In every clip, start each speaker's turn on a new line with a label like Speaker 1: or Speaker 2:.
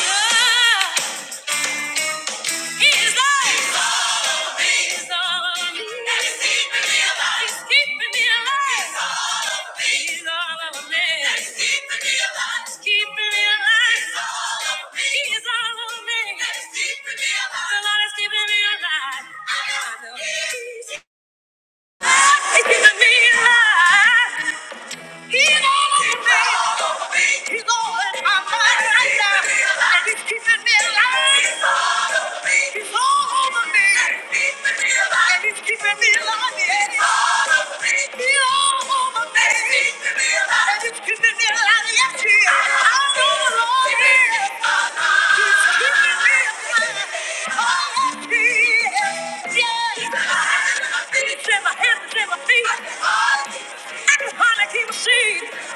Speaker 1: He's all over me. He's all in my mind right now. And he's keeping me alive. It's all over me. And he's keeping me alive. he's keeping me alive. Yeah. It's all over me. He's all over me. And he's keeping me alive. And he's keeping me alive. Yes, he is. I know the Lord is. He's all over me. Yes. Feet in my hands and in my feet. I can hardly keep a sheet. He's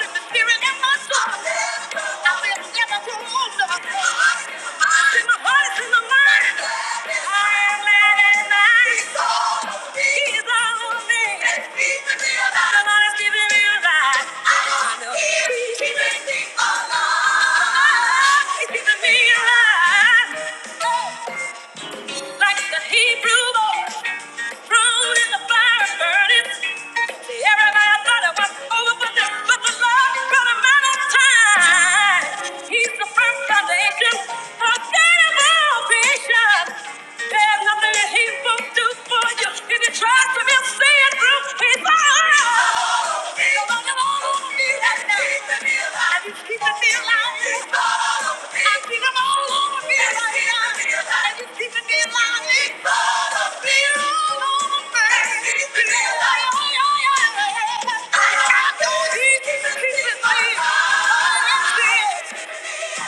Speaker 1: in the spirit in my soul. I will never grow old. It's in my heart, it's in my mind. I am glad at night. He's all of me. The Lord has given me a life. I know He's keeping me alive. He's keeping me alive. Like the Hebrew boy thrown in the fire and burned it. Everybody thought it was over, but the, but the Lord brought him out of time. He's the firm foundation, a God of all creation. There's nothing that he won't do for you if you trust him. He'll see it through. He's all. Yeah.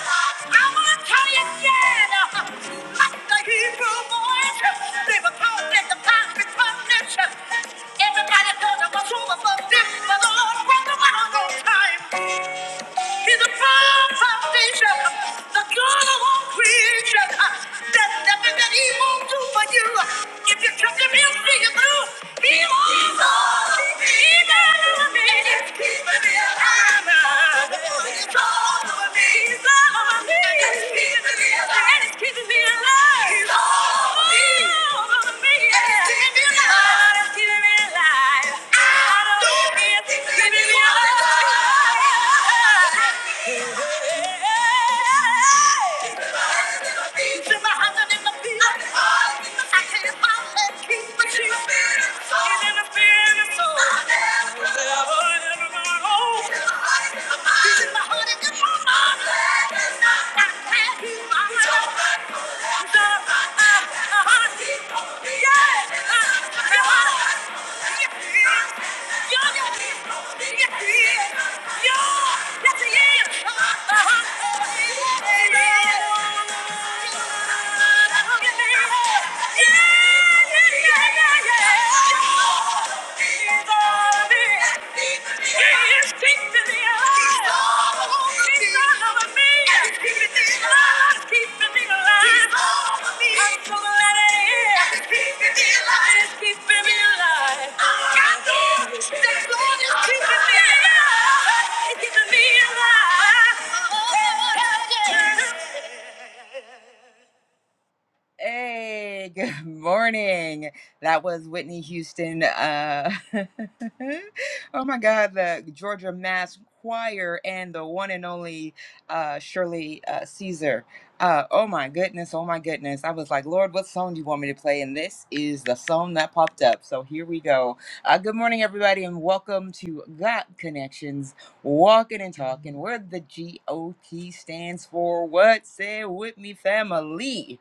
Speaker 1: I want to tell you again, like the Hebrew boys, they were caught in the past bondage. Everybody thought it was over for them, but the Lord brought them out on time. He's a firm foundation, the God of all creation. There's nothing that he won't do for you. If you trust him, he'll see you through. He won't go. He never made it. He's keeping me alive. He's all over me. He's all over me. And he's keeping me alive. And he's keeping me alive. He's all over me. All over me. And he's keeping me alive. God is keeping me alive. I don't know if he's keeping me alive. Yeah. Yeah! yeah, yeah, yeah. yeah. Keeping me alive. Hey, good morning. That was Whitney Houston. Uh, oh my God, the Georgia Mass Choir and the one and only uh, Shirley uh, Caesar. Uh, oh my goodness, oh my goodness. I was like, Lord, what song do you want me to play? And this is the song that popped up. So here we go. Uh, good morning, everybody, and welcome to Got Connections, Walking and Talking, where the G O T stands for what? Say it with me, family.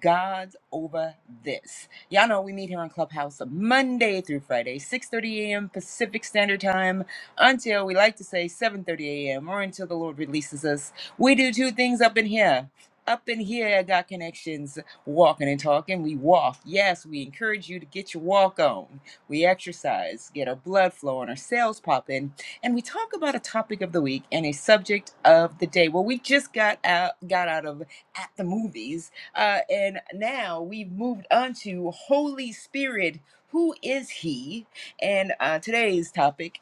Speaker 1: God's over this. Y'all know we meet here on Clubhouse Monday through Friday, 6:30 a.m. Pacific Standard Time until we like to say 7:30 a.m. or until the Lord releases us. We do two things up in here. Up in here at Got Connections, walking and talking. We walk. Yes, we encourage you to get your walk on. We exercise, get our blood flowing, our cells popping, and we talk about a topic of the week and a subject of the day. Well, we just got out got out of at the movies uh, and now we've moved on to Holy Spirit. Who is He? And uh, today's topic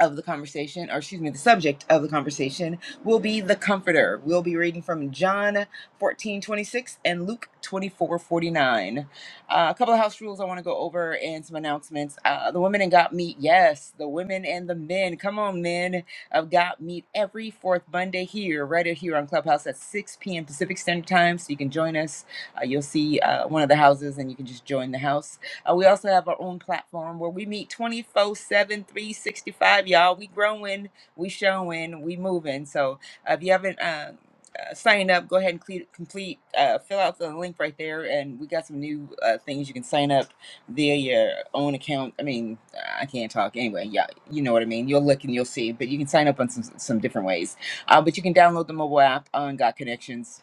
Speaker 1: of the conversation, or excuse me, the subject of the conversation will be the comforter. We'll be reading from John 14 26 and Luke 24 49. Uh, a couple of house rules I want to go over and some announcements. Uh, the women in Got Meat, yes, the women and the men. Come on, men of Got Meat every fourth Monday here, right here on Clubhouse at 6 p.m. Pacific Standard Time. So you can join us. Uh, you'll see uh, one of the houses and you can just join the house. Uh, we also have our own platform where we meet 24 7, 365. Y'all, we growing, we showing, we moving. So uh, if you haven't uh, uh, signed up, go ahead and cle- complete, uh, fill out the link right there. And we got some new uh, things you can sign up via your own account. I mean, I can't talk anyway. Yeah, you know what I mean. You'll look and you'll see, but you can sign up on some, some different ways. Uh, but you can download the mobile app on Got Connections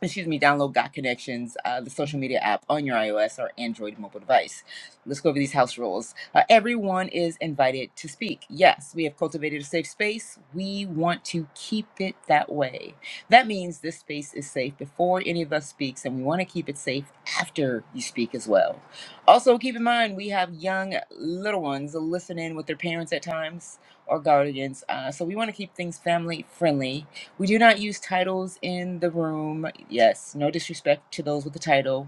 Speaker 1: excuse me, download Got Connections, uh, the social media app on your iOS or Android mobile device. Let's go over these house rules. Uh, everyone is invited to speak. Yes, we have cultivated a safe space. We want to keep it that way. That means this space is safe before any of us speaks, and we want to keep it safe after you speak as well. Also, keep in mind we have young little ones listening with their parents at times or guardians, uh, so we want to keep things family friendly we do not use titles in the room. Yes, no disrespect to those with the title.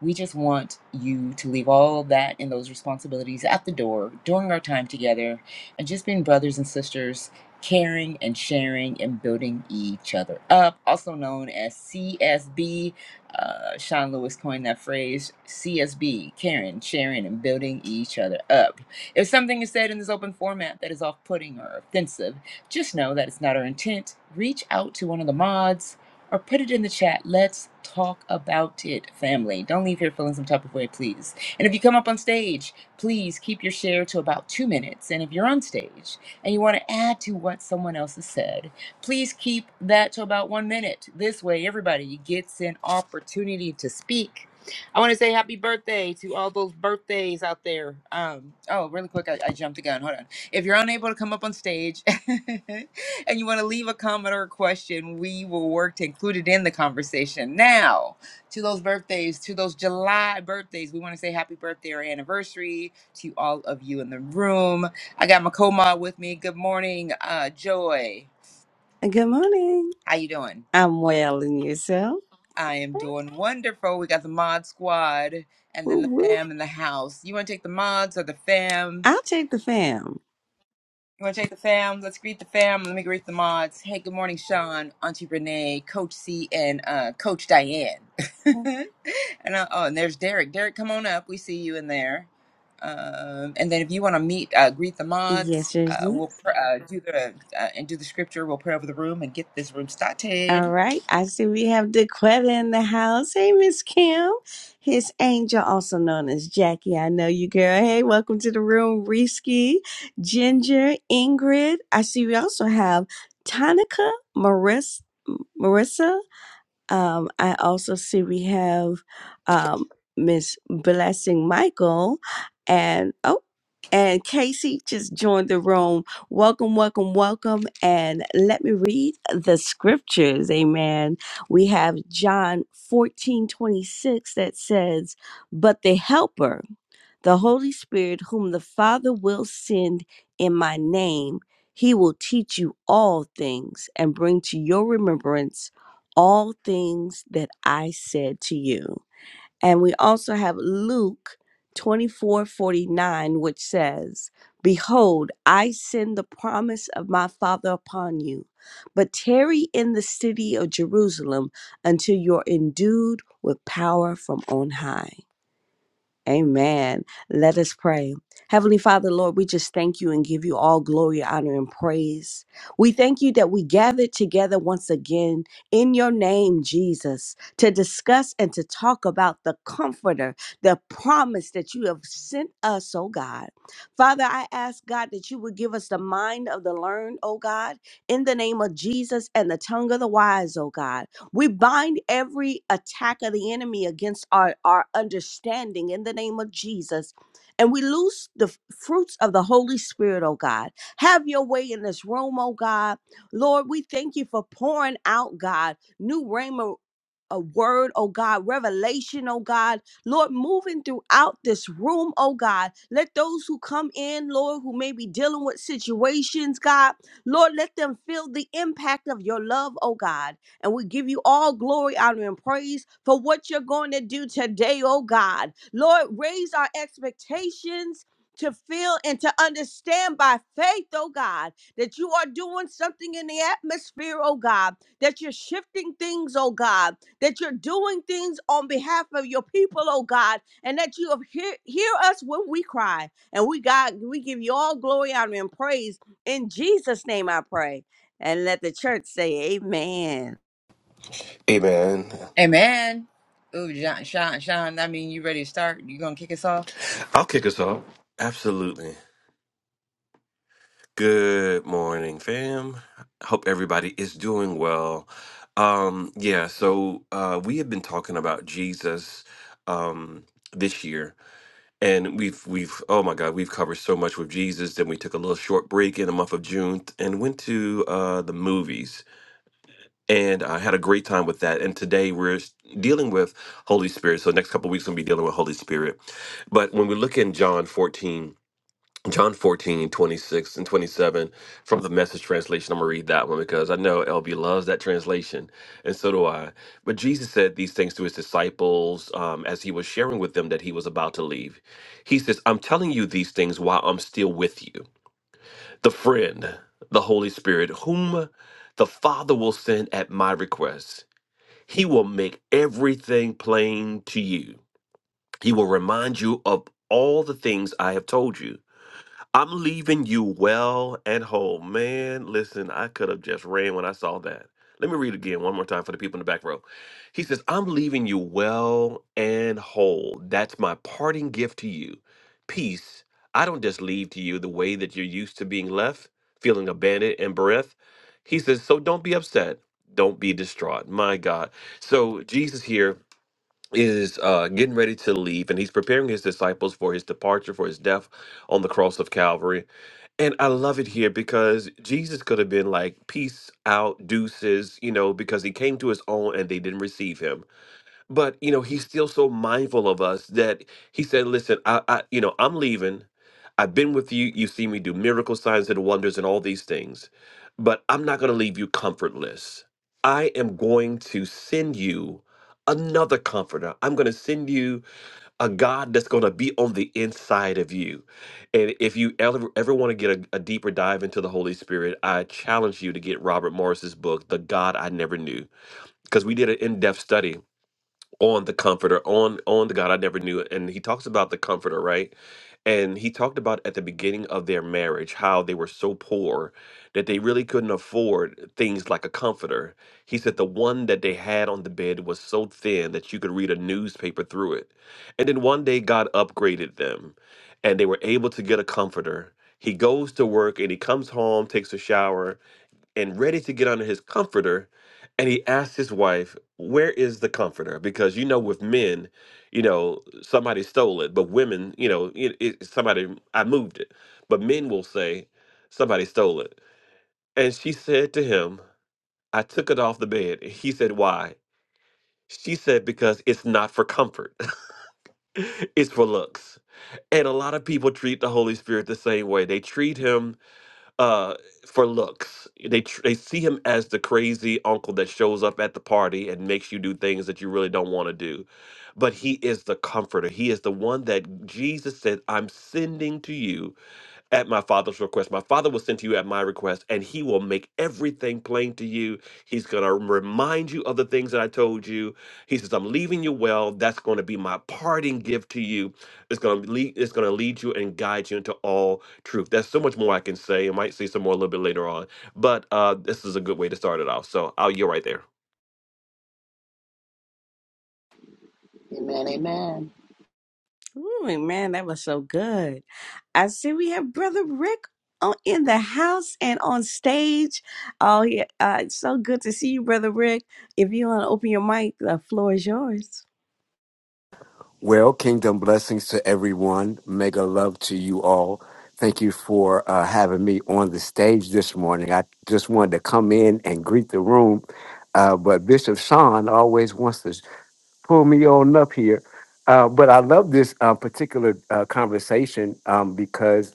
Speaker 1: We just want you to leave all of that and those responsibilities at the door during our time together and just being brothers and sisters, caring and sharing and building each other up, also known as CSB. Uh, Sean Lewis coined that phrase CSB, caring, sharing, and building each other up. If something is said in this open format that is off putting or offensive, just know that it's not our intent. Reach out to one of the mods or put it in the chat. Let's talk about it, family. Don't leave here feeling some type of way, please. And if you come up on stage, please keep your share to about two minutes. And if you're on stage and you want to add to what someone else has said, please keep that to about one minute. This way, everybody gets an opportunity to speak. I want to say happy birthday to all those birthdays out there. Um, oh, really quick, I, I jumped the gun. Hold on. If you're unable to come up on stage and you want to leave a comment or a question, we will work to include it in the conversation. Now, to those birthdays, to those July birthdays, we want to say happy birthday or anniversary to all of you in the room. I got my co-mod with me. Good morning, uh, Joy.
Speaker 2: Good morning.
Speaker 1: How you doing?
Speaker 2: I'm well and yourself.
Speaker 1: I am doing wonderful. We got the mod squad and
Speaker 2: Woo
Speaker 1: then the
Speaker 2: woo.
Speaker 1: fam in the house. You want to take the mods or the fam?
Speaker 2: I'll take the fam.
Speaker 1: You want to take the fam? Let's greet the fam. Let me greet the mods. Hey, good morning, Sean, Auntie Renee, Coach C, and uh, Coach Diane. and uh, oh, and there's Derek. Derek, come on up. We see you in there. Um, and then if you want to meet, uh, greet the mods.
Speaker 2: Yes, yes,
Speaker 1: Uh,
Speaker 2: yes.
Speaker 1: we'll pr- uh, do the uh, and do the scripture. We'll pray over the room and get this room
Speaker 2: All
Speaker 1: started.
Speaker 2: right. I see we have DeQuetta in the house. Hey, Miss Kim. His angel, also known as Jackie. I know you, girl. Hey, welcome to the room, Risky, Ginger, Ingrid. I see we also have Tonica, Marissa, Marissa. Um, I also see we have um, Miss Blessing Michael and oh, and Casey just joined the room. Welcome, welcome, welcome. And let me read the scriptures. Amen. We have John 14 26 that says, But the helper the Holy Spirit, whom the Father will send in my name, he will teach you all things and bring to your remembrance all things that I said to you. And we also have Luke 24 49, which says, Behold, I send the promise of my Father upon you, but tarry in the city of Jerusalem until you're endued with power from on high. Amen. Let us pray. Heavenly Father, Lord, we just thank you and give you all glory, honor, and praise. We thank you that we gathered together once again in your name, Jesus, to discuss and to talk about the comforter, the promise that you have sent us, oh God. Father, I ask God that you would give us the mind of the learned, oh God, in the name of Jesus, and the tongue of the wise, oh God. We bind every attack of the enemy against our, our understanding in the name of Jesus. And we loose the f- fruits of the Holy Spirit, oh God. Have your way in this room, oh God. Lord, we thank you for pouring out, God, new rhema a word, oh God, revelation, oh God. Lord, moving throughout this room, oh God. Let those who come in, Lord, who may be dealing with situations, God, Lord, let them feel the impact of your love, oh God. And we give you all glory, honor, and praise for what you're going to do today, oh God. Lord, raise our expectations. To feel and to understand by faith, oh God, that you are doing something in the atmosphere, oh God, that you're shifting things, oh God, that you're doing things on behalf of your people, oh God, and that you have hear, hear us when we cry. And we God, we give you all glory, honor, and praise. In Jesus' name I pray. And let the church say amen.
Speaker 3: Hey man,
Speaker 1: Amen. Ooh, Sean, Sean, Sean. I mean, you ready to start? You gonna kick us off?
Speaker 3: I'll kick us off. Absolutely. Good morning, fam. Hope everybody is doing well. Um, yeah, so uh, we have been talking about Jesus um, this year, and we've we've oh my God, we've covered so much with Jesus. Then we took a little short break in the month of June and went to uh, the movies, and I had a great time with that. And today we're s- dealing with Holy Spirit. So next couple weeks we'll be dealing with Holy Spirit. But when we look in John fourteen. John 14 26 and 27 from the message translation. I'm going to read that one because I know LB loves that translation, and so do I. But Jesus said these things to his disciples um, as he was sharing with them that he was about to leave. He says, I'm telling you these things while I'm still with you. The friend, the Holy Spirit, whom the Father will send at my request, he will make everything plain to you. He will remind you of all the things I have told you. I'm leaving you well and whole. Man, listen, I could have just ran when I saw that. Let me read again one more time for the people in the back row. He says, I'm leaving you well and whole. That's my parting gift to you. Peace. I don't just leave to you the way that you're used to being left, feeling abandoned and bereft. He says, So don't be upset. Don't be distraught. My God. So Jesus here is uh, getting ready to leave and he's preparing his disciples for his departure, for his death on the cross of Calvary and I love it here because Jesus could have been like, peace out, deuces, you know, because he came to his own and they didn't receive him. But, you know, he's still so mindful of us that he said, listen, I, I you know, I'm leaving. I've been with you. You see me do miracle signs and wonders and all these things, but I'm not going to leave you comfortless. I am going to send you another comforter. I'm going to send you a God that's going to be on the inside of you. And if you ever, ever want to get a, a deeper dive into the Holy Spirit, I challenge you to get Robert Morris's book, The God I Never Knew, because we did an in-depth study on the comforter on on the god i never knew and he talks about the comforter right and he talked about at the beginning of their marriage how they were so poor that they really couldn't afford things like a comforter. He said the one that they had on the bed was so thin that you could read a newspaper through it. And then one day God upgraded them and they were able to get a comforter. He goes to work and he comes home, takes a shower, and ready to get under his comforter and he asked his wife where is the comforter because you know with men you know somebody stole it but women you know it, it, somebody i moved it but men will say somebody stole it and she said to him i took it off the bed he said why she said because it's not for comfort it's for looks and a lot of people treat the holy spirit the same way they treat him uh, for looks. They tr- they see him as the crazy uncle that shows up at the party and makes you do things that you really don't want to do. But he is the comforter. He is the one that Jesus said, "I'm sending to you." at my father's request. My father will send to you at my request, and he will make everything plain to you. He's going to remind you of the things that I told you. He says, I'm leaving you well. That's going to be my parting gift to you. It's going to lead, it's going to lead you and guide you into all truth. There's so much more I can say. I might say some more a little bit later on, but uh, this is a good way to start it off. So I'll you right there.
Speaker 4: Amen. Amen.
Speaker 2: Ooh, man, that was so good. I see we have Brother Rick on, in the house and on stage. Oh, yeah. Uh, it's so good to see you, Brother Rick. If you want to open your mic, the floor is yours.
Speaker 5: Well, kingdom blessings to everyone. Mega love to you all. Thank you for uh, having me on the stage this morning. I just wanted to come in and greet the room, uh, but Bishop Sean always wants to pull me on up here. Uh, but I love this uh, particular uh, conversation um, because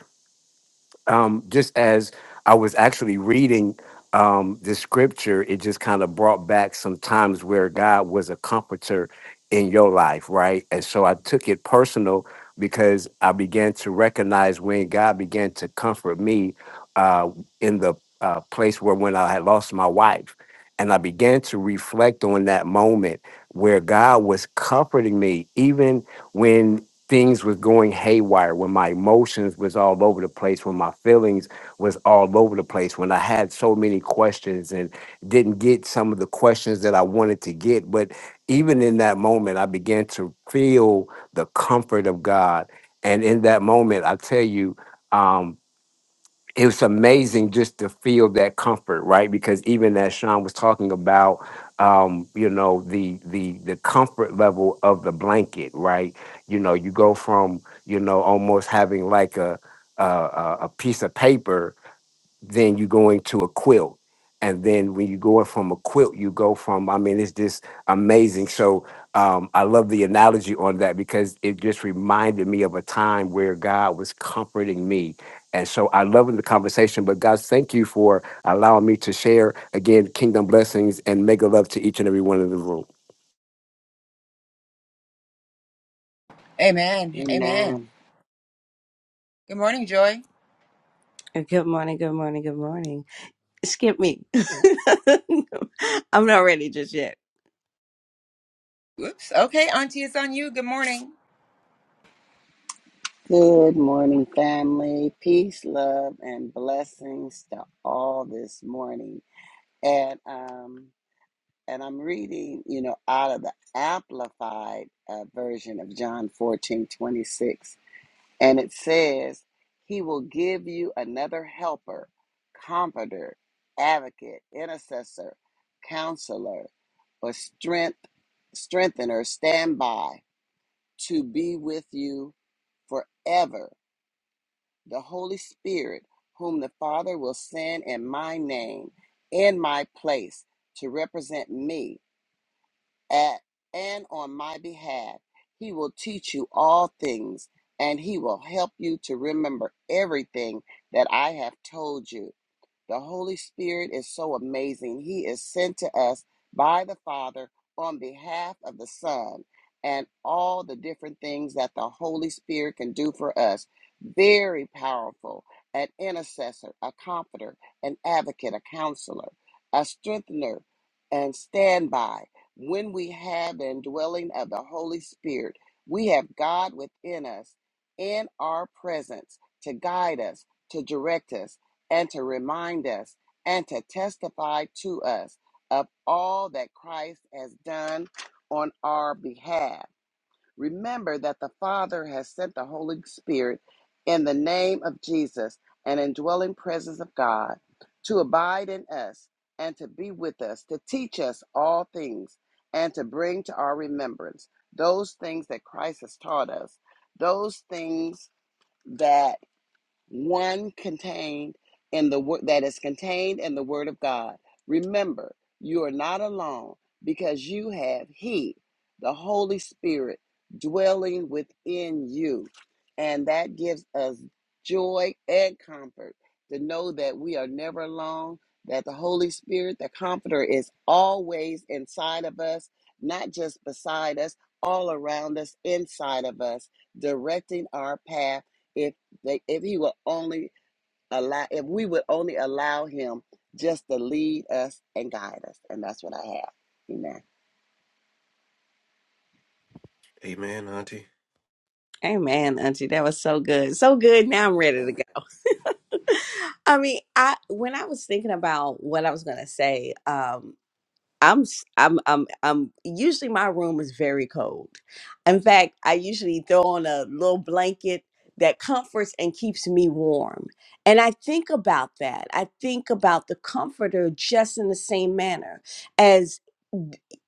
Speaker 5: um, just as I was actually reading um, the scripture, it just kind of brought back some times where God was a comforter in your life, right? And so I took it personal because I began to recognize when God began to comfort me uh, in the uh, place where when I had lost my wife. And I began to reflect on that moment where God was comforting me, even when things was going haywire when my emotions was all over the place when my feelings was all over the place when i had so many questions and didn't get some of the questions that i wanted to get but even in that moment i began to feel the comfort of god and in that moment i tell you um, it was amazing just to feel that comfort, right? Because even as Sean was talking about, um, you know, the the the comfort level of the blanket, right? You know, you go from you know almost having like a a, a a piece of paper then you're going to a quilt. And then when you go from a quilt, you go from, I mean, it's just amazing. So um, I love the analogy on that because it just reminded me of a time where God was comforting me. And so I love the conversation, but guys, thank you for allowing me to share again, kingdom blessings and mega love to each and every one of the room.
Speaker 1: Amen. Amen.
Speaker 4: Amen.
Speaker 1: Good morning, Joy.
Speaker 2: Uh, Good morning, good morning, good morning. skip me. I'm not ready just yet.
Speaker 1: Whoops. Okay, Auntie, it's on you. Good morning.
Speaker 4: Good morning, family. Peace, love, and blessings to all this morning. And um, and I'm reading, you know, out of the amplified uh, version of John 14 26, And it says, He will give you another helper, comforter, advocate, intercessor, counselor, or strength, strengthener, standby to be with you forever the Holy Spirit, whom the Father will send in my name, in my place, to represent me at and on my behalf. He will teach you all things, and he will help you to remember everything that I have told you. The Holy Spirit is so amazing. He is sent to us by the Father on behalf of the Son and all the different things that the Holy Spirit can do for us. Very powerful, an intercessor, a comforter, an advocate, a counselor, a strengthener, and standby. When we have the indwelling of the Holy Spirit, we have God within us in our presence to guide us, to direct us and to remind us and to testify to us of all that Christ has done on our behalf. Remember that the Father has sent the Holy Spirit in the name of Jesus an indwelling presence of God to abide in us and to be with us, to teach us all things and to bring to our remembrance those things that Christ has taught us, those things that one contained in the word that is contained in the word of God. Remember, you are not alone because you have he, the Holy Spirit dwelling within you. And that gives us joy and comfort to know that we are never alone, that the Holy Spirit, the comforter is always inside of us, not just beside us, all around us, inside of us, directing our path If that if he would only allow, if we would only allow him just to lead us and guide us. And that's what I have. Amen.
Speaker 2: Hey man, Auntie, that was so good. So good. Now I'm ready to go. I mean, I when I was thinking about what I was gonna say, um, I'm s- I'm I'm I'm usually my room is very cold. In fact, I usually throw on a little blanket that comforts and keeps me warm. And I think about that. I think about the comforter just in the same manner as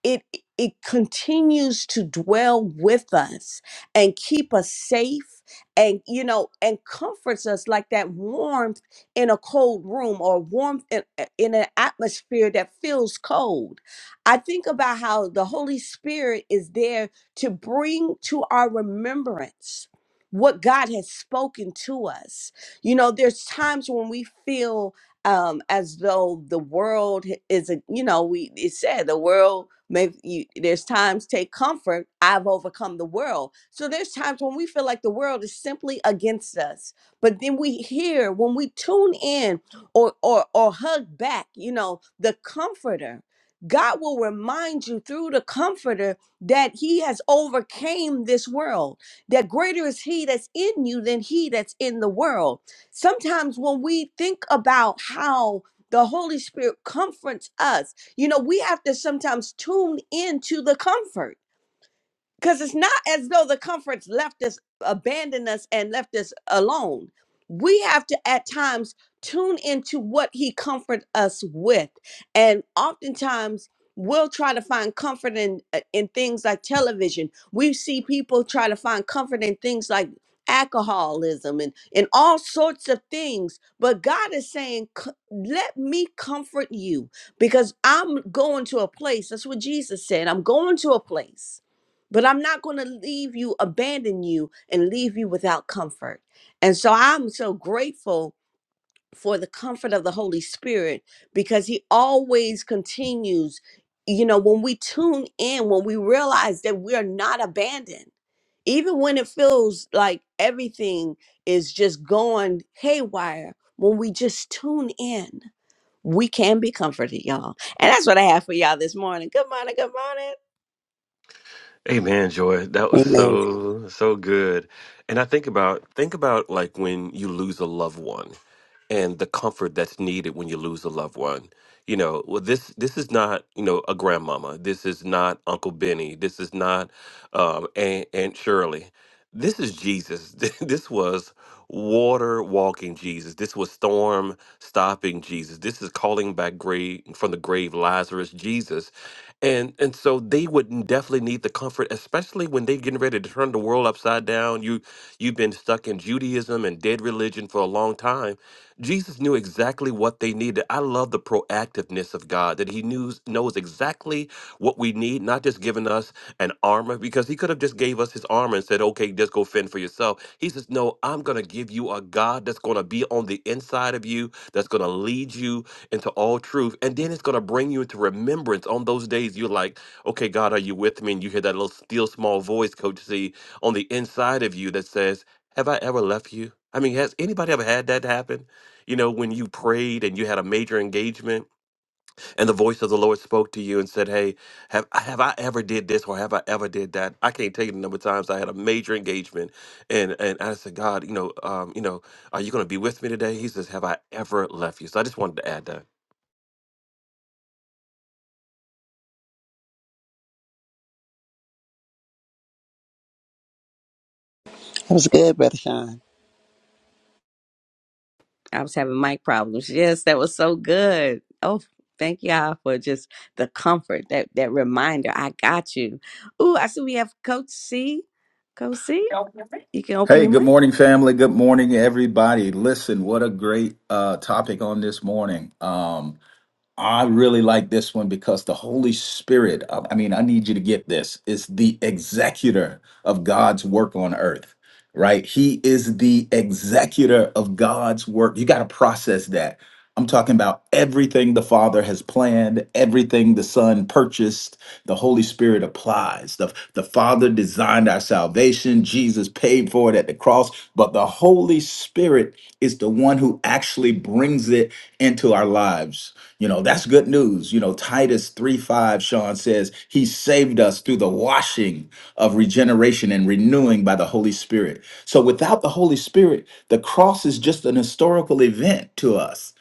Speaker 2: it it continues to dwell with us and keep us safe and you know and comforts us like that warmth in a cold room or warmth in, in an atmosphere that feels cold I think about how the Holy Spirit is there to bring to our remembrance what God has spoken to us. You know, there's times when we feel um as though the world h- is a you know we it said the world may you, there's times take comfort i've overcome the world so there's times when we feel like the world is simply against us but then we hear when we tune in or or or hug back you know the comforter God will remind you through the comforter that he has overcame this world. That greater is he that's in you than he that's in the world. Sometimes when we think about how the Holy Spirit comforts us, you know, we have to sometimes tune into the comfort. Because it's not as though the comforts left us, abandoned us, and left us alone. We have to at times tune into what he comforts us with. And oftentimes we'll try to find comfort in uh, in things like television. We see people try to find comfort in things like alcoholism and, and all sorts of things. But God is saying, "Co- let me comfort you because I'm going to a place. That's what Jesus said. I'm going to a place but I'm not going to leave you, abandon you, and leave you without comfort. And so I'm so grateful for the comfort of the Holy Spirit because He always continues. You know, when we tune in, when we realize that we are not abandoned, even when it feels like everything is just going haywire, when we just tune in, we can be comforted, y'all. And that's what I have for y'all this morning. Good morning. Good morning.
Speaker 3: Amen, Joy. That was
Speaker 4: Amen.
Speaker 3: so so good. And I think about think about like when you lose a loved one and the comfort that's needed when you lose a loved one. You know, well this this is not, you know, a grandmama. This is not Uncle Benny. This is not um Aunt, Aunt Shirley. This is Jesus. This was water walking Jesus. This was storm stopping Jesus. This is calling back grave from the grave Lazarus Jesus. And and so they would n- definitely need the comfort, especially when they're getting ready to turn the world upside down. You you've been stuck in Judaism and dead religion for a long time. Jesus knew exactly what they needed. I love the proactiveness of God that He knew knows exactly what we need, not just giving us and armor because he could have just gave us his armor and said, "Okay, just go fend for yourself." He says, "No, I'm going to give you a God that's going to be on the inside of you, that's going to lead you into all truth, and then it's going to bring you into remembrance on those days you're like, "Okay, God, are you with me?" and you hear that little still small voice, Coach C, on the inside of you that says, "Have I ever left you?" I mean, has anybody ever had that happen? You know, when you prayed and you had a major engagement and the voice of the Lord spoke to you and said, "Hey, have have I ever did this or have I ever did that?" I can't tell you the number of times I had a major engagement, and and I said, "God, you know, um, you know, are you going to be with me today?" He says, "Have I ever left you?" So I just wanted to add that.
Speaker 4: That was good, Brother Sean.
Speaker 2: I was having mic problems. Yes, that was so good. Oh, thank y'all for just the comfort, that that reminder. I got you. Ooh, I see we have Coach C. Coach C, you can open
Speaker 6: Hey,
Speaker 2: your
Speaker 6: good
Speaker 2: mic.
Speaker 6: morning, family. Good morning, everybody. Listen, what a great uh, topic on this morning. Um, I really like this one because the Holy Spirit, I I mean, I need you to get this, is the executor of God's work on earth, right? He is the executor of God's work. You got to process that. I'm talking about everything the Father has planned, everything the Son purchased, the Holy Spirit applies. The, the Father designed our salvation, Jesus paid for it at the cross, but the Holy Spirit is the one who actually brings it into our lives you know, that's good news. You know, Titus 3 5, Sean says, He saved us through the washing of regeneration and renewing by the Holy Spirit. So without the Holy Spirit, the cross is just an historical event to us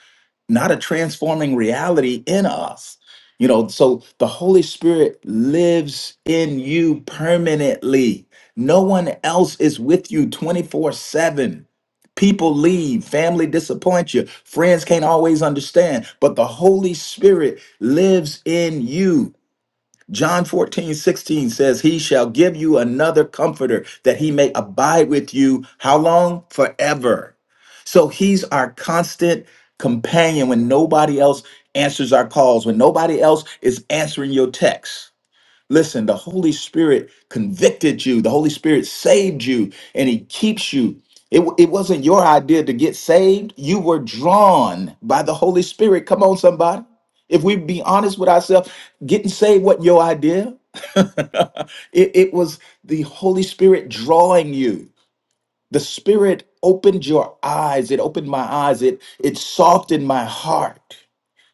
Speaker 6: not a transforming reality in us. You know, so the Holy Spirit lives in you permanently. No one else is with you 24 7. People leave, family disappoints you, friends can't always understand, but the Holy Spirit lives in you. John 14 16 says, He shall give you another comforter that he may abide with you. How long? Forever. So he's our constant companion when nobody else answers our calls, when nobody else is answering your texts. Listen, the Holy Spirit convicted you. The Holy Spirit saved you and he keeps you. It, wa- it wasn't your idea to get saved. You were drawn by the Holy Spirit. Come on, somebody. If we be honest with ourselves, getting saved wasn't your idea. it, it was the Holy Spirit drawing you. The Spirit opened your eyes. It opened my eyes. It, it softened my heart.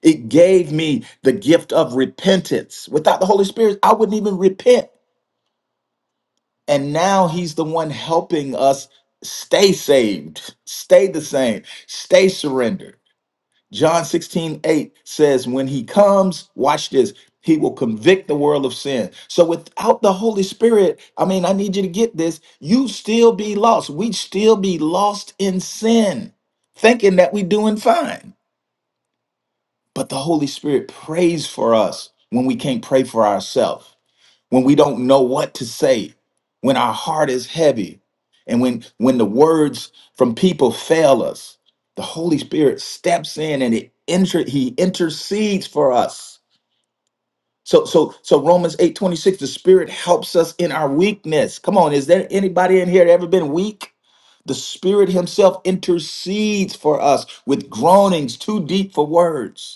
Speaker 6: It gave me the gift of repentance. Without the Holy Spirit, I wouldn't even repent. And now He's the one helping us stay saved, stay the same, stay surrendered. John 16 8 says, When He comes, watch this, He will convict the world of sin. So without the Holy Spirit, I mean, I need you to get this, you still be lost. We'd still be lost in sin, thinking that we doing fine But the Holy Spirit prays for us when we can't pray for ourselves, when we don't know what to say, when our heart is heavy, and when when the words from people fail us. The Holy Spirit steps in and it inter- he intercedes for us. So so so Romans 8:26 the Spirit helps us in our weakness. Come on, is there anybody in here that ever been weak? The Spirit himself intercedes for us with groanings too deep for words.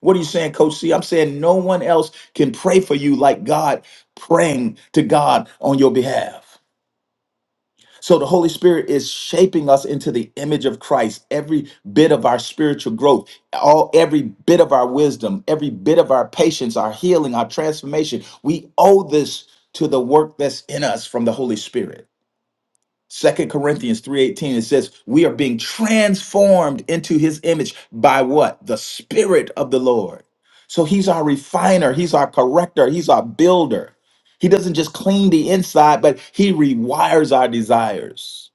Speaker 6: What are you saying, Coach C? I'm saying no one else can pray for you like God praying to God on your behalf. So the Holy Spirit is shaping us into the image of Christ. Every bit of our spiritual growth, all every bit of our wisdom, every bit of our patience, our healing, our transformation, we owe this to the work that's in us from the Holy Spirit. Second Corinthians 3:18 it says we are being transformed into his image by what? The spirit of the Lord. So he's our refiner, he's our corrector, he's our builder. He doesn't just clean the inside, but he rewires our desires.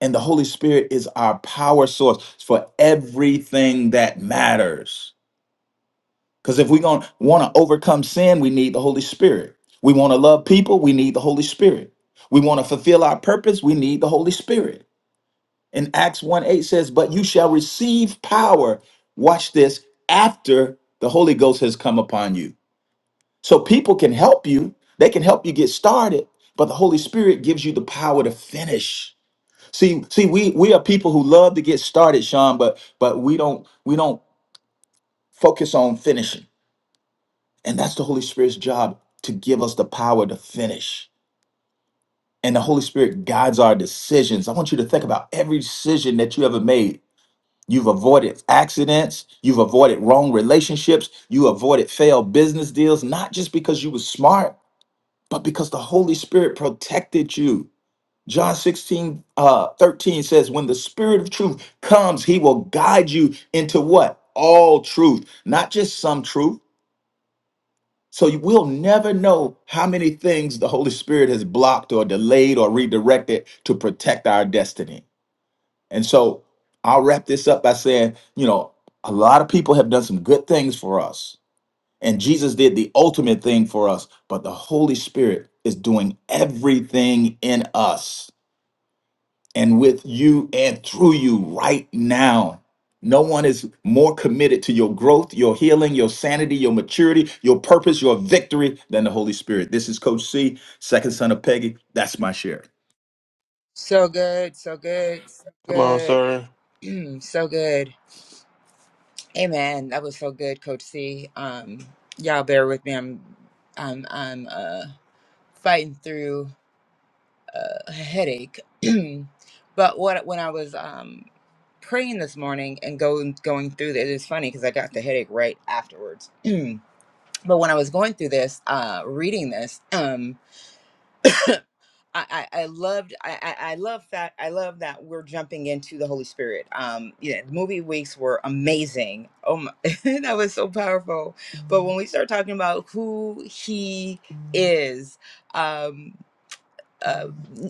Speaker 6: And the Holy Spirit is our power source for everything that matters. Cuz if we're going to want to overcome sin, we need the Holy Spirit. We want to love people, we need the Holy Spirit. We want to fulfill our purpose, we need the Holy Spirit. In Acts 1 8 says, But you shall receive power. Watch this after the Holy Ghost has come upon you. So people can help you, they can help you get started, but the Holy Spirit gives you the power to finish. See, see, we we are people who love to get started, Sean, but but we don't we don't focus on finishing. And that's the Holy Spirit's job to give us the power to finish. And the Holy Spirit guides our decisions. I want you to think about every decision that you ever made You've avoided accidents. You've avoided wrong relationships. You avoided failed business deals, not just because you were smart, but because the Holy Spirit protected you. John 16, uh, 13 says, When the Spirit of truth comes, he will guide you into what? All truth, not just some truth. So you will never know how many things the Holy Spirit has blocked or delayed or redirected to protect our destiny. And so I'll wrap this up by saying, you know, a lot of people have done some good things for us, and Jesus did the ultimate thing for us, but the Holy Spirit is doing everything in us and with you and through you right now. No one is more committed to your growth, your healing, your sanity, your maturity, your purpose, your victory than the Holy Spirit. This is Coach C, second son of Peggy. That's my share.
Speaker 1: So good, so good, so
Speaker 3: Come on,
Speaker 1: good,
Speaker 3: sir.
Speaker 1: Mm, so good. Amen. That was so good, Coach C. Um, y'all bear with me. I'm, I'm, I'm uh, fighting through uh, a headache. but what when I was um, praying this morning and going going through this, it's funny because I got the headache right afterwards. but when I was going through this, uh, reading this. I, I I loved I, I I love that I love that we're jumping into the Holy Spirit. Um, yeah, the movie weeks were amazing. Oh my, that was so powerful. But when we start talking about who He is, um, uh,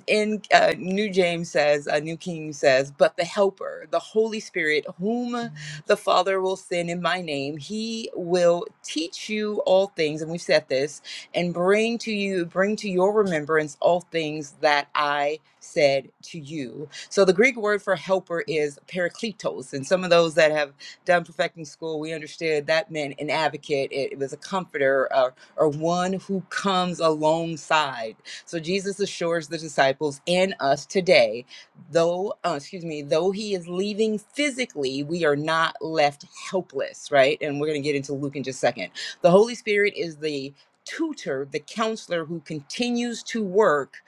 Speaker 1: in uh, New James says, uh, New King says, but the Helper, the Holy Spirit, whom Mhm. the Father will send in my name, he will teach you all things, and we've said this, and bring to you, bring to your remembrance all things that I said to you. So the Greek word for helper is parakletos, and some of those that have done perfecting school, we understood that meant an advocate. It, it was a comforter, uh, or one who comes alongside. So Jesus assures the disciples and us today, though, uh, excuse me, though he is leaving physically, we are not left helpless, right? And we're going to get into Luke in just a second. The Holy Spirit is the tutor, the counselor who continues to work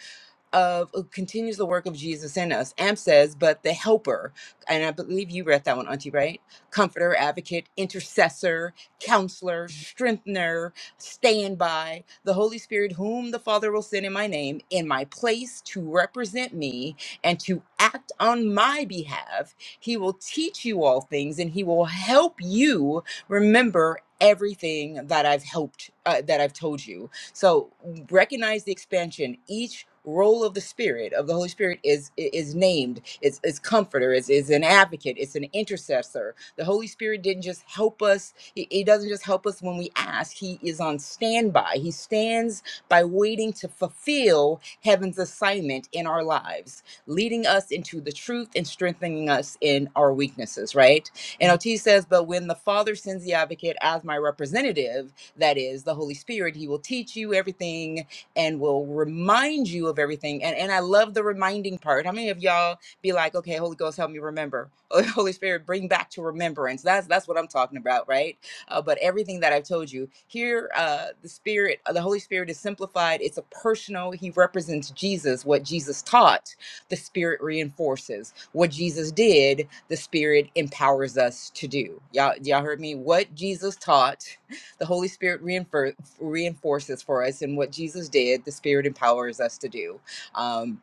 Speaker 1: of who continues the work of Jesus in us. Amp says, but the helper, and I believe you read that one, Auntie, right? Comforter, advocate, intercessor, counselor, strengthener, standby, the Holy Spirit, whom the Father will send in my name, in my place to represent me and to act on my behalf. He will teach you all things and he will help you remember everything that I've helped, uh, that I've told you. So recognize the expansion. Each role of the spirit of the holy spirit is is named it's, it's comforter it's, is an advocate it's an intercessor the holy spirit didn't just help us he, he doesn't just help us when we ask he is on standby he stands by waiting to fulfill heaven's assignment in our lives leading us into the truth and strengthening us in our weaknesses right and ot says but when the father sends the advocate as my representative that is the Holy Spirit. He will teach you everything and will remind you of everything. And and I love the reminding part. How many of y'all be like, okay, Holy Ghost, help me remember. Oh, Holy Spirit, bring back to remembrance. That's that's what I'm talking about, right? Uh, but everything that I've told you here, uh, the Spirit, uh, the Holy Spirit is simplified. It's a personal. He represents Jesus. What Jesus taught, the Spirit reinforces. What Jesus did, the Spirit empowers us to do. Y'all, y'all heard me. What Jesus taught the Holy Spirit reinfor- reinforces for us, and what Jesus did, the Spirit empowers us to do. Um,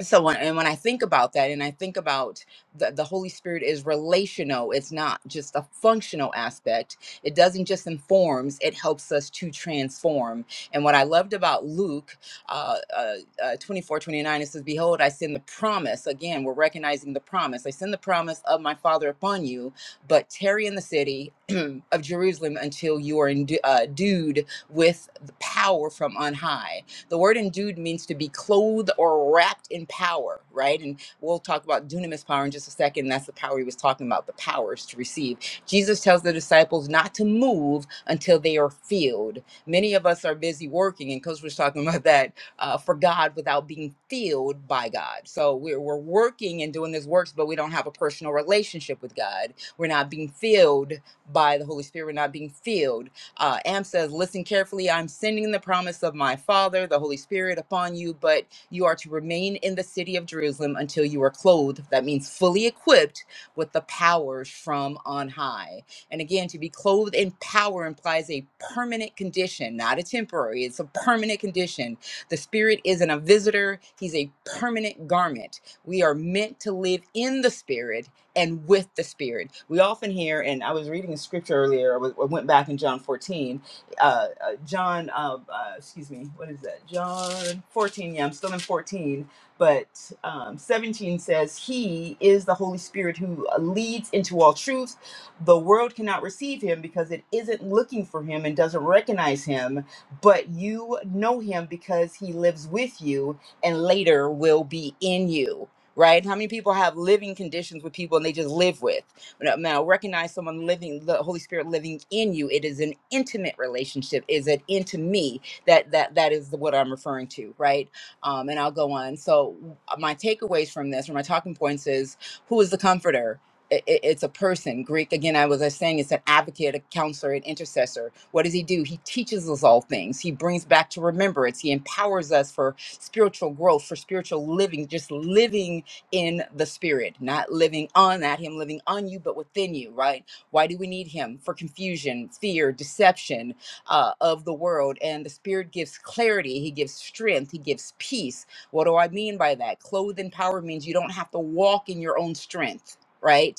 Speaker 1: so when, and when i think about that and i think about the, the holy spirit is relational it's not just a functional aspect it doesn't just informs it helps us to transform and what i loved about luke uh, uh, uh, 24 twenty-nine, it says behold i send the promise again we're recognizing the promise i send the promise of my father upon you but tarry in the city of jerusalem until you are endu- uh, endued with the power from on high the word endued means to be clothed or wrapped in power, right? And we'll talk about dunamis power in just a second. That's the power he was talking about, the powers to receive. Jesus tells the disciples not to move until they are filled. Many of us are busy working, and Coach was talking about that uh, for God without being filled by God. So we're, we're working and doing this works, but we don't have a personal relationship with God. We're not being filled by the Holy Spirit. We're not being filled. Uh, Am says, Listen carefully. I'm sending the promise of my Father, the Holy Spirit, upon you, but you are to remain in the city of Jerusalem until you are clothed. That means fully equipped with the powers from on high. And again, to be clothed in power implies a permanent condition, not a temporary, it's a permanent condition. The Spirit isn't a visitor, He's a permanent garment. We are meant to live in the Spirit and with the spirit we often hear and i was reading a scripture earlier i was- I went back in john 14 uh, uh, john uh, uh, excuse me what is that john 14 yeah i'm still in 14 but um, 17 says he is the holy spirit who uh, leads into all truth the world cannot receive him because it isn't looking for him and doesn't recognize him but you know him because he lives with you and later will be in you right? How many people have living conditions with people and they just live with? Now, now, recognize someone living, the Holy Spirit living in you. It is an intimate relationship. Is it into me? That that that is what I'm referring to, right? Um, and I'll go on. So my takeaways from this, or my talking points, is who is the comforter? I- I- It's a person. Greek again. I was I was saying it's an advocate, a counselor, an intercessor. What does he do? He teaches us all things. He brings back to remembrance. He empowers us for spiritual growth, for spiritual living, just living in the spirit, not living on that, him living on you, but within you, right? Why do we need him? For confusion, fear, deception uh, of the world. And the spirit gives clarity, he gives strength, he gives peace. What do I mean by that? Clothed in power means you don't have to walk in your own strength. Right?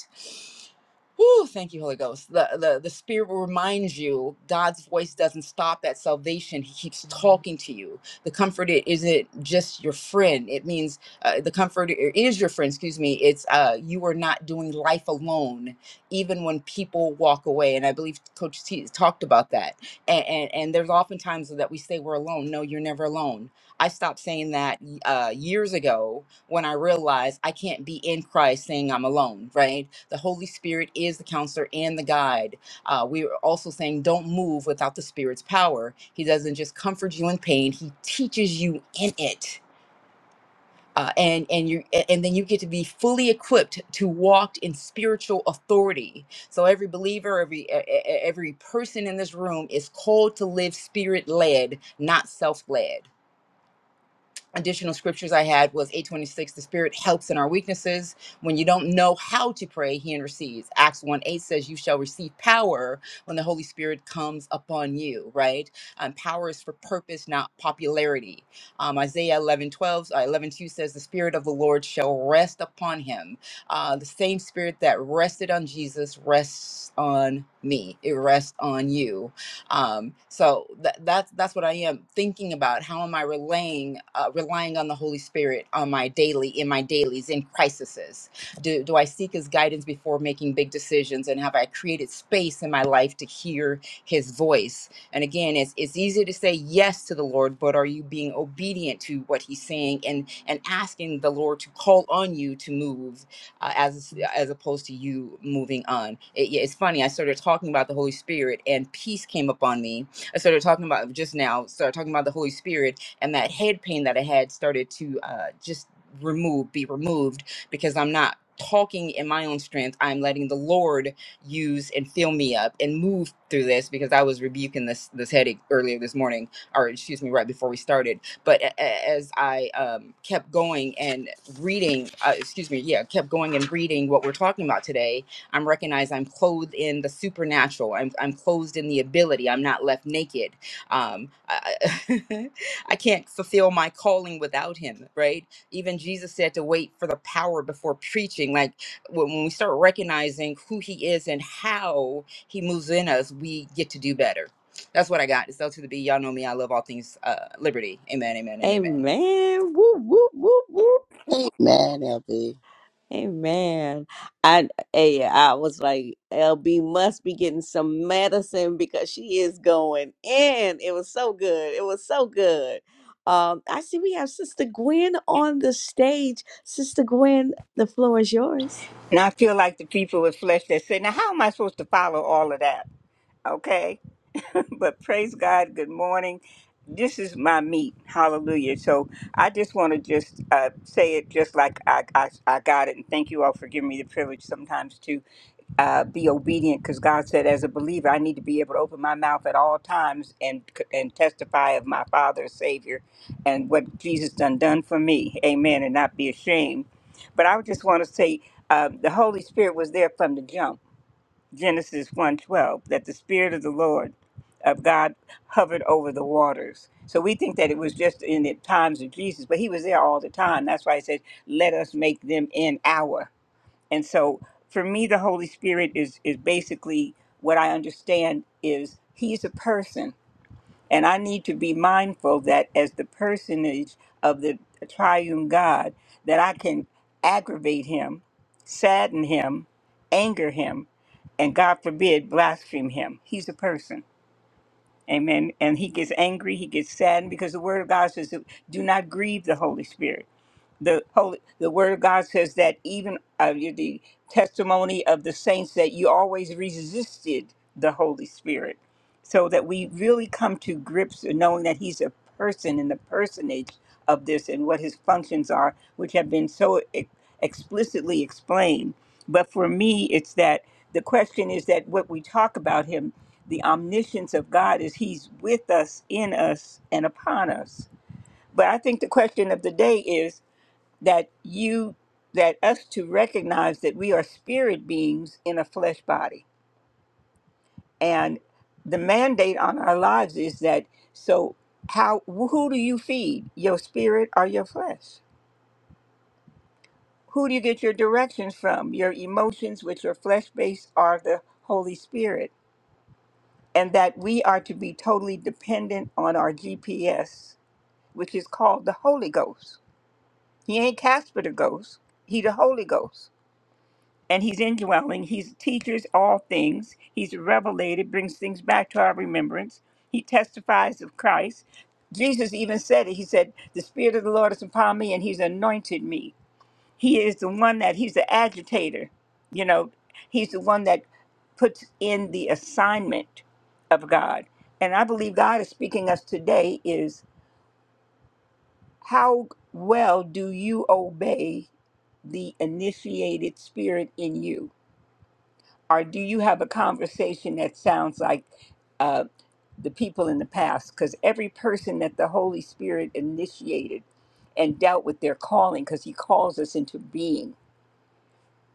Speaker 1: Whew, thank you, Holy Ghost. The, the the Spirit will remind you God's voice doesn't stop at salvation. He keeps Mhm. talking to you. The Comforter isn't just your friend. It means uh, the Comforter is your friend. Excuse me. It's uh, you are not doing life alone, even when people walk away. And I believe Coach T talked about that. And, and and there's often times that we say we're alone. No, you're never alone. I stopped saying that uh, years ago when I realized I can't be in Christ saying I'm alone, right? The Holy Spirit is the counselor and the guide. Uh, we are also saying don't move without the Spirit's power. He doesn't just comfort you in pain, He teaches you in it. Uh, and and you and then you get to be fully equipped to walk in spiritual authority. So every believer, every e- e- e, every person in this room is called to live spirit led, not self led additional scriptures I had was 826, the spirit helps in our weaknesses. When you don't know how to pray, he intercedes. Acts 1 8 says, You shall receive power when the Holy Spirit comes upon you, right? Um, power is for purpose, not popularity. Um, Isaiah 11 twelve, uh, 11 two says, The spirit of the Lord shall rest upon him. Uh, the same spirit that rested on Jesus rests on me, it rests on you. Um, so that that's that's what I am thinking about. How am I relying uh, relying on the Holy Spirit on my daily in my dailies in crises? Do do I seek His guidance before making big decisions? And have I created space in my life to hear His voice? And again, it's it's easy to say yes to the Lord, but are you being obedient to what He's saying and and asking the Lord to call on you to move? uh, as as opposed to you moving on. It, yeah, it's funny. I started talking about the Holy Spirit, and peace came upon me. I started talking about just now. Started talking about the Holy Spirit, and that head pain that I had started to uh, just remove, be removed, because I'm not talking in my own strength. I'm letting the Lord use and fill me up and move through this because I was rebuking this this headache earlier this morning, or excuse me, right before we started but a- a- as I um, kept going and reading, uh, excuse me, yeah, kept going and reading what we're talking about today, I'm recognized I'm clothed in the supernatural. I'm, I'm clothed in the ability. I'm not left naked. Um, I, I I can't fulfill my calling without him, right? Even Jesus said to wait for the power before preaching. Like when, when we start recognizing who he is and how he moves in us, we get to do better that's what I got. It's L to the B. Y'all know me. I love all things uh, liberty. Amen, amen, and amen.
Speaker 2: Amen. Whoop, whoop, whoop, whoop.
Speaker 4: Amen, LB.
Speaker 2: Amen. I, eh, I was like, LB must be getting some medicine because she is going in. It was so good. It was so good. Um, I see we have Sister Gwen on the stage. Sister Gwen, the floor is yours.
Speaker 7: And I feel like the people with flesh that say, now, how am I supposed to follow all of that? Okay. but praise God. Good morning. This is my meat. Hallelujah. So I just want to just uh, say it just like I, I, I got it. And thank you all for giving me the privilege sometimes to uh, be obedient because God said, as a believer, I need to be able to open my mouth at all times and and testify of my Father, Savior, and what Jesus done done for me. Amen. And not be ashamed but I would just want to say uh, the Holy Spirit was there from the jump. Genesis one twelve that the Spirit of the Lord of God hovered over the waters. So we think that it was just in the times of Jesus, but he was there all the time. That's why he said, let us make them in our. And so for me, the Holy Spirit is, is basically what I understand is he's a person and I need to be mindful that as the personage of the triune God, that I can aggravate him, sadden him, anger him, and God forbid, blaspheme him. He's a person. Amen. And he gets angry, he gets saddened because the word of God says, do not grieve the Holy Spirit the holy the word of god says that even uh, you- the testimony of the saints that you always resisted the holy spirit so that we really come to grips with knowing that he's a person and the personage of this and what his functions are which have been so e- explicitly explained but for me it's that the question is that what we talk about him the omniscience of god is he's with us in us and upon us but i think the question of the day is that you that us to recognize that we are spirit beings in a flesh body and the mandate on our lives is that so how who do you feed your spirit or your flesh who do you get your directions from your emotions which are flesh based are the holy spirit and that we are to be totally dependent on our gps which is called the holy ghost he ain't casper the ghost he the holy ghost and he's indwelling. He teaches all things. He's revelated, brings things back to our remembrance. He testifies of Christ. Jesus even said it. He said, The Spirit of the Lord is upon me, and He's anointed me. He is the one that He's the agitator. You know, He's the one that puts in the assignment of God. And I believe God is speaking us today is how well do you obey the initiated spirit in you? or do you have a conversation that sounds like uh, the people in the past? Because every person that the Holy Spirit initiated and dealt with their calling, because He calls us into being,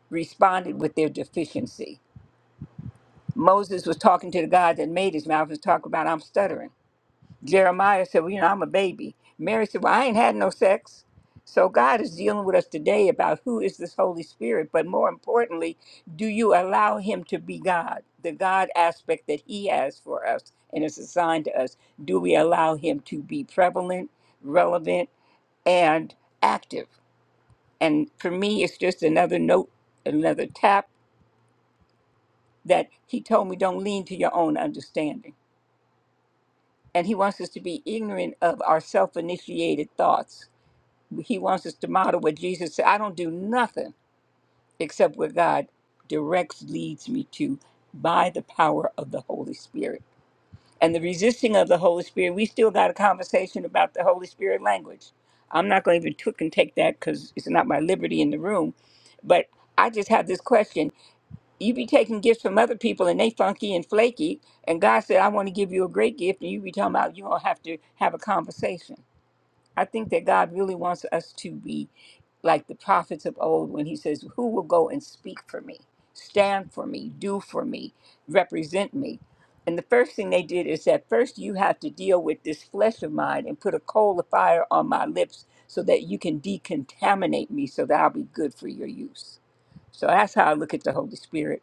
Speaker 7: responded with their deficiency. Moses was talking to the God that made his mouth and talking about, I'm stuttering. Jeremiah said, Well, you know, I'm a baby. Mary said, Well, I ain't had no sex. So God is dealing with us today about who is this Holy Spirit, but more importantly, do you allow him to be God, the God aspect that he has for us and is assigned to us? Do we allow him to be prevalent, relevant, and active? And for me, it's just another note, another tap that he told me don't lean to your own understanding. And he wants us to be ignorant of our self initiated thoughts He wants us to model what Jesus said. I don't do nothing except what God directs, leads me to by the power of the Holy Spirit. And the resisting of the Holy Spirit, we still got a conversation about the Holy Spirit language. I'm not going to even took and take that because it's not my liberty in the room. But I just have this question. You be taking gifts from other people and they funky and flaky. And God said, I want to give you a great gift. And you be talking about you don't have to have a conversation. I think that God really wants us to be like the prophets of old when he says, Who will go and speak for me, stand for me, do for me, represent me? And the first thing they did is that first you have to deal with this flesh of mine and put a coal of fire on my lips so that you can decontaminate me so that I'll be good for your use. So that's how I look at the Holy Spirit.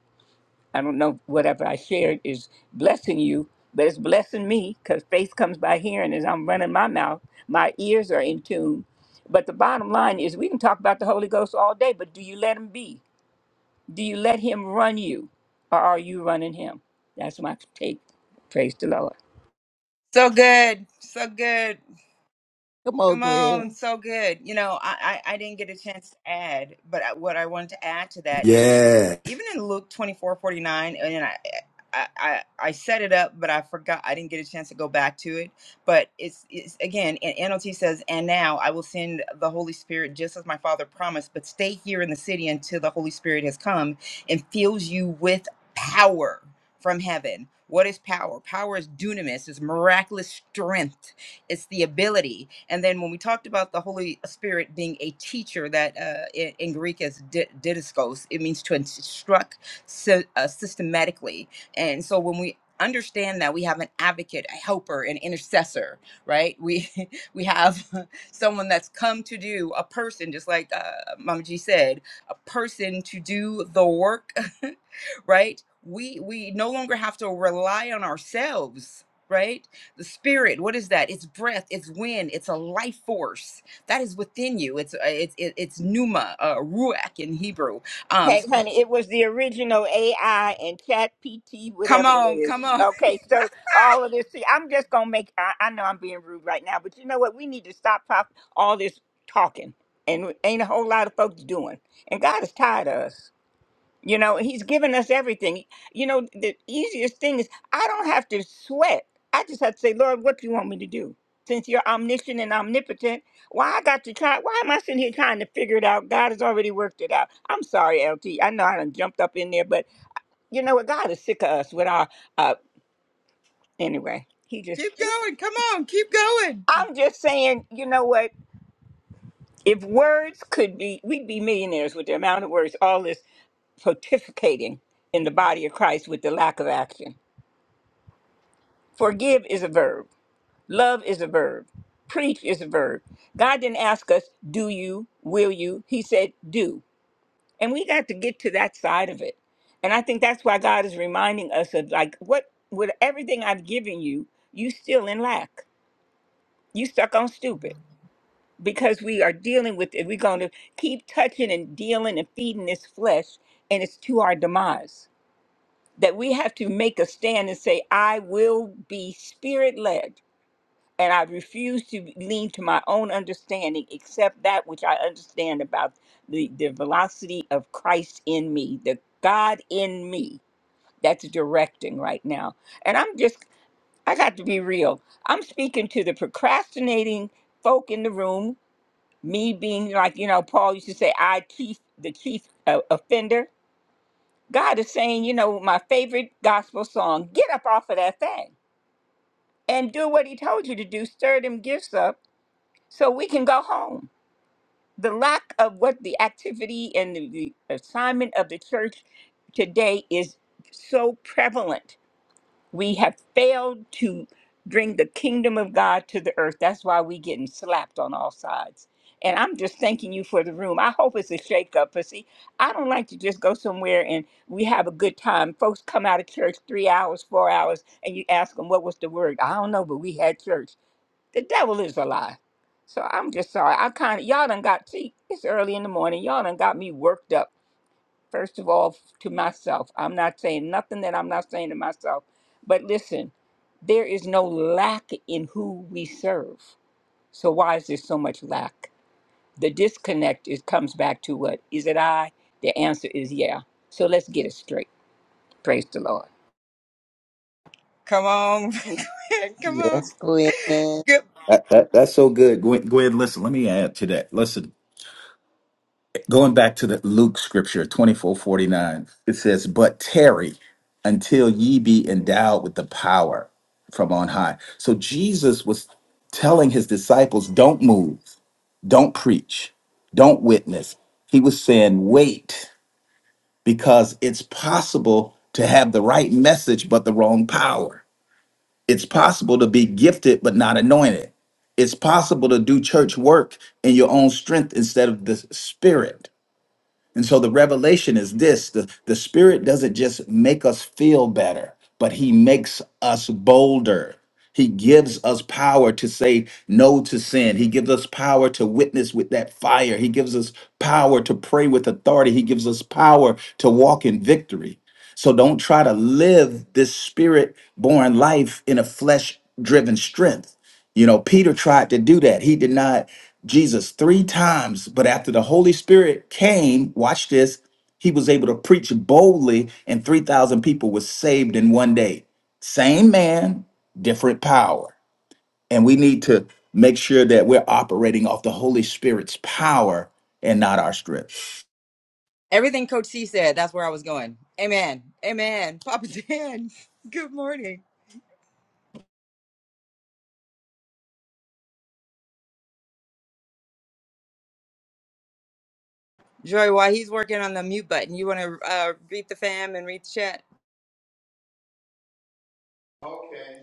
Speaker 7: I don't know whatever I shared is blessing you, but it's blessing me because faith comes by hearing as I'm running my mouth. My ears are in tune. But the bottom line is we can talk about the Holy Ghost all day, but do you let him be? Do you let him run you? Or are you running him? That's my take. Praise the Lord.
Speaker 1: So good. So good.
Speaker 4: Come on,
Speaker 1: Come on,
Speaker 4: Gwen.
Speaker 1: so good. You know, I, I, I didn't get a chance to add, but I, what I wanted to add to that is even in Luke twenty four forty nine, and I, I, I, I set it up, but I forgot, I didn't get a chance to go back to it. But it's, it's again, and NLT says, and now I will send the Holy Spirit just as my Father promised, but stay here in the city until the Holy Spirit has come and fills you with power from heaven. What is power? Power is dunamis, is miraculous strength it's the ability and then when we talked about the holy spirit being a teacher that uh, in, in greek is di- didaskos it means to instruct sy- uh, systematically and so when we understand that we have an advocate a helper an intercessor right we we have someone that's come to do a person just like uh, mama g said a person to do the work right we we no longer have to rely on ourselves right the spirit what is that it's breath it's wind it's a life force that is within you it's uh, it's it- it's pneuma uh, ruach in hebrew um
Speaker 7: Okay,
Speaker 1: so
Speaker 7: honey, it was the original AI and Chat PT,
Speaker 1: come
Speaker 7: whatever it
Speaker 1: on
Speaker 7: is.
Speaker 1: come on
Speaker 7: Okay, so all of this, see, I'm just gonna make. I, I know I'm being rude right now, but you know what? We need to stop pop, all this talking, and ain't a whole lot of folks doing. And God is tired of us. You know, he's given us everything. You know, the easiest thing is I don't have to sweat. I just have to say, Lord, what do you want me to do? Since you're omniscient and omnipotent, why I got to try? Why am I sitting here trying to figure it out? God has already worked it out. I'm sorry, LT. I know I done jumped up in there, but you know what? God is sick of us with our. Uh, anyway, he just.
Speaker 1: keep going come on keep going
Speaker 7: I'm just saying, you know what? If words could be, we'd be millionaires with the amount of words. All this pontificating in the body of Christ with the lack of action. Forgive is a verb. Love is a verb. Preach is a verb. God didn't ask us, do you, will you? He said, do. And we got to get to that side of it. And I think that's why God is reminding us of like, what, with everything I've given you, you still in lack. You stuck on stupid because we are dealing with it. We're going to keep touching and dealing and feeding this flesh, and it's to our demise. That we have to make a stand and say, I will be spirit led. and I refuse to lean to my own understanding except that which I understand about the, the velocity of Christ in me, the God in me that's directing right now. And I'm just, I got to be real. I'm speaking to the procrastinating folk in the room, me being like, you know, Paul used to say, I chief, the chief uh, offender. God is saying, you know, my favorite gospel song, get up off of that thing and do what he told you to do, stir them gifts up so we can go home. The lack of what the activity and the, the assignment of the church today is so prevalent. We have failed to bring the kingdom of God to the earth. That's why we're getting slapped on all sides. And I'm just thanking you for the room. I hope it's a shakeup. But see, I don't like to just go somewhere and we have a good time. Folks come out of church three hours, four hours, and you ask them, what was the word? I don't know, but we had church. The devil is a lie. So I'm just sorry. I kind of y'all done got see. It's early in the morning. Y'all done got me worked up. First of all, to myself, I'm not saying nothing that I'm not saying to myself. But listen, there is no lack in who we serve. So why is there so much lack? The disconnect is comes back to what is it? I. The answer is yeah. So let's get it straight. Praise the Lord.
Speaker 1: come on come on
Speaker 4: Yes, Gwen.
Speaker 2: Yeah.
Speaker 4: Amen,
Speaker 1: good
Speaker 6: That, that, that's so good. Go ahead, go ahead, listen. Let me add to that. Listen, Going back to the Luke scripture 24 49, it says, But tarry until ye be endowed with the power from on high. So Jesus was telling his disciples, Don't move, don't preach, don't witness. He was saying, Wait, because it's possible to have the right message, but the wrong power. It's possible to be gifted, but not anointed. It's possible to do church work in your own strength instead of the spirit and so the revelation is this the, the Spirit doesn't just make us feel better, but He makes us bolder. He gives us power to say no to sin. He gives us power to witness with that fire. He gives us power to pray with authority. He gives us power to walk in victory. So don't try to live this spirit born life in a flesh driven strength you know, Peter tried to do that. He denied Jesus three times, but after the Holy Spirit came, watch this, he was able to preach boldly, and 3,000 people were saved in one day. Same man, different power. And we need to make sure that we're operating off the Holy Spirit's power and not our strength.
Speaker 1: everything coach c said that's where i was going amen amen papa dan good morning joy while he's working on the mute button you want to uh read the fam and read the chat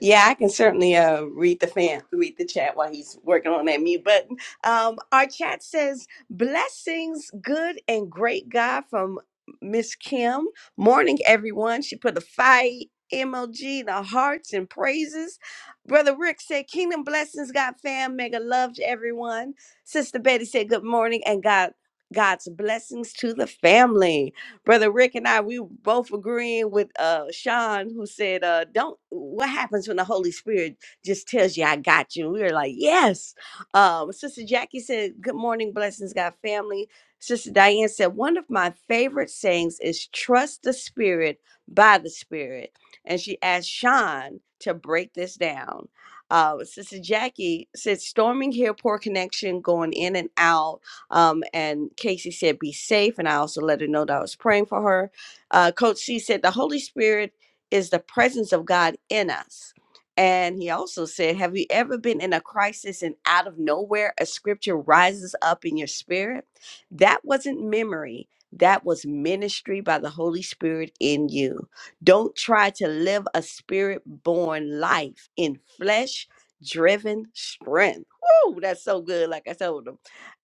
Speaker 2: Yeah, I can certainly uh, read the fan, read the chat while he's working on that mute button. Um, our chat says, "Blessings, good and great God from Miss Kim. Morning, everyone." She put the fire emoji, the hearts and praises. Brother Rick said, "Kingdom blessings, God fam, mega love to everyone." Sister Betty said, "Good morning and God." God's blessings to the family. Brother Rick and I, we were both agreeing with uh Sean who said, uh, don't what happens when the Holy Spirit just tells you I got you? We were like, Yes. Um, Sister Jackie said, Good morning, blessings, God family. Sister Diane said, one of my favorite sayings is trust the spirit by the spirit. And she asked Sean to break this down. Uh, Sister Jackie said, storming here, poor connection, going in and out um, and Casey said, be safe. And I also let her know that I was praying for her. Uh, Coach C said, the Holy Spirit is the presence of God in us. And he also said, Have you ever been in a crisis and out of nowhere a scripture rises up in your spirit? That wasn't memory, that was ministry by the Holy Spirit in you. Don't try to live a spirit born life in flesh driven strength. Woo, that's so good. Like I said,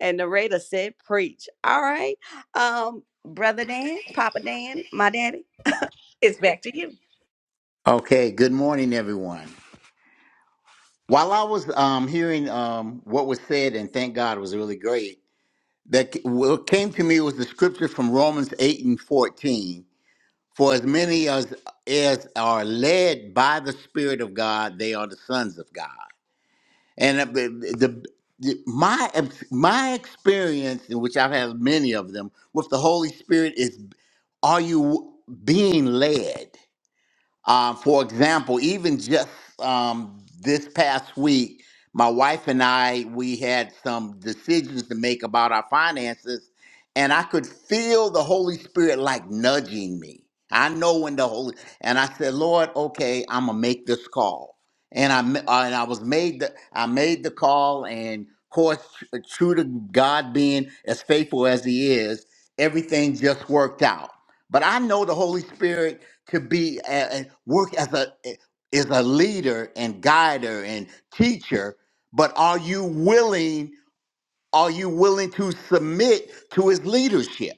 Speaker 2: and narrator said, preach. All right. Um, Brother Dan, Papa Dan, my daddy, it's back to you.
Speaker 8: Okay, good morning, everyone. While I was um, hearing um, what was said, and thank God it was really great, that c- what came to me was the scripture from Romans 8 and 14. For as many as, as are led by the Spirit of God, they are the sons of God. And uh, the, the, the- my, ex- my experience, in which I've had many of them, with the Holy Spirit is are you being led? Um, for example, even just um, this past week, my wife and I we had some decisions to make about our finances, and I could feel the Holy Spirit like nudging me. I know when the Holy and I said, "Lord, okay, I'm gonna make this call." And I ma- uh, and I was made the I made the call, and of course, tr- uh, true to God being as faithful as He is, everything just worked out. But I know the Holy Spirit to be and work as a is a leader and guider and teacher but are you willing are you willing to submit to his leadership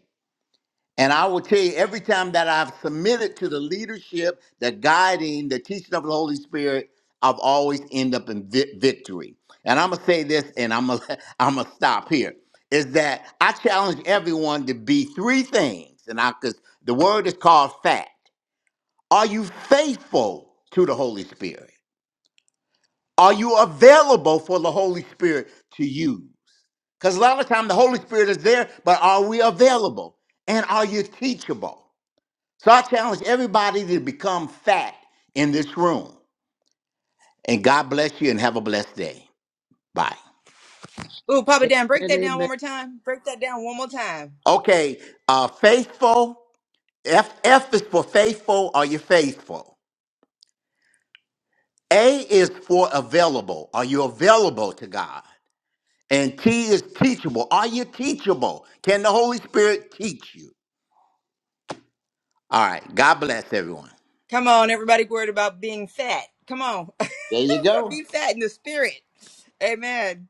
Speaker 8: and i will tell you every time that i've submitted to the leadership the guiding the teaching of the holy spirit i've always end up in vi- victory and i'm gonna say this and i'm gonna i'm gonna stop here is that i challenge everyone to be three things and i because the word is called fact are you faithful to the Holy Spirit? Are you available for the Holy Spirit to use? Because a lot of time the Holy Spirit is there, but are we available? And are you teachable? So I challenge everybody to become fat in this room. And God bless you and have a blessed day. Bye.
Speaker 1: Ooh, papa dan break that down one
Speaker 4: amen,
Speaker 1: more time break that down one more time
Speaker 8: Okay, uh, faithful. F, F is for faithful. Are you faithful? A is for available. Are you available to God? And T is teachable. Are you teachable? Can the Holy Spirit teach you? All right. God bless everyone.
Speaker 1: Come on, everybody's worried about being fat. Come on.
Speaker 8: There you go.
Speaker 1: Be fat in the spirit. Amen.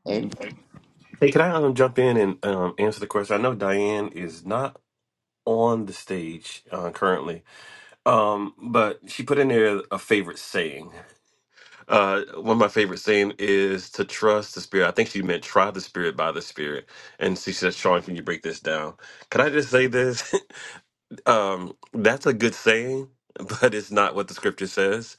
Speaker 3: Hey, can I um, jump in and um, answer the question? I know Diane is not on the stage uh, currently, um, but she put in there a favorite saying, Uh, one of my favorite saying is to trust the spirit. I think she meant try the spirit by the spirit. And she said, Sean, can you break this down? Can I just say this? um, that's a good saying, but it's not what the scripture says.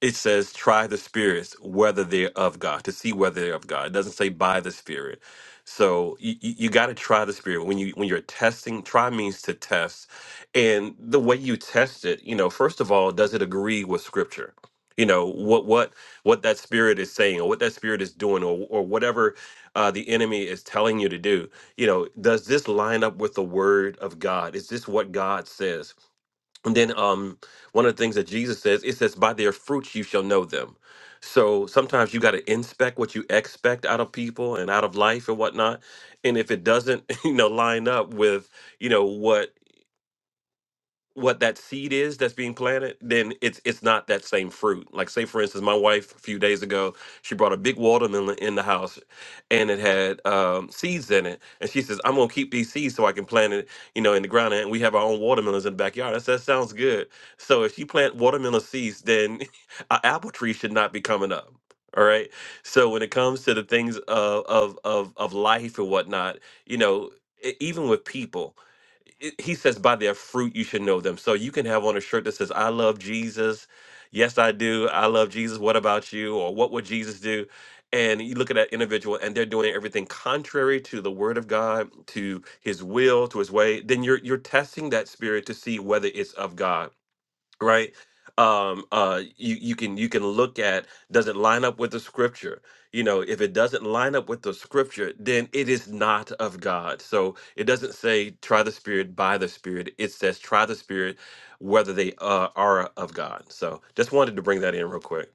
Speaker 3: It says, try the spirits, whether they're of God, to see whether they're of God. It doesn't say by the spirit. So you, you, got to try the spirit when you when you're testing. Try means to test, and the way you test it, you know, first of all, does it agree with Scripture? You know what what what that spirit is saying, or what that spirit is doing, or or whatever uh, the enemy is telling you to do. You know, does this line up with the Word of God? Is this what God says? And then um, one of the things that Jesus says, it says, by their fruits you shall know them. So sometimes you got to inspect what you expect out of people and out of life and whatnot. And if it doesn't, you know, line up with, you know, what what that seed is that's being planted, then it's it's not that same fruit. Like say for instance, my wife a few days ago, she brought a big watermelon in the house, and it had um, seeds in it. And she says, "I'm gonna keep these seeds so I can plant it, you know, in the ground." And we have our own watermelons in the backyard. I said, "That sounds good." So if you plant watermelon seeds, then an apple tree should not be coming up. All right. So when it comes to the things of of of, of life and whatnot, you know, e- even with people it- he says by their fruit you should know them so you can have on a shirt that says i love jesus yes i do i love jesus what about you or what would jesus do and you look at that individual and they're doing everything contrary to the word of god to his will to his way then you're you're testing that spirit to see whether it's of god right um uh you you can you can look at does it line up with the scripture you know if it doesn't line up with the scripture then it is not of god so it doesn't say try the spirit by the spirit it says try the spirit whether they uh, are of god so just wanted to bring that in real quick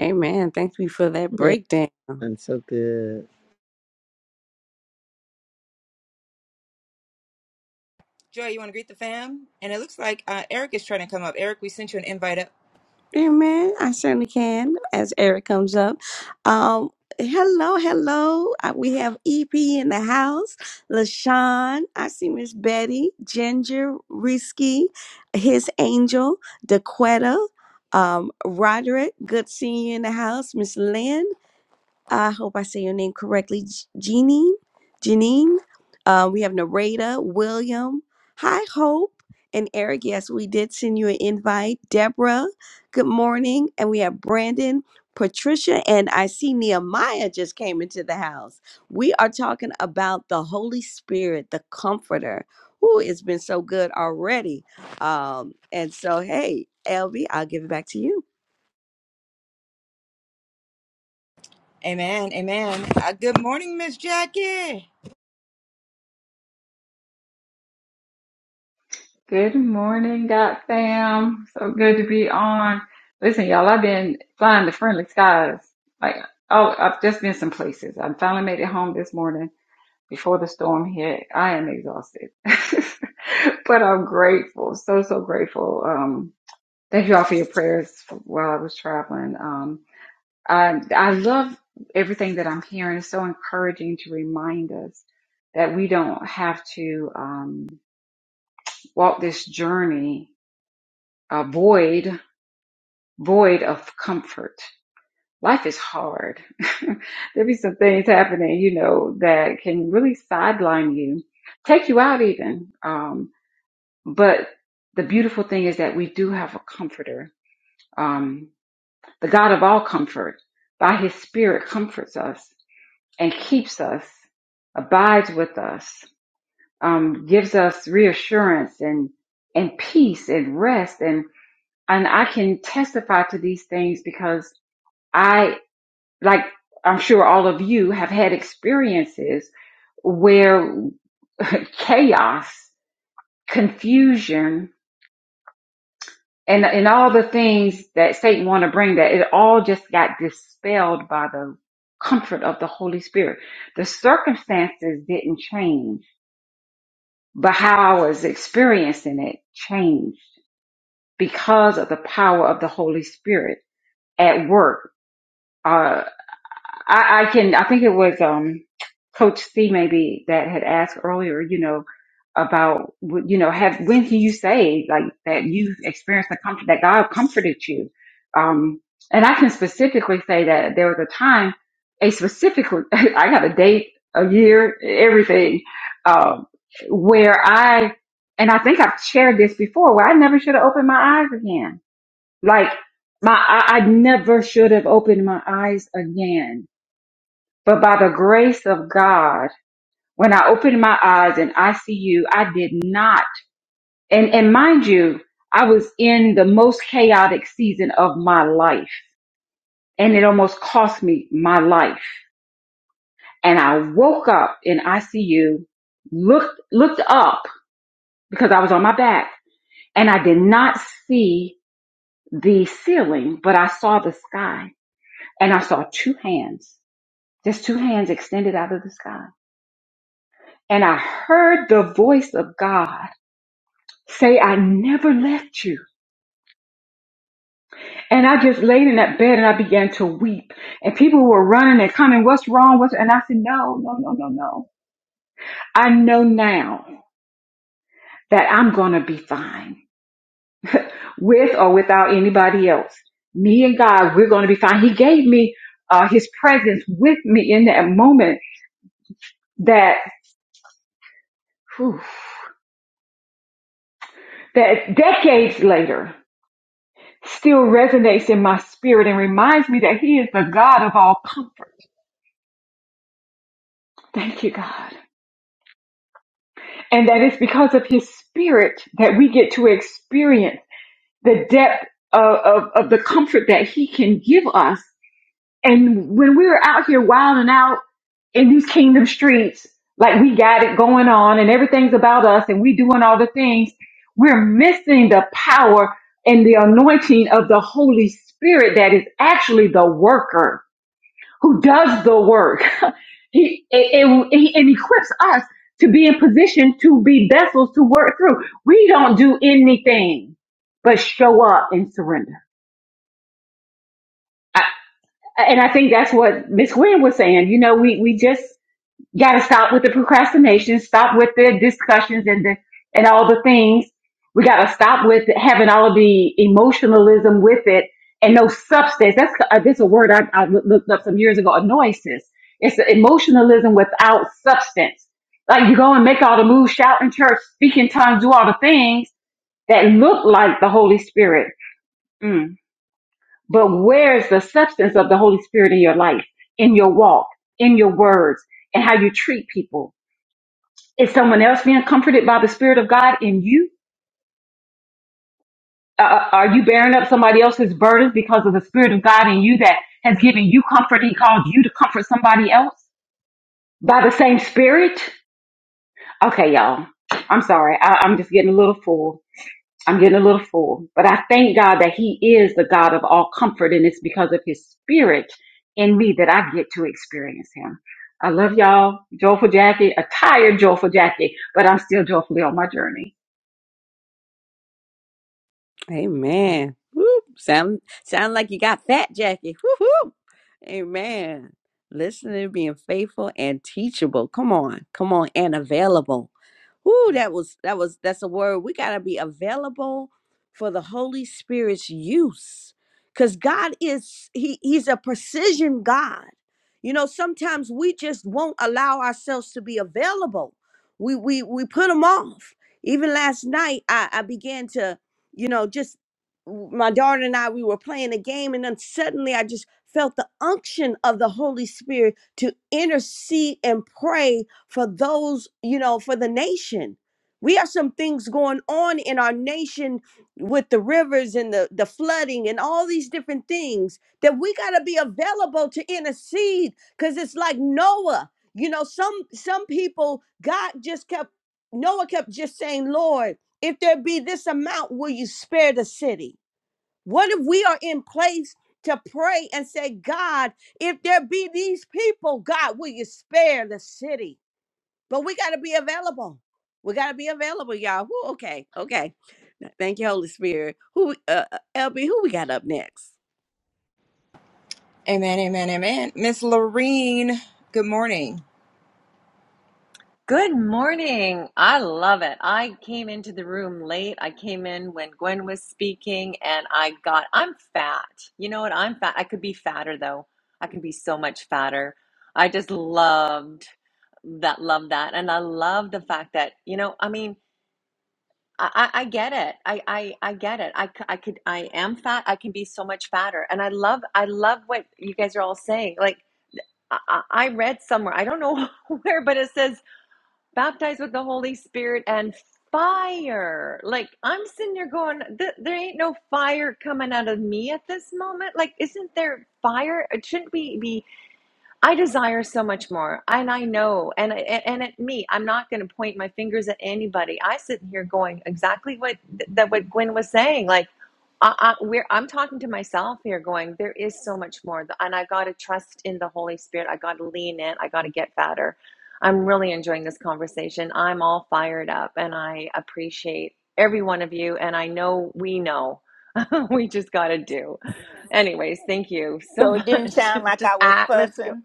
Speaker 2: Amen. Thank you for that
Speaker 4: amen.
Speaker 2: breakdown.
Speaker 4: I'm so good.
Speaker 1: Joy, you want to greet the fam? And it looks like uh, Eric is trying to come up. Eric, we sent you an invite up.
Speaker 2: Amen. I certainly can as Eric comes up. Um, hello, hello. Uh, We have EP in the house. LaShawn. I see Miss Betty, Ginger, Risky, his angel, Daquetta, um, Roderick. Good seeing you in the house. Miss Lynn. I hope I say your name correctly. J- Janine, Janine. Uh, we have Narada, William. Hi, Hope and Eric. Yes, we did send you an invite. Deborah, good morning. And we have Brandon, Patricia, and I see Nehemiah just came into the house. We are talking about the Holy Spirit, the Comforter. Ooh, it's been so good already. Um, and so, hey, LB, I'll give it back to you.
Speaker 1: Amen. Amen. Uh, good morning, Miss Jackie.
Speaker 9: Good morning, God fam. So good to be on. Listen, y'all, I've been flying to friendly skies. Like, oh, I've just been some places. I finally made it home this morning before the storm hit. I am exhausted, but I'm grateful. So, so grateful. Um, thank you all for your prayers while I was traveling. Um, I, I love everything that I'm hearing. It's so encouraging to remind us that we don't have to, um, walk this journey uh, void, void of comfort. Life is hard. There'll be some things happening, you know, that can really sideline you, take you out even. Um, but the beautiful thing is that we do have a comforter. Um, the God of all comfort, by his spirit, comforts us and keeps us, abides with us, um, gives us reassurance and, and peace and rest. And, and I can testify to these things because I, like I'm sure all of you have had experiences where chaos, confusion, and, and all the things that Satan want to bring that it all just got dispelled by the comfort of the Holy Spirit. The circumstances didn't change, but how I was experiencing it changed because of the power of the Holy Spirit at work. Uh. I, I can, I think it was, um, Coach C maybe that had asked earlier, you know, about, w- you know, have, when can you say like that you've experienced the comfort that God comforted you? Um, and I can specifically say that there was a time, a specific, I got a date, a year, everything, um, where I, and I think I've shared this before where I never should have opened my eyes again. Like my, I, I never should have opened my eyes again but by the grace of God, when I opened my eyes in ICU, I did not. And, and mind you, I was in the most chaotic season of my life and it almost cost me my life. And I woke up in ICU, looked, looked up because I was on my back and I did not see the ceiling, but I saw the sky and I saw two hands, just two hands extended out of the sky. And I heard the voice of God say, I never left you. And I just laid in that bed and I began to weep. And people were running and coming, what's wrong? What's, and I said, no, no, no, no, no. I know now that I'm going to be fine with or without anybody else. Me and God, we're going to be fine. He gave me uh, his presence with me in that moment that, whew, that decades later still resonates in my spirit and reminds me that he is the God of all comfort. Thank you, God. And that is because of his spirit that we get to experience the depth of, of, of the comfort that he can give us. And when we're out here wilding out in these kingdom streets, like we got it going on and everything's about us and we doing all the things, we're missing the power and the anointing of the Holy Spirit that is actually the worker who does the work. he, and, and he and equips us to be in position to be vessels to work through. We don't do anything but show up and surrender. I, and I think that's what Miss Gwen was saying. You know, we, we just you got to stop with the procrastination, stop with the discussions and the and all the things. We got to stop with having all of the emotionalism with it and no substance. That's uh, this a word I, I loo- looked up some years ago. Annoyances. It's the emotionalism without substance. Like you go and make all the moves, shout in church, speak in tongues, do all the things that look like the Holy Spirit. Mm. But where's the substance of the Holy Spirit in your life, in your walk, in your words, and how you treat people? Is someone else being comforted by the Spirit of God in you? Uh, uh, are you bearing up somebody else's burdens because of the Spirit of God in you that has given you comfort? He called you to comfort somebody else by the same Spirit? Okay, y'all. I'm sorry. I, I'm just getting a little full. I'm getting a little full. But I thank God that He is the God of all comfort, and it's because of His Spirit in me that I get to experience Him. I love y'all. Joyful Jackie, a tired, joyful Jackie, but I'm still joyfully on my journey.
Speaker 2: Amen. Woo. Sound sound like you got fat, Jackie. Woo woo. Amen. Listening, being faithful and teachable. Come on, come on, and available. Ooh, that was that was that's a word. We gotta be available for the Holy Spirit's use. Cause God is He He's a precision God. You know, sometimes we just won't allow ourselves to be available. We we we put them off. Even last night, I, I began to, you know, just my daughter and I, we were playing a game, and then suddenly I just felt the unction of the Holy Spirit to intercede and pray for those, you know, for the nation. We have some things going on in our nation with the rivers and the, the flooding and all these different things that we got to be available to intercede because it's like Noah. You know, some some people, God just kept, Noah kept just saying, Lord, if there be this amount, will you spare the city? What if we are in place to pray and say, God, if there be these people, God, will you spare the city? But we got to be available. We got to be available, y'all. Woo, okay, okay. Thank you, Holy Spirit. Who, uh, uh, LB, who we got up next?
Speaker 1: Amen. Amen. Amen. Miss Lorene, good morning.
Speaker 10: Good morning. I love it. I came into the room late. I came in when Gwen was speaking and I got, I'm fat. You know what? I'm fat. I could be fatter though. I could be so much fatter. I just loved that, love that. And I love the fact that, you know, I mean, I, I I get it. I, I, I get it. I, c- I could, I am fat. I can be so much fatter. And I love, I love what you guys are all saying. Like, I, I I read somewhere, I don't know where, but it says, baptized with the Holy Spirit and fire. Like I'm sitting there going, th- there ain't no fire coming out of me at this moment. Like, isn't there fire? Shouldn't we be I desire so much more, and I know, and and at me, I'm not going to point my fingers at anybody. I sit here going exactly what that what Gwen was saying. Like, I, I, we're, I'm talking to myself here, going, there is so much more, and I got to trust in the Holy Spirit. I got to lean in. I got to get fatter. I'm really enjoying this conversation. I'm all fired up, and I appreciate every one of you. And I know we know. we just got to do anyways thank you so
Speaker 7: So it didn't
Speaker 10: much
Speaker 7: sound like
Speaker 10: just
Speaker 7: I was
Speaker 10: at let's go
Speaker 7: fussing,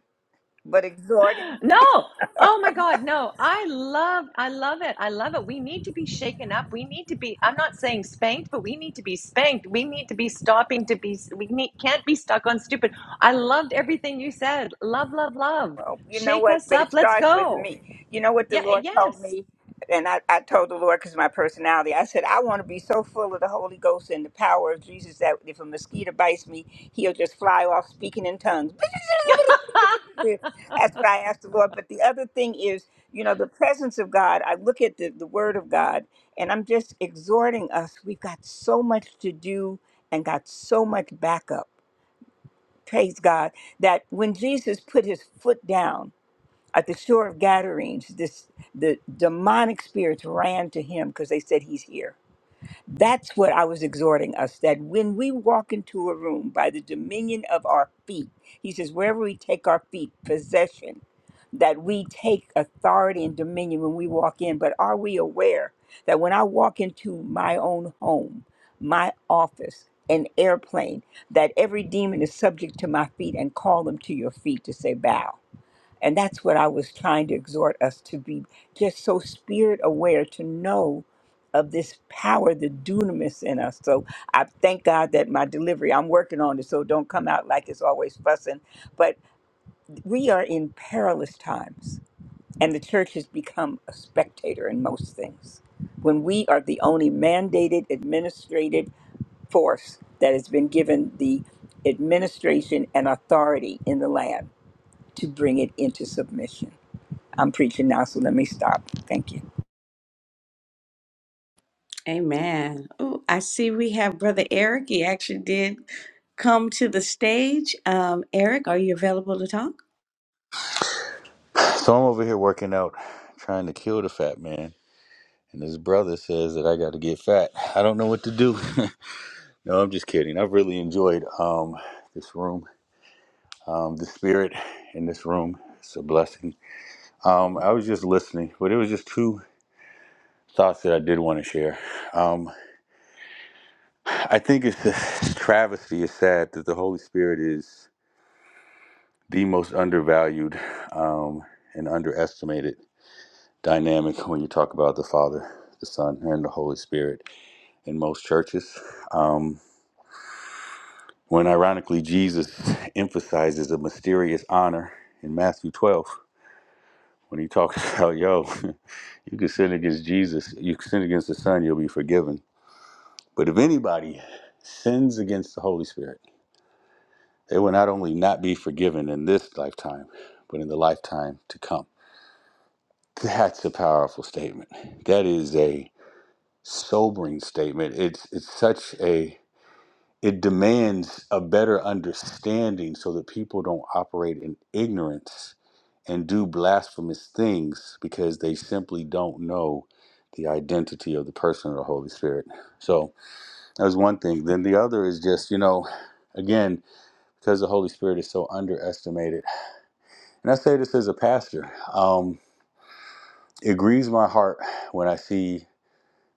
Speaker 7: but exhorting.
Speaker 10: no. Oh my God. No. I love I love it. I love it. We need to be shaken up. We need to be I'm not saying spanked, but we need to be spanked. We need to be stopping to be we need can't be stuck on stupid. I loved everything you said. Love, love, love.
Speaker 7: Well, you know
Speaker 10: Shake
Speaker 7: what?
Speaker 10: us
Speaker 7: But
Speaker 10: up.
Speaker 7: it
Speaker 10: Let's
Speaker 7: starts with
Speaker 10: go.
Speaker 7: me. You know what the
Speaker 10: Yeah,
Speaker 7: Lord told
Speaker 10: yes.
Speaker 7: me? And I, I told the Lord because my personality, I said, I want to be so full of the Holy Ghost and the power of Jesus that if a mosquito bites me, he'll just fly off speaking in tongues. That's what I asked the Lord. But the other thing is, you know, the presence of God, I look at the, the Word of God, and I'm just exhorting us. We've got so much to do and got so much backup. Praise God. That when Jesus put his foot down, at the shore of Gadarenes, this the demonic spirits ran to him because they said he's here. That's what I was exhorting us that when we walk into a room by the dominion of our feet, he says, wherever we take our feet, possession, that we take authority and dominion when we walk in. But are we aware that when I walk into my own home, my office, an airplane, that every demon is subject to my feet and call them to your feet to say, bow? And that's what I was trying to exhort us to be just so spirit aware to know of this power, the dunamis in us. So I thank God that my delivery, I'm working on it, so don't come out like it's always fussing. But we are in perilous times, and the church has become a spectator in most things. When we are the only mandated, administrated force that has been given the administration and authority in the land to bring it into submission. I'm preaching now, so let me stop. Thank you.
Speaker 2: Amen. Oh, I see we have Brother Eric. He actually did come to the stage. Um, Eric, are you available to talk?
Speaker 11: So I'm over here working out, trying to kill the fat man. And his brother says that I got to get fat. I don't know what to do. no, I'm just kidding. I've really enjoyed um, this room, um, the spirit in this room. It's a blessing. Um, I was just listening, but it was just two thoughts that I did want to share. Um, I think it's a travesty. It's sad that the Holy Spirit is the most undervalued um, and underestimated dynamic when you talk about the Father, the Son, and the Holy Spirit in most churches. Um, when ironically Jesus emphasizes a mysterious honor in Matthew 12, when he talks about, yo, you can sin against Jesus, you can sin against the Son, you'll be forgiven. But if anybody sins against the Holy Spirit, they will not only not be forgiven in this lifetime, but in the lifetime to come. That's a powerful statement. That is a sobering statement. It's it's such a it demands a better understanding so that people don't operate in ignorance and do blasphemous things because they simply don't know the identity of the person of the Holy Spirit. So that was one thing. Then the other is just, you know, again, because the Holy Spirit is so underestimated. And I say this as a pastor. Um, it grieves my heart when I see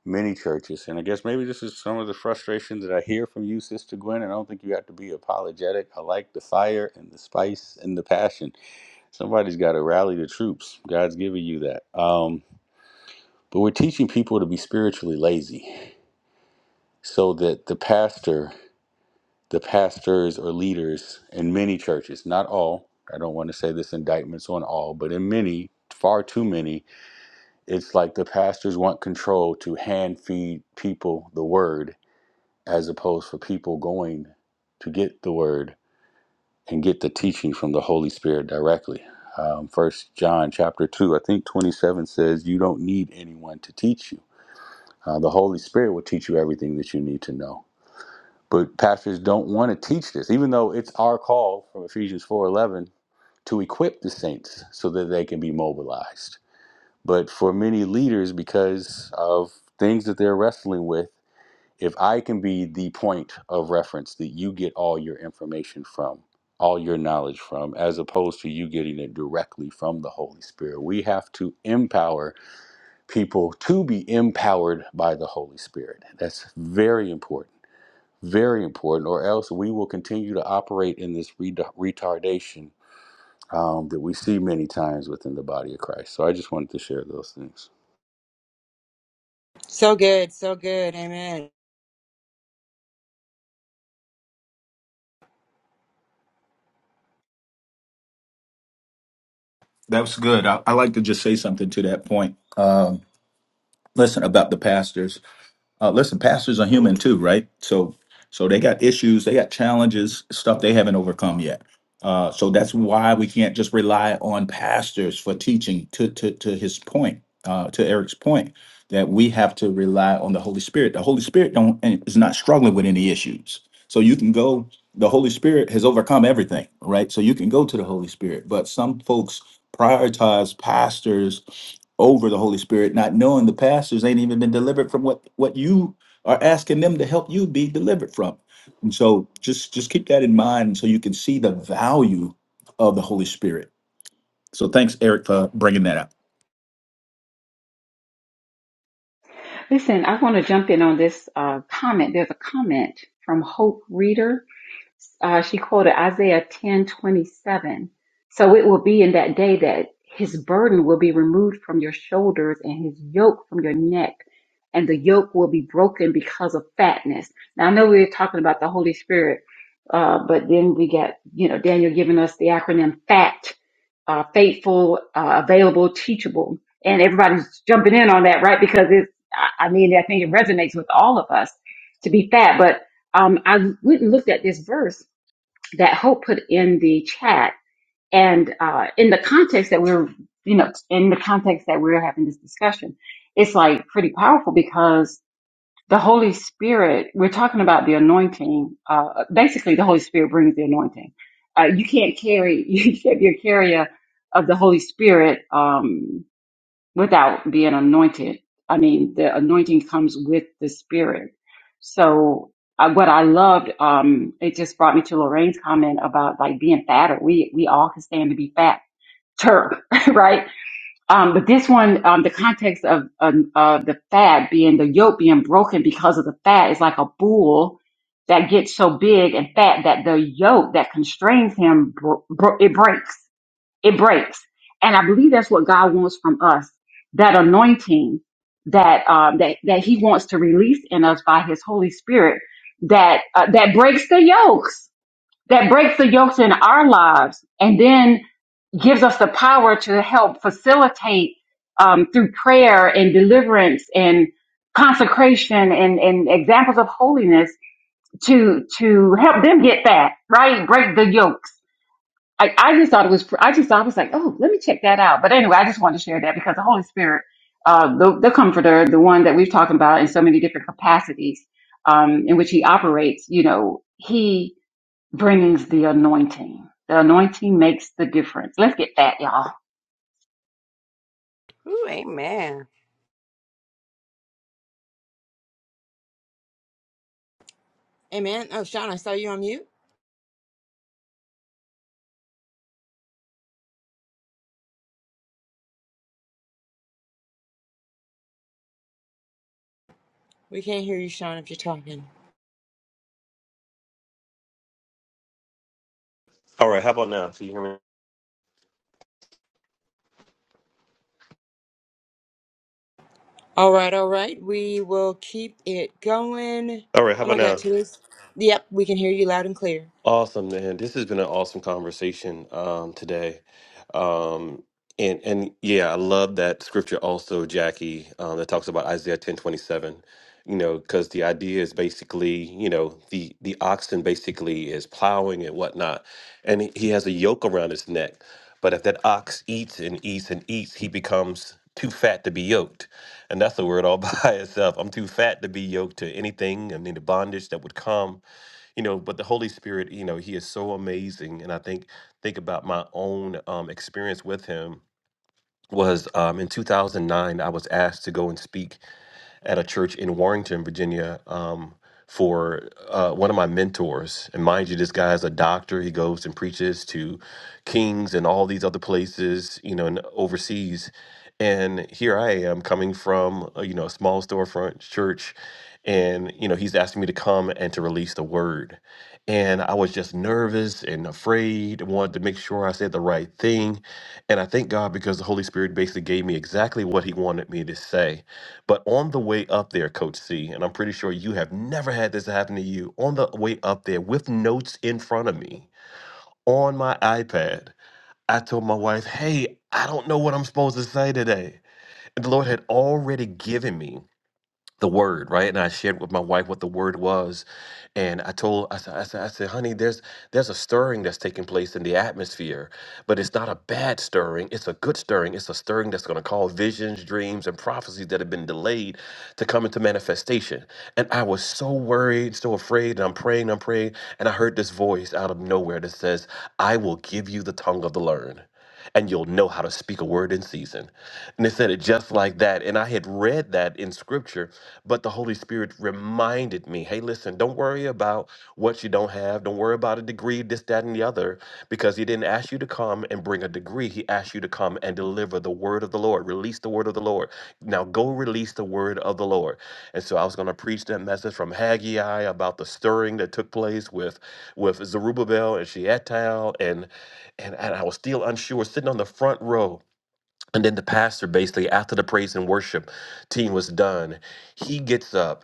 Speaker 11: many churches. And I guess maybe this is some of the frustration that I hear from you, Sister Gwen. And I don't think you have to be apologetic. I like the fire and the spice and the passion. Somebody's got to rally the troops. God's giving you that. Um, but we're teaching people to be spiritually lazy so that the pastor, the pastors or leaders in many churches, not all, I don't want to say this indictments on all, but in many, far too many, it's like the pastors want control to hand feed people the word as opposed for people going to get the word and get the teaching from the Holy Spirit directly. Um, First John chapter two, I think twenty seven says, "You don't need anyone to teach you. Uh, the Holy Spirit will teach you everything that you need to know." But pastors don't want to teach this, even though it's our call from Ephesians four eleven to equip the saints so that they can be mobilized. But for many leaders, because of things that they're wrestling with if I can be the point of reference that you get all your information from, all your knowledge from, as opposed to you getting it directly from the Holy Spirit, we have to empower people to be empowered by the Holy Spirit. That's very important, very important, or else we will continue to operate in this re- retardation um, that we see many times within the body of Christ. So I just wanted to share those things.
Speaker 1: So good. So good. Amen.
Speaker 6: That's good. I, I like to just say something to that point. Um, listen about the pastors. Uh, listen, pastors are human too, right? So, so they got issues, they got challenges, stuff they haven't overcome yet. Uh, so that's why we can't just rely on pastors for teaching. To to to his point, uh, to Eric's point, that we have to rely on the Holy Spirit. The Holy Spirit don't and is not struggling with any issues. So you can go, the Holy Spirit has overcome everything, right? So you can go to the Holy Spirit, but some folks prioritize pastors over the Holy Spirit, not knowing the pastors ain't even been delivered from what what you are asking them to help you be delivered from. And so just just keep that in mind so you can see the value of the Holy Spirit. So thanks Eric for bringing that up.
Speaker 9: Listen, I want to jump in on this uh, comment. There's a comment from Hope Reader. Uh, she quoted Isaiah ten twenty seven. So it will be in that day that his burden will be removed from your shoulders and his yoke from your neck, and the yoke will be broken because of fatness. Now, I know we were talking about the Holy Spirit, uh, but then we got, you know, Daniel giving us the acronym FAT, uh, faithful, uh, available, teachable. And everybody's jumping in on that, right? Because it's, I I mean, I think it resonates with all of us to be fat, but um, I went and looked at this verse that Hope put in the chat, and uh, in the context that we're, you know, in the context that we're having this discussion, it's like pretty powerful because the Holy Spirit. We're talking about the anointing. Uh, basically, the Holy Spirit brings the anointing. Uh, you can't carry, you can't be a carrier of the Holy Spirit. Um, without being anointed. I mean, the anointing comes with the spirit. So I, what I loved, um, it just brought me to Lorraine's comment about like being fatter. We, we all can stand to be fat. Turk, right? Um, but this one, um, the context of, um, of the fat being the yoke being broken because of the fat is like a bull that gets so big and fat that the yoke that constrains him, bro- bro- it breaks it breaks. And I believe that's what God wants from us. That anointing that, um, that, that he wants to release in us by his Holy Spirit that, uh, that breaks the yokes, that breaks the yokes in our lives and then gives us the power to help facilitate, um, through prayer and deliverance and consecration and, and examples of holiness to, to help them get that, right? Break the yokes I, I just thought it was, I just thought I was like, oh, let me check that out. But anyway, I just wanted to share that because the Holy Spirit, uh, the, the comforter, the one that we've talked about in so many different capacities, um, in which he operates, you know, he brings the anointing. The anointing makes the difference. Let's get that, y'all.
Speaker 2: Ooh, amen.
Speaker 1: Amen. Oh, Sean, I saw you on mute. We can't hear you, Sean, if you're talking.
Speaker 3: all right how about now can you hear me
Speaker 1: All right, all right. We will keep it going.
Speaker 3: all right how
Speaker 1: Oh
Speaker 3: about
Speaker 1: my God,
Speaker 3: now
Speaker 1: today's. Yep, we can hear you loud and clear.
Speaker 3: Awesome, man. This has been an awesome conversation um, today. Um, and and yeah, I love that scripture also, Jackie, um, that talks about Isaiah ten twenty seven. You know, because the idea is basically, you know, the the oxen basically is plowing and whatnot, and he he has a yoke around his neck. But if that ox eats and eats and eats, he becomes too fat to be yoked. And that's a word all by itself. I'm too fat to be yoked to anything and any bondage that would come you know but the holy spirit you know he is so amazing and i think think about my own um, experience with him was um, in 2009 i was asked to go and speak at a church in Warrington, Virginia, um, for uh, one of my mentors. And mind you, this guy is a doctor. He goes and preaches to kings and all these other places, you know, and overseas. And here I am coming from, uh, you know, a small storefront church. And, you know, he's asking me to come and to release the word. And I was just nervous and afraid, wanted to make sure I said the right thing. And I thank God because the Holy Spirit basically gave me exactly what he wanted me to say but on the way up there, Coach C, and I'm pretty sure you have never had this happen to you, on the way up there with notes in front of me on my iPad, I told my wife, hey, I don't know what I'm supposed to say today. And the Lord had already given me the word, right? And I shared with my wife what the word was, and I told I said, I said, I said, honey, there's there's a stirring that's taking place in the atmosphere, but it's not a bad stirring. It's a good stirring. It's a stirring that's going to call visions, dreams, and prophecies that have been delayed to come into manifestation. And I was so worried, so afraid, and I'm praying, I'm praying, and I heard this voice out of nowhere that says, "I will give you the tongue of the learned." and you'll know how to speak a word in season. And they said it just like that. And I had read that in scripture, but the Holy Spirit reminded me hey, listen, don't worry about what you don't have. Don't worry about a degree, this, that, and the other, because He didn't ask you to come and bring a degree. He asked you to come and deliver the word of the Lord, release the word of the Lord. Now go release the word of the Lord. And so I was going to preach that message from Haggai about the stirring that took place with, with Zerubbabel and Shealtiel and, and I was still unsure, sitting on the front row. And then the pastor, basically, after the praise and worship team was done, he gets up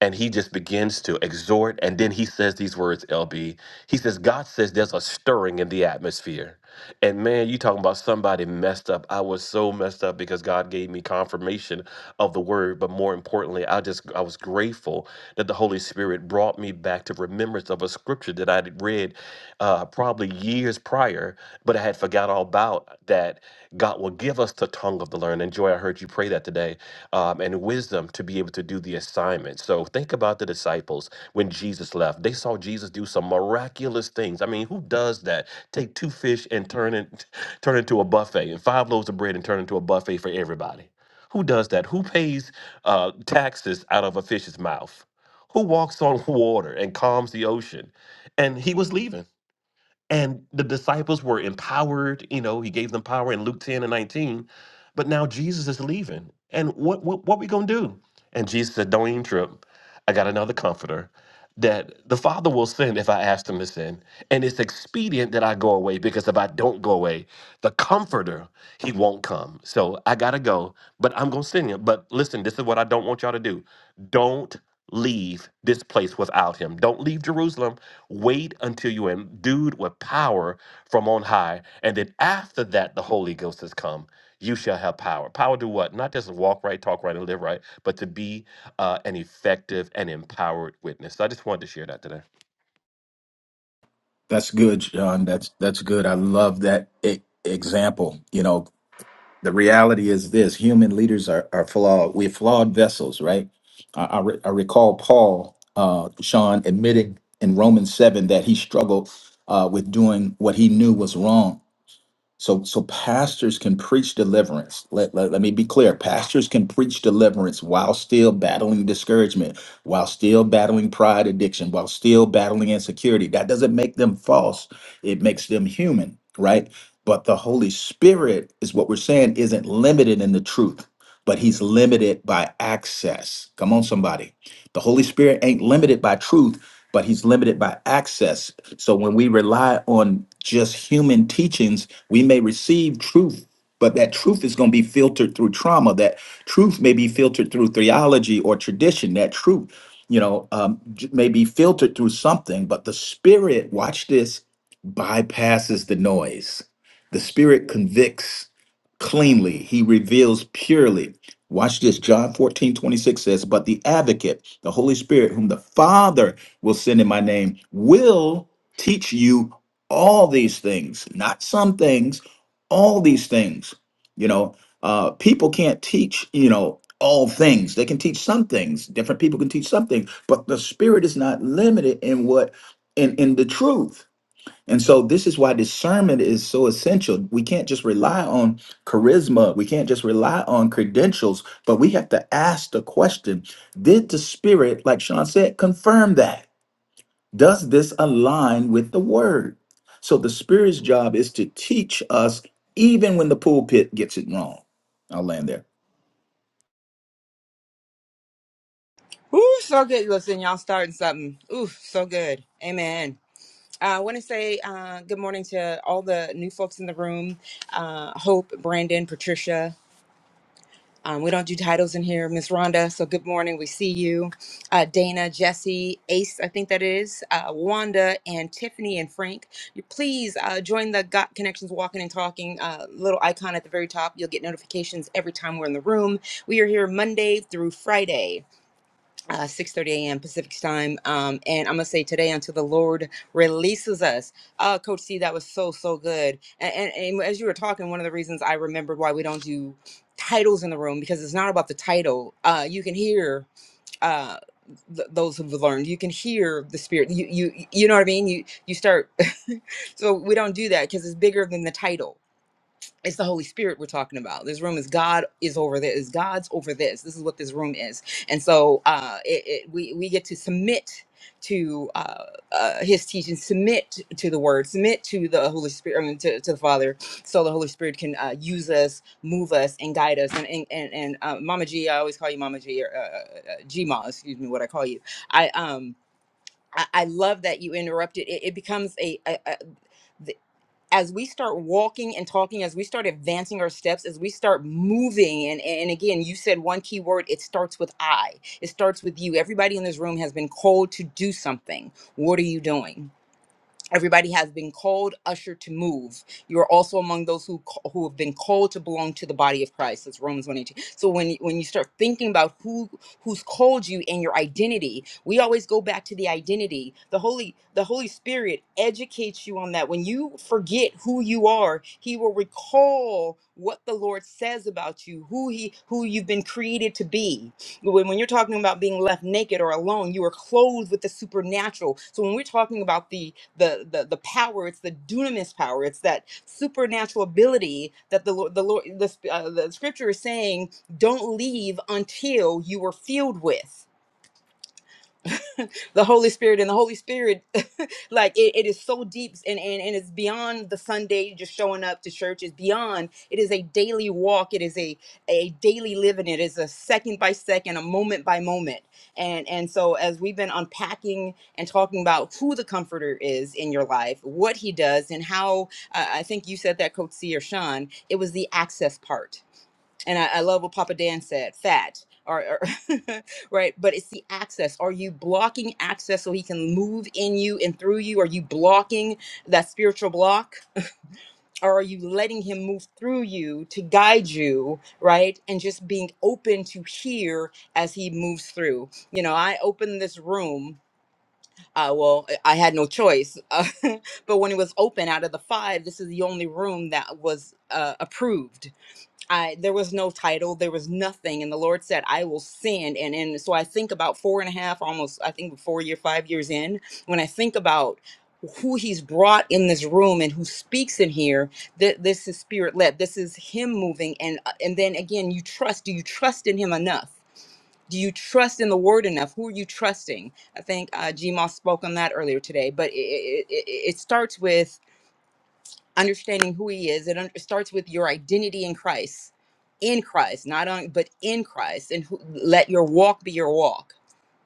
Speaker 3: and he just begins to exhort. And then he says these words, LB. He says, God says there's a stirring in the atmosphere. And man, you talking about somebody messed up. I was so messed up because God gave me confirmation of the word. But more importantly, I just I was grateful that the Holy Spirit brought me back to remembrance of a scripture that I had read uh, probably years prior, but I had forgot all about that God will give us the tongue of the learned. And Joy, I heard you pray that today, um, and wisdom to be able to do the assignment. So think about the disciples when Jesus left. They saw Jesus do some miraculous things. I mean, who does that? Take two fish and turn it turn into a buffet, and five loaves of bread and turn into a buffet for everybody. Who does that? Who pays uh, taxes out of a fish's mouth? who walks on water and calms the ocean. And he was leaving. And the disciples were empowered, you know, he gave them power in Luke 10 and 19. But now Jesus is leaving. And what what, what we gonna do? And Jesus said, Don't even trip. I got another comforter that the Father will send if I ask him to send. And it's expedient that I go away because if I don't go away, the comforter, he won't come. So I gotta go, but I'm gonna send him. But listen, this is what I don't want y'all to do. Don't leave this place without him. Don't leave Jerusalem. Wait until you're endued with power from on high. And then after that, the Holy Ghost has come. You shall have power. Power to what? Not just walk right, talk right, and live right, but to be uh, an effective and empowered witness. So I just wanted to share that today.
Speaker 6: That's good, John. That's that's good. I love that e- example. You know, the reality is this human leaders are, are flawed we're flawed vessels right i, I, re- I recall paul uh, sean admitting in romans 7 that he struggled uh, with doing what he knew was wrong so, so pastors can preach deliverance. Let, let, let me be clear. Pastors can preach deliverance while still battling discouragement, while still battling pride addiction, while still battling insecurity. That doesn't make them false. It makes them human, right? But the Holy Spirit is what we're saying isn't limited in the truth, but he's limited by access. Come on, somebody. The Holy Spirit ain't limited by truth but he's limited by access. So when we rely on just human teachings, we may receive truth, but that truth is going to be filtered through trauma. That truth may be filtered through theology or tradition. That truth, you know, um, j- may be filtered through something, but the spirit, watch this, bypasses the noise. The spirit convicts cleanly, he reveals purely. Watch this. John 14:26 says, But the advocate, the Holy Spirit, whom the Father will send in my name will teach you all these things, not some things, all these things. You know, uh, people can't teach, you know, all things. They can teach some things. Different people can teach some things, but the spirit is not limited in what in in the truth. And so this is why discernment is so essential. We can't just rely on charisma. We can't just rely on credentials, but we have to ask the question, did the spirit, like Sean said, confirm that? Does this align with the word? So the Spirit's job is to teach us even when the pulpit gets it wrong. I'll land there.
Speaker 1: Ooh, so good. Listen, y'all starting something. Ooh, so good. Amen. Uh, I want to say uh, good morning to all the new folks in the room. Uh, Hope, Brandon, Patricia. Um, we don't do titles in here. Miss Rhonda, so good morning. We see you. Uh, Dana, Jesse, Ace, I think that is, uh, Wanda, and Tiffany and Frank. You Please uh, join the Got Connections Walking and Talking uh, little icon at the very top. You'll get notifications every time we're in the room. We are here Monday through Friday uh, 6.30 a.m. Pacific time. Um, and I'm going to say today until the Lord releases us. Uh, Coach C, that was so, so good. And, and, and as you were talking, one of the reasons I remembered why we don't do titles in the room, because it's not about the title. Uh, you can hear uh, th- those who've learned, you can hear the spirit. You, you, you know what I mean? You, you start, so we don't do that because it's bigger than the title it's the Holy Spirit we're talking about. This room is God is over this. God's over this. This is what this room is. And so uh, it, it, we we get to submit to uh, uh, His teaching, submit to the Word, submit to the Holy Spirit, I mean, to, to the Father, so the Holy Spirit can uh, use us, move us, and guide us. And and and, and uh, Mama G, I always call you Mama G or uh, uh, G Ma, excuse me, what I call you. I um. I I love that you interrupted. It, it becomes a, a, a as we start walking and talking, as we start advancing our steps, as we start moving, and, and again, you said one key word, it starts with I. It starts with you. Everybody in this room has been called to do something. What are you doing? Everybody has been called, ushered to move. You are also among those who who have been called to belong to the body of Christ. That's Romans 1:18. So when you- when you start thinking about who who's called you and your identity, we always go back to the identity. The Holy the Holy Spirit educates you on that. When you forget who you are, He will recall what the Lord says about you, who He who you've been created to be. But when, when you're talking about being left naked or alone, you are clothed with the supernatural. So when we're talking about the the the, the power, it's the dunamis power. It's that supernatural ability that the Lord, the Lord, the, sp- uh, the Scripture is saying, don't leave until you are filled with the Holy Spirit and the Holy Spirit, like it, it is so deep and, and, and it's beyond the Sunday just showing up to church. It's beyond, it is a daily walk. It is a, a daily living. It is a second by second, a moment by moment. And, and so as we've been unpacking and talking about who the comforter is in your life, what he does and how, uh, I think you said that coach C or Sean, it was the access part and I, I love what Papa Dan said, fat, or, or right? But it's the access. Are you blocking access so he can move in you and through you? Are you blocking that spiritual block? Or are you letting him move through you to guide you, right? And just being open to hear as he moves through. You know, I opened this room. Uh, well, I I had no choice. but when it was open out of the five, this is the only room that was uh, approved I there was no title, there was nothing, and the Lord said, "I will send." And and so I think about four and a half, almost I think four year, five years in, when I think about who He's brought in this room and who speaks in here, that this is spirit led. This is Him moving, and uh, and then again, you trust. Do you trust in Him enough? Do you trust in the Word enough? Who are you trusting? I think uh, G Moss spoke on that earlier today, but it, it, it, it starts with understanding who he is it un- starts with your identity in christ in christ not on but in christ and who, let your walk be your walk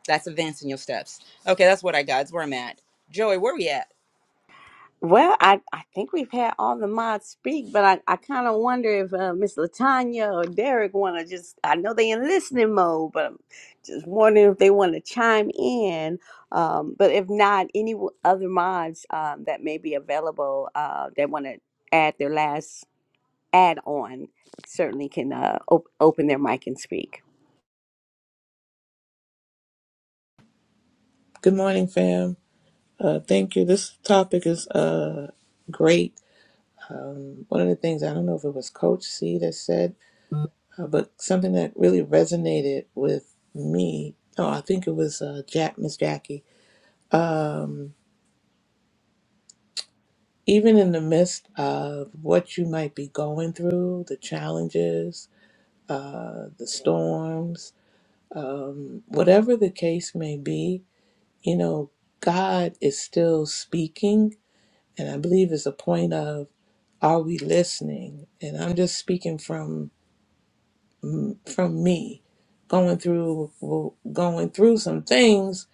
Speaker 1: that's advancing your steps okay that's what i got that's where i'm at joey where we at
Speaker 2: Well, I, I think we've had all the mods speak, but I, I kind of wonder if uh, Miss Latanya or Derek want to just, I know they in listening mode, but I'm just wondering if they want to chime in. Um, but if not, any w- other mods um, that may be available uh, that want to add their last add on certainly can uh, op- open their mic and speak.
Speaker 12: Good morning, fam. Uh, thank you. This topic is uh, great. Um, one of the things, I don't know if it was Coach C that said, uh, but something that really resonated with me. No, I think it was uh, Jack, Miss Jackie. Even in the midst of what you might be going through, the challenges, uh, the storms, whatever the case may be, you know, God is still speaking. And I believe it's a point of Are we listening? And I'm just speaking from from me, going through going through some things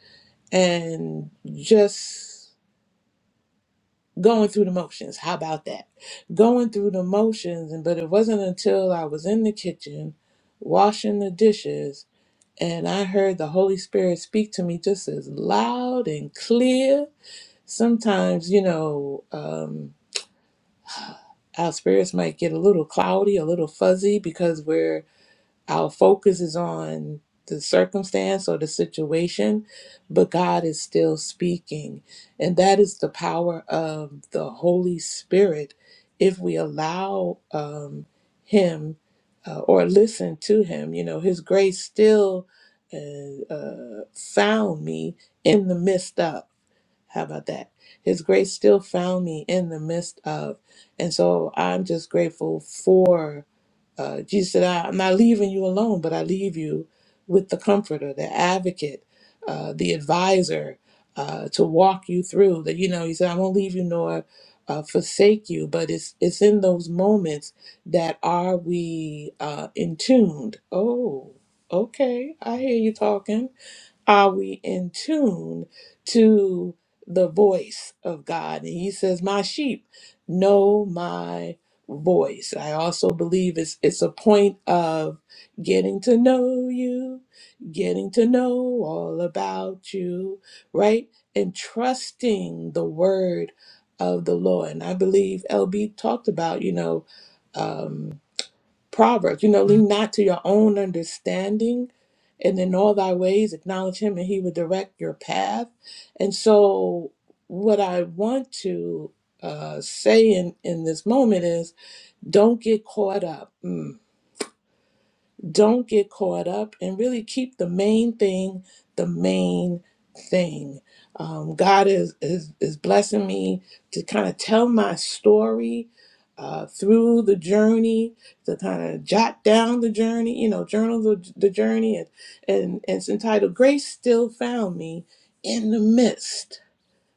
Speaker 12: and just going through the motions. How about that? Going through the motions, and but it wasn't until I was in the kitchen washing the dishes and I heard the Holy Spirit speak to me just as loud and clear. Sometimes, you know, um, our spirits might get a little cloudy, a little fuzzy because we're our focus is on the circumstance or the situation, but God is still speaking. And that is the power of the Holy Spirit if we allow um, Him uh, or listen to Him. You know, His grace still uh, uh, found me in the midst of. How about that? His grace still found me in the midst of. And so I'm just grateful for. Uh, Jesus said, I, I'm not leaving you alone, but I leave you with the comforter, the advocate, uh, the advisor uh, to walk you through. That you know, He said, I won't leave you nor uh, forsake you. But it's it's in those moments that are we uh, in tuned. Oh, okay, I hear you talking are we in tune to the voice of God? And he says, My sheep know my voice. I also believe it's it's a point of getting to know you, getting to know all about you, right? And trusting the word of the Lord. And I believe LB talked about, you know, um, Proverbs, you know, lean not to your own understanding, and in all thy ways acknowledge him, and he will direct your path. And so, what I want to uh, say in, in this moment is don't get caught up. Mm. Don't get caught up and really keep the main thing the main thing. Um, God is, is, is blessing me to kind of tell my story uh, through the journey, to kind of jot down the journey, you know, journal the, the journey. And, and, and it's entitled Grace Still Found Me in the Midst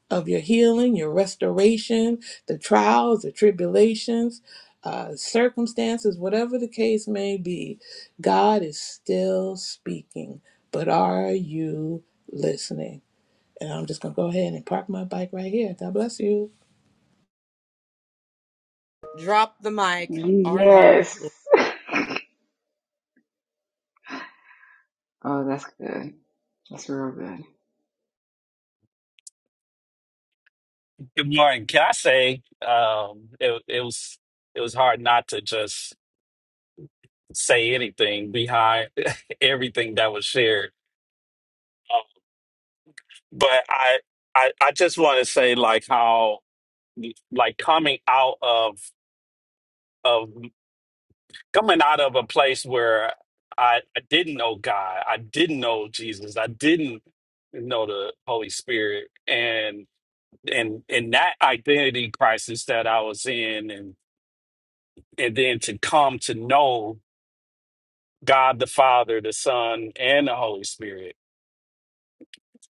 Speaker 12: of your healing, your restoration, the trials, the tribulations, uh, circumstances, whatever the case may be, God is still speaking. But are you listening? And I'm just going to go ahead and park my bike right here. God bless you.
Speaker 1: drop the mic are you
Speaker 9: Yes. Oh, that's good. That's real good.
Speaker 13: Good morning. Can I say um, it, it was it was hard not to just say anything behind everything that was shared, Um, but I I, I just want to say like how like coming out of of coming out of a place where I, I didn't know God, I didn't know Jesus, I didn't know the Holy Spirit, and and and that identity crisis that I was in, and and then to come to know God the Father, the Son, and the Holy Spirit.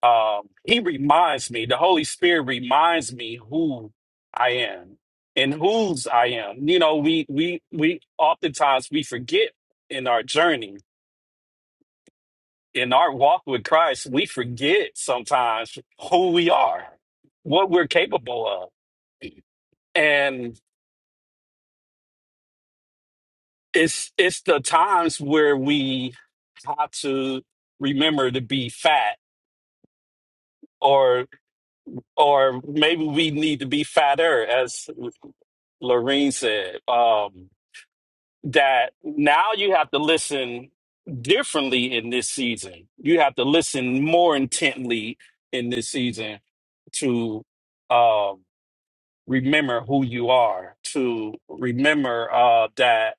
Speaker 13: Um, he reminds me, the Holy Spirit reminds me who I am and whose I am. You know, we we we oftentimes we forget in our journey, in our walk with Christ, we forget sometimes who we are, what we're capable of. And it's it's the times where we have to remember to be fat or. or maybe we need to be fatter, as Lorene said. Um, that now you have to listen differently in this season. You have to listen more intently in this season to um, remember who you are, to remember uh, that.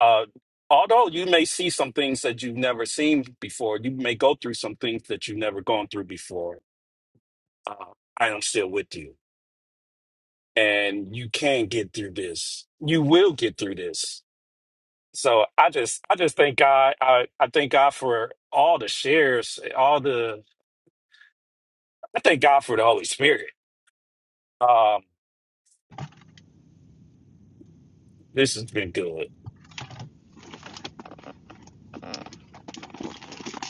Speaker 13: Uh, Although you may see some things that you've never seen before, you may go through some things that you've never gone through before. Uh, I am still with you and you can get through this. You will get through this. So I just I just thank God. I, I thank God for all the shares, all the I thank God for the Holy Spirit. Um, this has been good.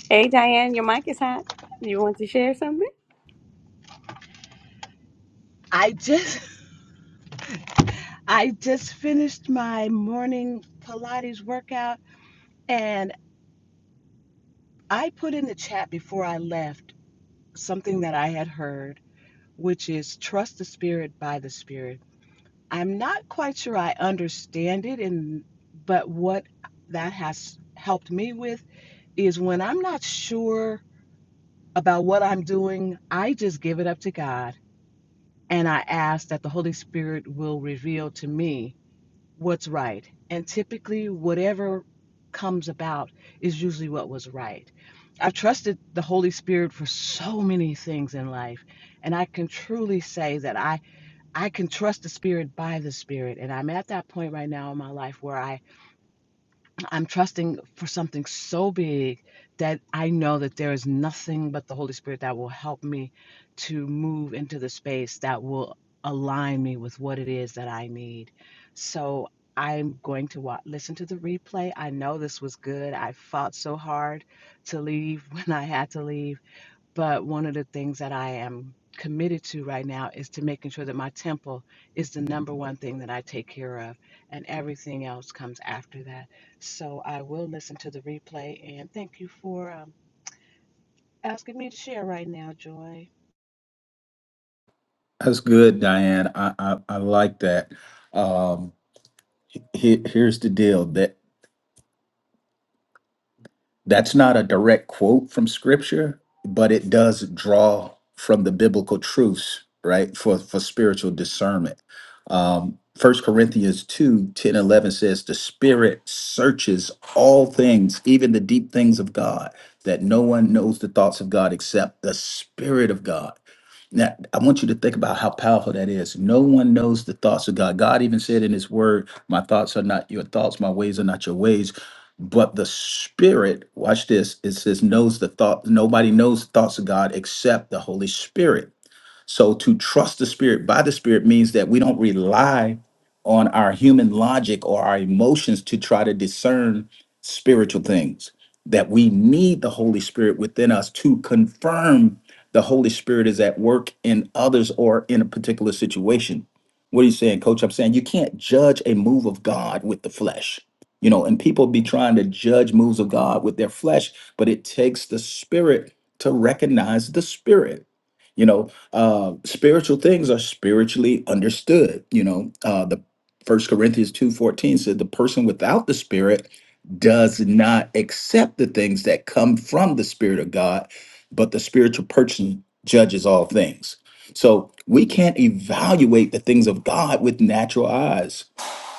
Speaker 2: Hey, Diane, your mic is hot. You want to share something?
Speaker 14: I just I just finished my morning Pilates workout and I put in the chat before I left something that I had heard, which is trust the spirit by the spirit. I'm not quite sure I understand it and but what that has helped me with is when I'm not sure about what I'm doing, I just give it up to God and I ask that the Holy Spirit will reveal to me what's right. And typically, whatever comes about is usually what was right. I've trusted the Holy Spirit for so many things in life, and I can truly say that I I can trust the Spirit by the Spirit, and I'm at that point right now in my life where I I'm trusting for something so big that I know that there is nothing but the Holy Spirit that will help me to move into the space that will align me with what it is that I need. So I'm going to wa listen to the replay. I know this was good. I fought so hard to leave when I had to leave but one of the things that I am committed to right now is to making sure that my temple is the number one thing that I take care of, and everything else comes after that. So I will listen to the replay, and thank you for um, asking me to share right now, Joy.
Speaker 6: That's good, Diane. I I, I like that. Um, he- here's the deal. That's not a direct quote from scripture, but it does draw from the biblical truths, right? For for spiritual discernment. Um, 1 Corinthians 2 10 11 says, The Spirit searches all things, even the deep things of God, that no one knows the thoughts of God except the Spirit of God. Now, I want you to think about how powerful that is. No one knows the thoughts of God. God even said in His Word, My thoughts are not your thoughts, my ways are not your ways but the spirit watch this it says knows the thought nobody knows the thoughts of god except the holy spirit so to trust the Spirit by the Spirit means that we don't rely on our human logic or our emotions to try to discern spiritual things, that we need the Holy Spirit within us to confirm the Holy Spirit is at work in others or in a particular situation. What are you saying, coach? I'm saying you can't judge a move of God with the flesh. You know, and people be trying to judge moves of God with their flesh, but it takes the spirit to recognize the spirit. You know, uh, spiritual things are spiritually understood. You know, uh, the First Corinthians two fourteen said the person without the Spirit does not accept the things that come from the Spirit of God, but the spiritual person judges all things. So we can't evaluate the things of God with natural eyes.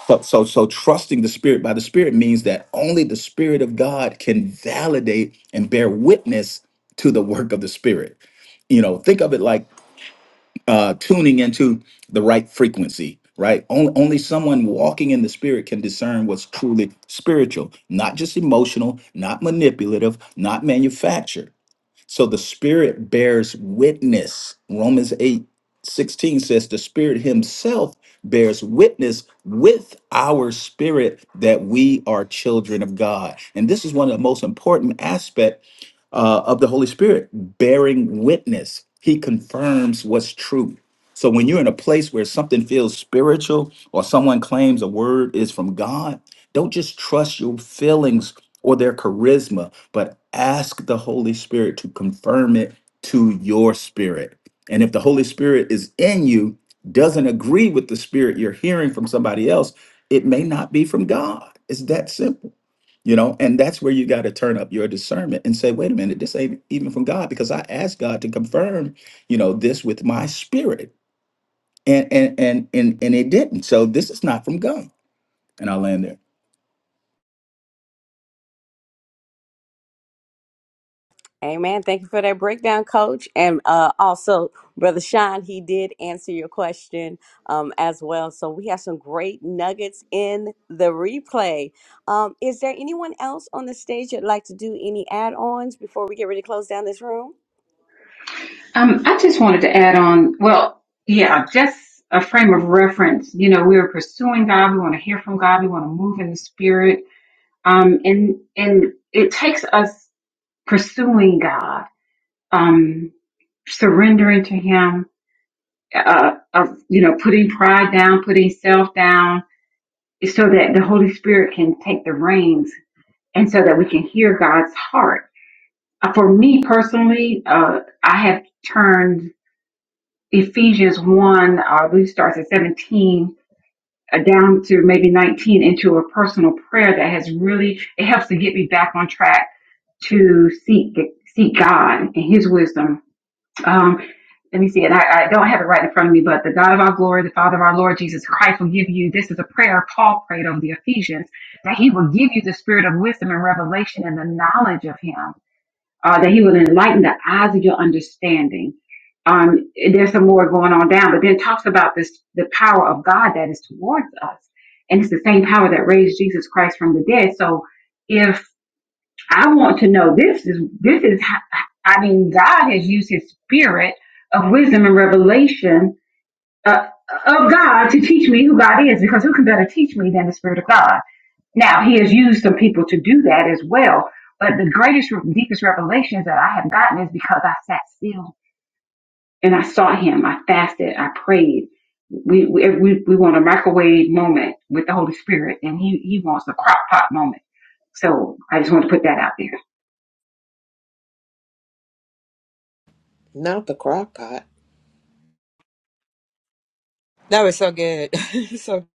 Speaker 6: So, so, so trusting the Spirit by the Spirit means that only the Spirit of God can validate and bear witness to the work of the Spirit you know think of it like uh, tuning into the right frequency, right? Only, only someone walking in the spirit can discern what's truly spiritual, not just emotional, not manipulative, not manufactured. So the spirit bears witness. Romans 8 16 says, The spirit himself bears witness with our spirit that we are children of God. And this is one of the most important aspects uh, of the Holy Spirit, bearing witness. He confirms what's true. So when you're in a place where something feels spiritual or someone claims a word is from God, don't just trust your feelings or their charisma, but ask the Holy Spirit to confirm it to your spirit. And if the Holy Spirit is in you, doesn't agree with the spirit you're hearing from somebody else, it may not be from God. It's that simple you know and that's where you got to turn up your discernment and say wait a minute this ain't even from god because i asked god to confirm you know this with my spirit and and and and, and it didn't so this is not from god and i land there
Speaker 2: Amen. Thank you for that breakdown, Coach. And uh, also, Brother Sean, he did answer your question um, as well. So we have some great nuggets in the replay. Um, is there anyone else on the stage that'd like to do any add-ons before we get ready to close down this room?
Speaker 9: Um, I just wanted to add on, well, yeah, just a frame of reference. You know, we are pursuing God. We want to hear from God. We want to move in the spirit Um, and and it takes us pursuing God, um, surrendering to Him, uh, of you know, putting pride down, putting self down, so that the Holy Spirit can take the reins, and so that we can hear God's heart. Uh, For me personally, uh, I have turned Ephesians one, uh, I believe it starts at seventeen. uh, Down to maybe 19 into a personal prayer that has really, it helps to get me back on track to seek seek God and His wisdom. Um, let me see it. I, I don't have it right in front of me, but the God of our glory, the Father of our Lord Jesus Christ, will give you. This is a prayer Paul prayed over the Ephesians that He will give you the spirit of wisdom and revelation and the knowledge of Him. Uh, that He will enlighten the eyes of your understanding. Um, there's some more going on down, but then it talks about this the power of God that is towards us, and it's the same power that raised Jesus Christ from the dead. So, if I want to know this is this is how, I mean God has used his spirit of wisdom and revelation uh, of God to teach me who God is because who can better teach me than the spirit of God. Now he has used some people to do that as well, but the greatest deepest revelations that I have gotten is because I sat still and I sought him, I fasted, I prayed. We we we, we want a microwave moment with the Holy Spirit and he he wants a crock pot moment. So I just want to put that out
Speaker 12: Not the crock pot.
Speaker 1: that was so good so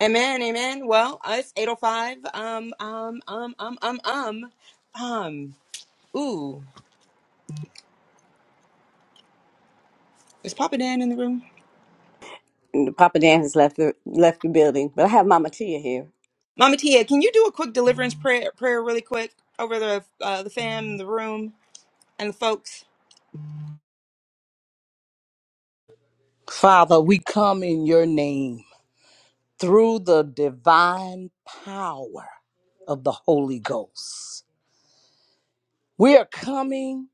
Speaker 1: amen amen well it's 805 um um um um um um um ooh is papa dan in the room
Speaker 2: And Papa Dan has left the left the building, but I have Mama Tia here.
Speaker 1: mama tia can you do a quick deliverance prayer prayer really quick over the uh, the fam the room and folks.
Speaker 2: Father, we come in your name through the divine power of the Holy Ghost. We are coming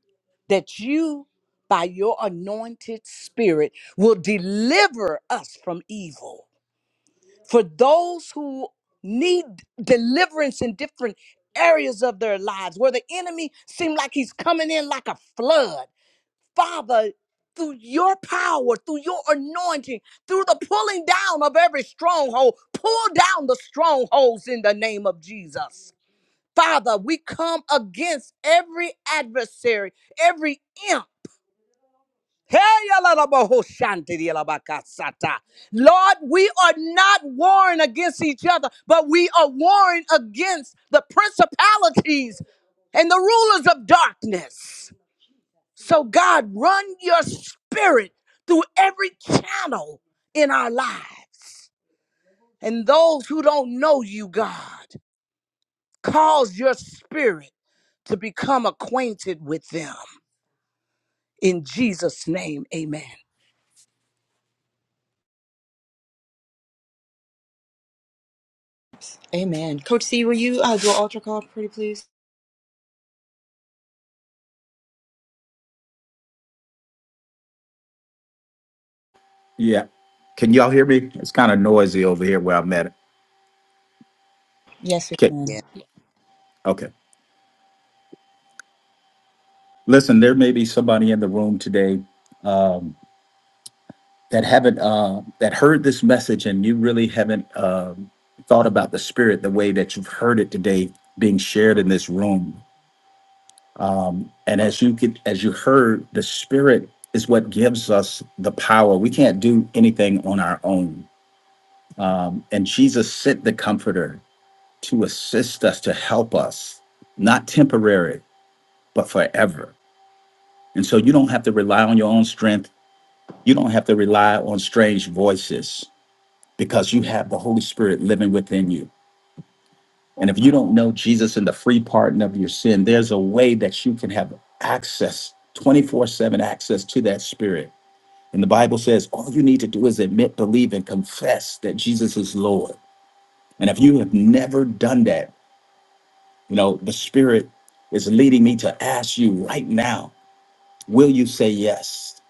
Speaker 2: that you, by your anointed spirit, will deliver us from evil. For those who need deliverance in different areas of their lives, where the enemy seems like he's coming in like a flood, Father, through your power, through your anointing, through the pulling down of every stronghold, pull down the strongholds in the name of Jesus. Father, we come against every adversary, every imp. Hey, yalalabahoshantiriyalabakasata. Lord, we are not warring against each other, but we are warring against the principalities and the rulers of darkness. So, God, run your spirit through every channel in our lives. And those who don't know you, God. Cause your spirit to become acquainted with them. In Jesus' name, amen.
Speaker 1: Amen. Coach C, will you uh, do an altar call, pretty please?
Speaker 6: yeah can y'all hear me it's kind of noisy over here where i'm at
Speaker 1: Yes, we
Speaker 6: okay
Speaker 1: can.
Speaker 4: Yeah.
Speaker 6: okay listen there may be somebody in the room today um that haven't uh that heard this message and you really haven't um thought about the spirit the way that you've heard it today being shared in this room Um, and as you get, as you heard, the Spirit is what gives us the power. We can't do anything on our own. Um, and Jesus sent the Comforter to assist us, to help us, not temporary, but forever. And so you don't have to rely on your own strength. You don't have to rely on strange voices because you have the Holy Spirit living within you. And if you don't know Jesus and the free pardon of your sin, there's a way that you can have access, 24 7 access to that spirit. And the Bible says all you need to do is admit, believe, and confess that Jesus is Lord. And if you have never done that, you know, the spirit is leading me to ask you right now will you say yes?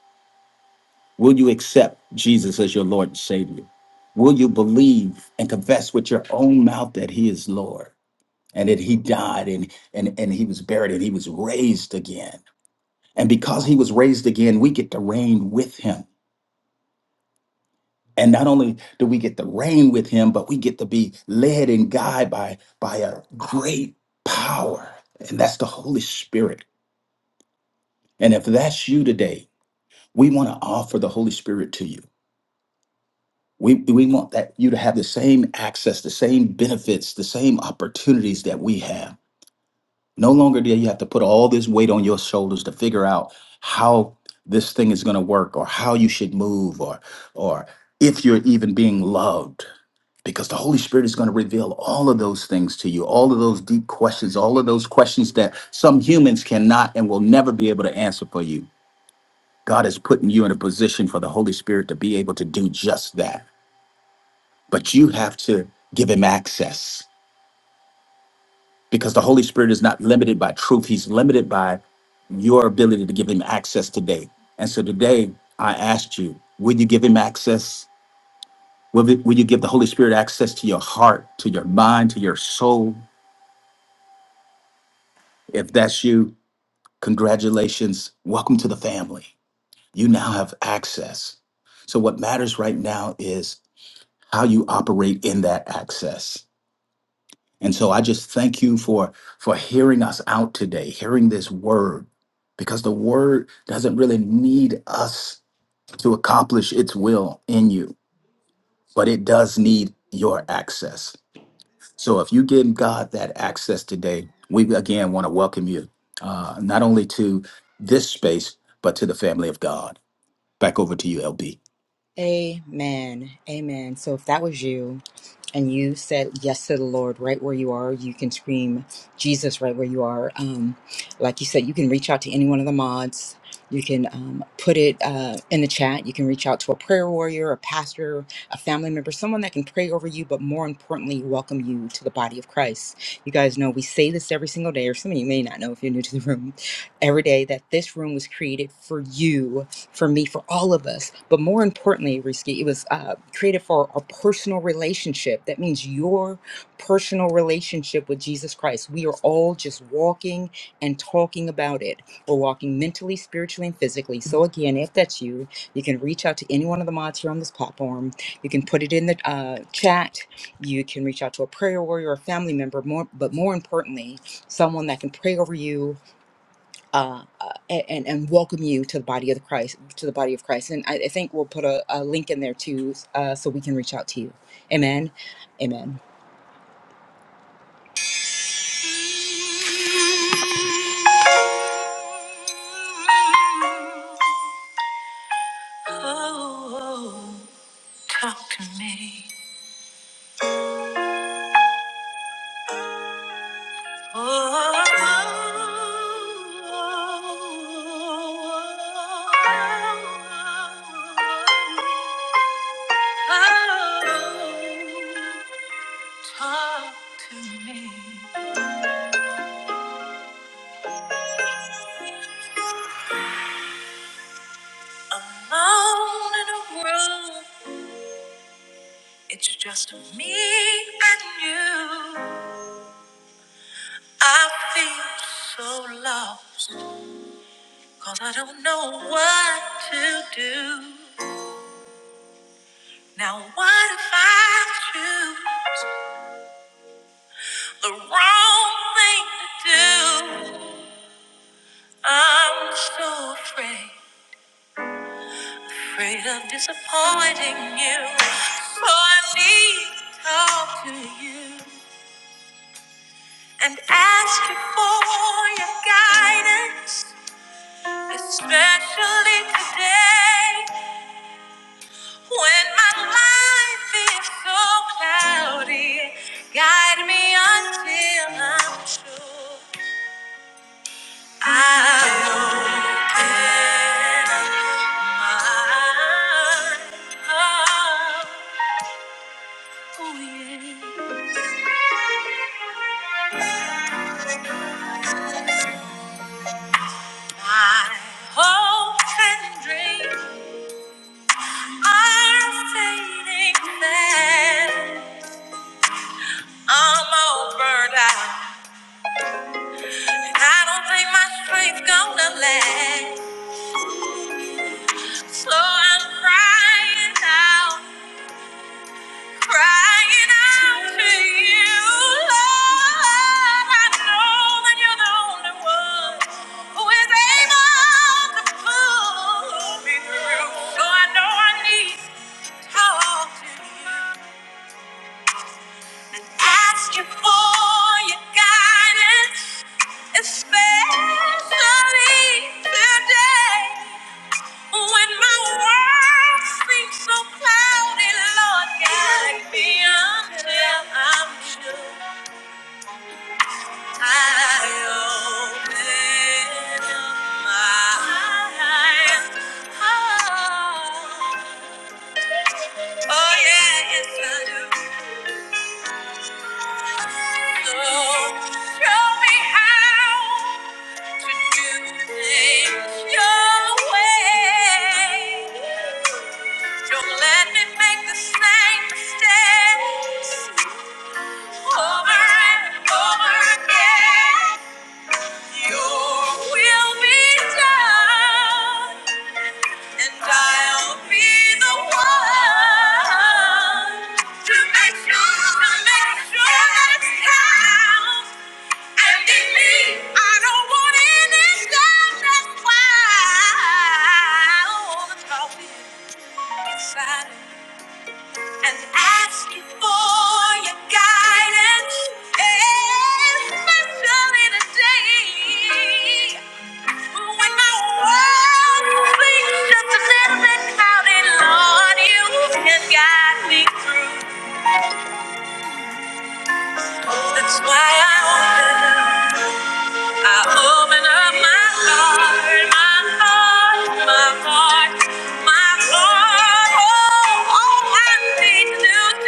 Speaker 6: Will you accept Jesus as your Lord and Savior? Will you believe and confess with your own mouth that He is Lord? and that he died and and and he was buried and he was raised again and because he was raised again we get to reign with him and not only do we get to reign with him but we get to be led and guided by by a great power and that's the holy spirit and if that's you today we want to offer the holy spirit to you we, we want that you to have the same access the same benefits the same opportunities that we have No longer do you have to put all this weight on your shoulders to figure out how this thing is going to work or how you should move or or if you're even being loved because the Holy Spirit is going to reveal all of those things to you, all of those deep questions, all of those questions that some humans cannot and will never be able to answer for you. God is putting you in a position for the Holy Spirit to be able to do just that. But you have to give him access. because the Holy Spirit is not limited by truth. He's limited by your ability to give him access today. And so today, I asked you, will you give him access? Will, it- will you give the Holy Spirit access to your heart, to your mind, to your soul? If that's you, congratulations. Welcome to the family. You now have access. So, what matters right now is how you operate in that access And so I just thank you for for hearing us out today, hearing this word, because the word doesn't really need us to accomplish its will in you, but it does need your access. So if you give God that access today, we again want to welcome you uh, not only to this space but to the family of God. Back over to you, LB.
Speaker 1: Amen. Amen. So if that was you and you said yes to the Lord right where you are, you can scream Jesus right where you are. Um, like you said, you can reach out to any one of the mods. You can um, put it uh, in the chat. You can reach out to a prayer warrior, a pastor, a family member, someone that can pray over you, but more importantly, welcome you to the body of Christ. You guys know we say this every single day, or some of you may not know if you're new to the room, every day that this room was created for you for me, for all of us. But more importantly, Risky, it was uh, created for a personal relationship. That means your personal relationship with Jesus Christ. We are all just walking and talking about it. We're walking mentally, spiritually, and physically. So, again, if that's you, you can reach out to any one of the mods here on this platform. You can put it in the uh, chat. You can reach out to a prayer warrior, or a family member, more, but more importantly, someone that can pray over you uh, uh, and and welcome you to the body of the Christ to the body of Christ. And I, I think we'll put a, a link in there too, uh, so we can reach out to you. Amen. Amen. Oh, talk to me. Oh, talk to me. alone in a room. It's just me and you. I feel so lost, cause I don't know what to do. Now, what if I choose the wrong thing to do? I'm so afraid, afraid of disappointing you. So I need to talk to you and ask you for your guidance. Especially today, when my life is so cloudy, guide me until I'm sure i open my oh yeah, my hopes and dreams are fading fast. I'm all burned out. I don't think my strength's gonna last. So I'm crying out, crying out to you, Lord. I know that you're the only one who is able to pull me through. So I know I need to talk to you. Ask you for your guidance, especially today. When my world seems so cloudy, Lord, guide me until I'm sure I open my eyes. Oh, oh yeah, yes I do. So show me how to do things your way. Don't let me make the same mistakes over and over again. Your will be done, and I'll be the one to make sure, to make sure that it counts. And in me, I don't want any doubt. That's why all the talking. inside. and asking for your guidance, especially today when my world seems just a little bit clouded. Lord, you can guide me through. That's why I wonder. I open up my heart, my heart, my heart, my heart. Oh, all I need to do is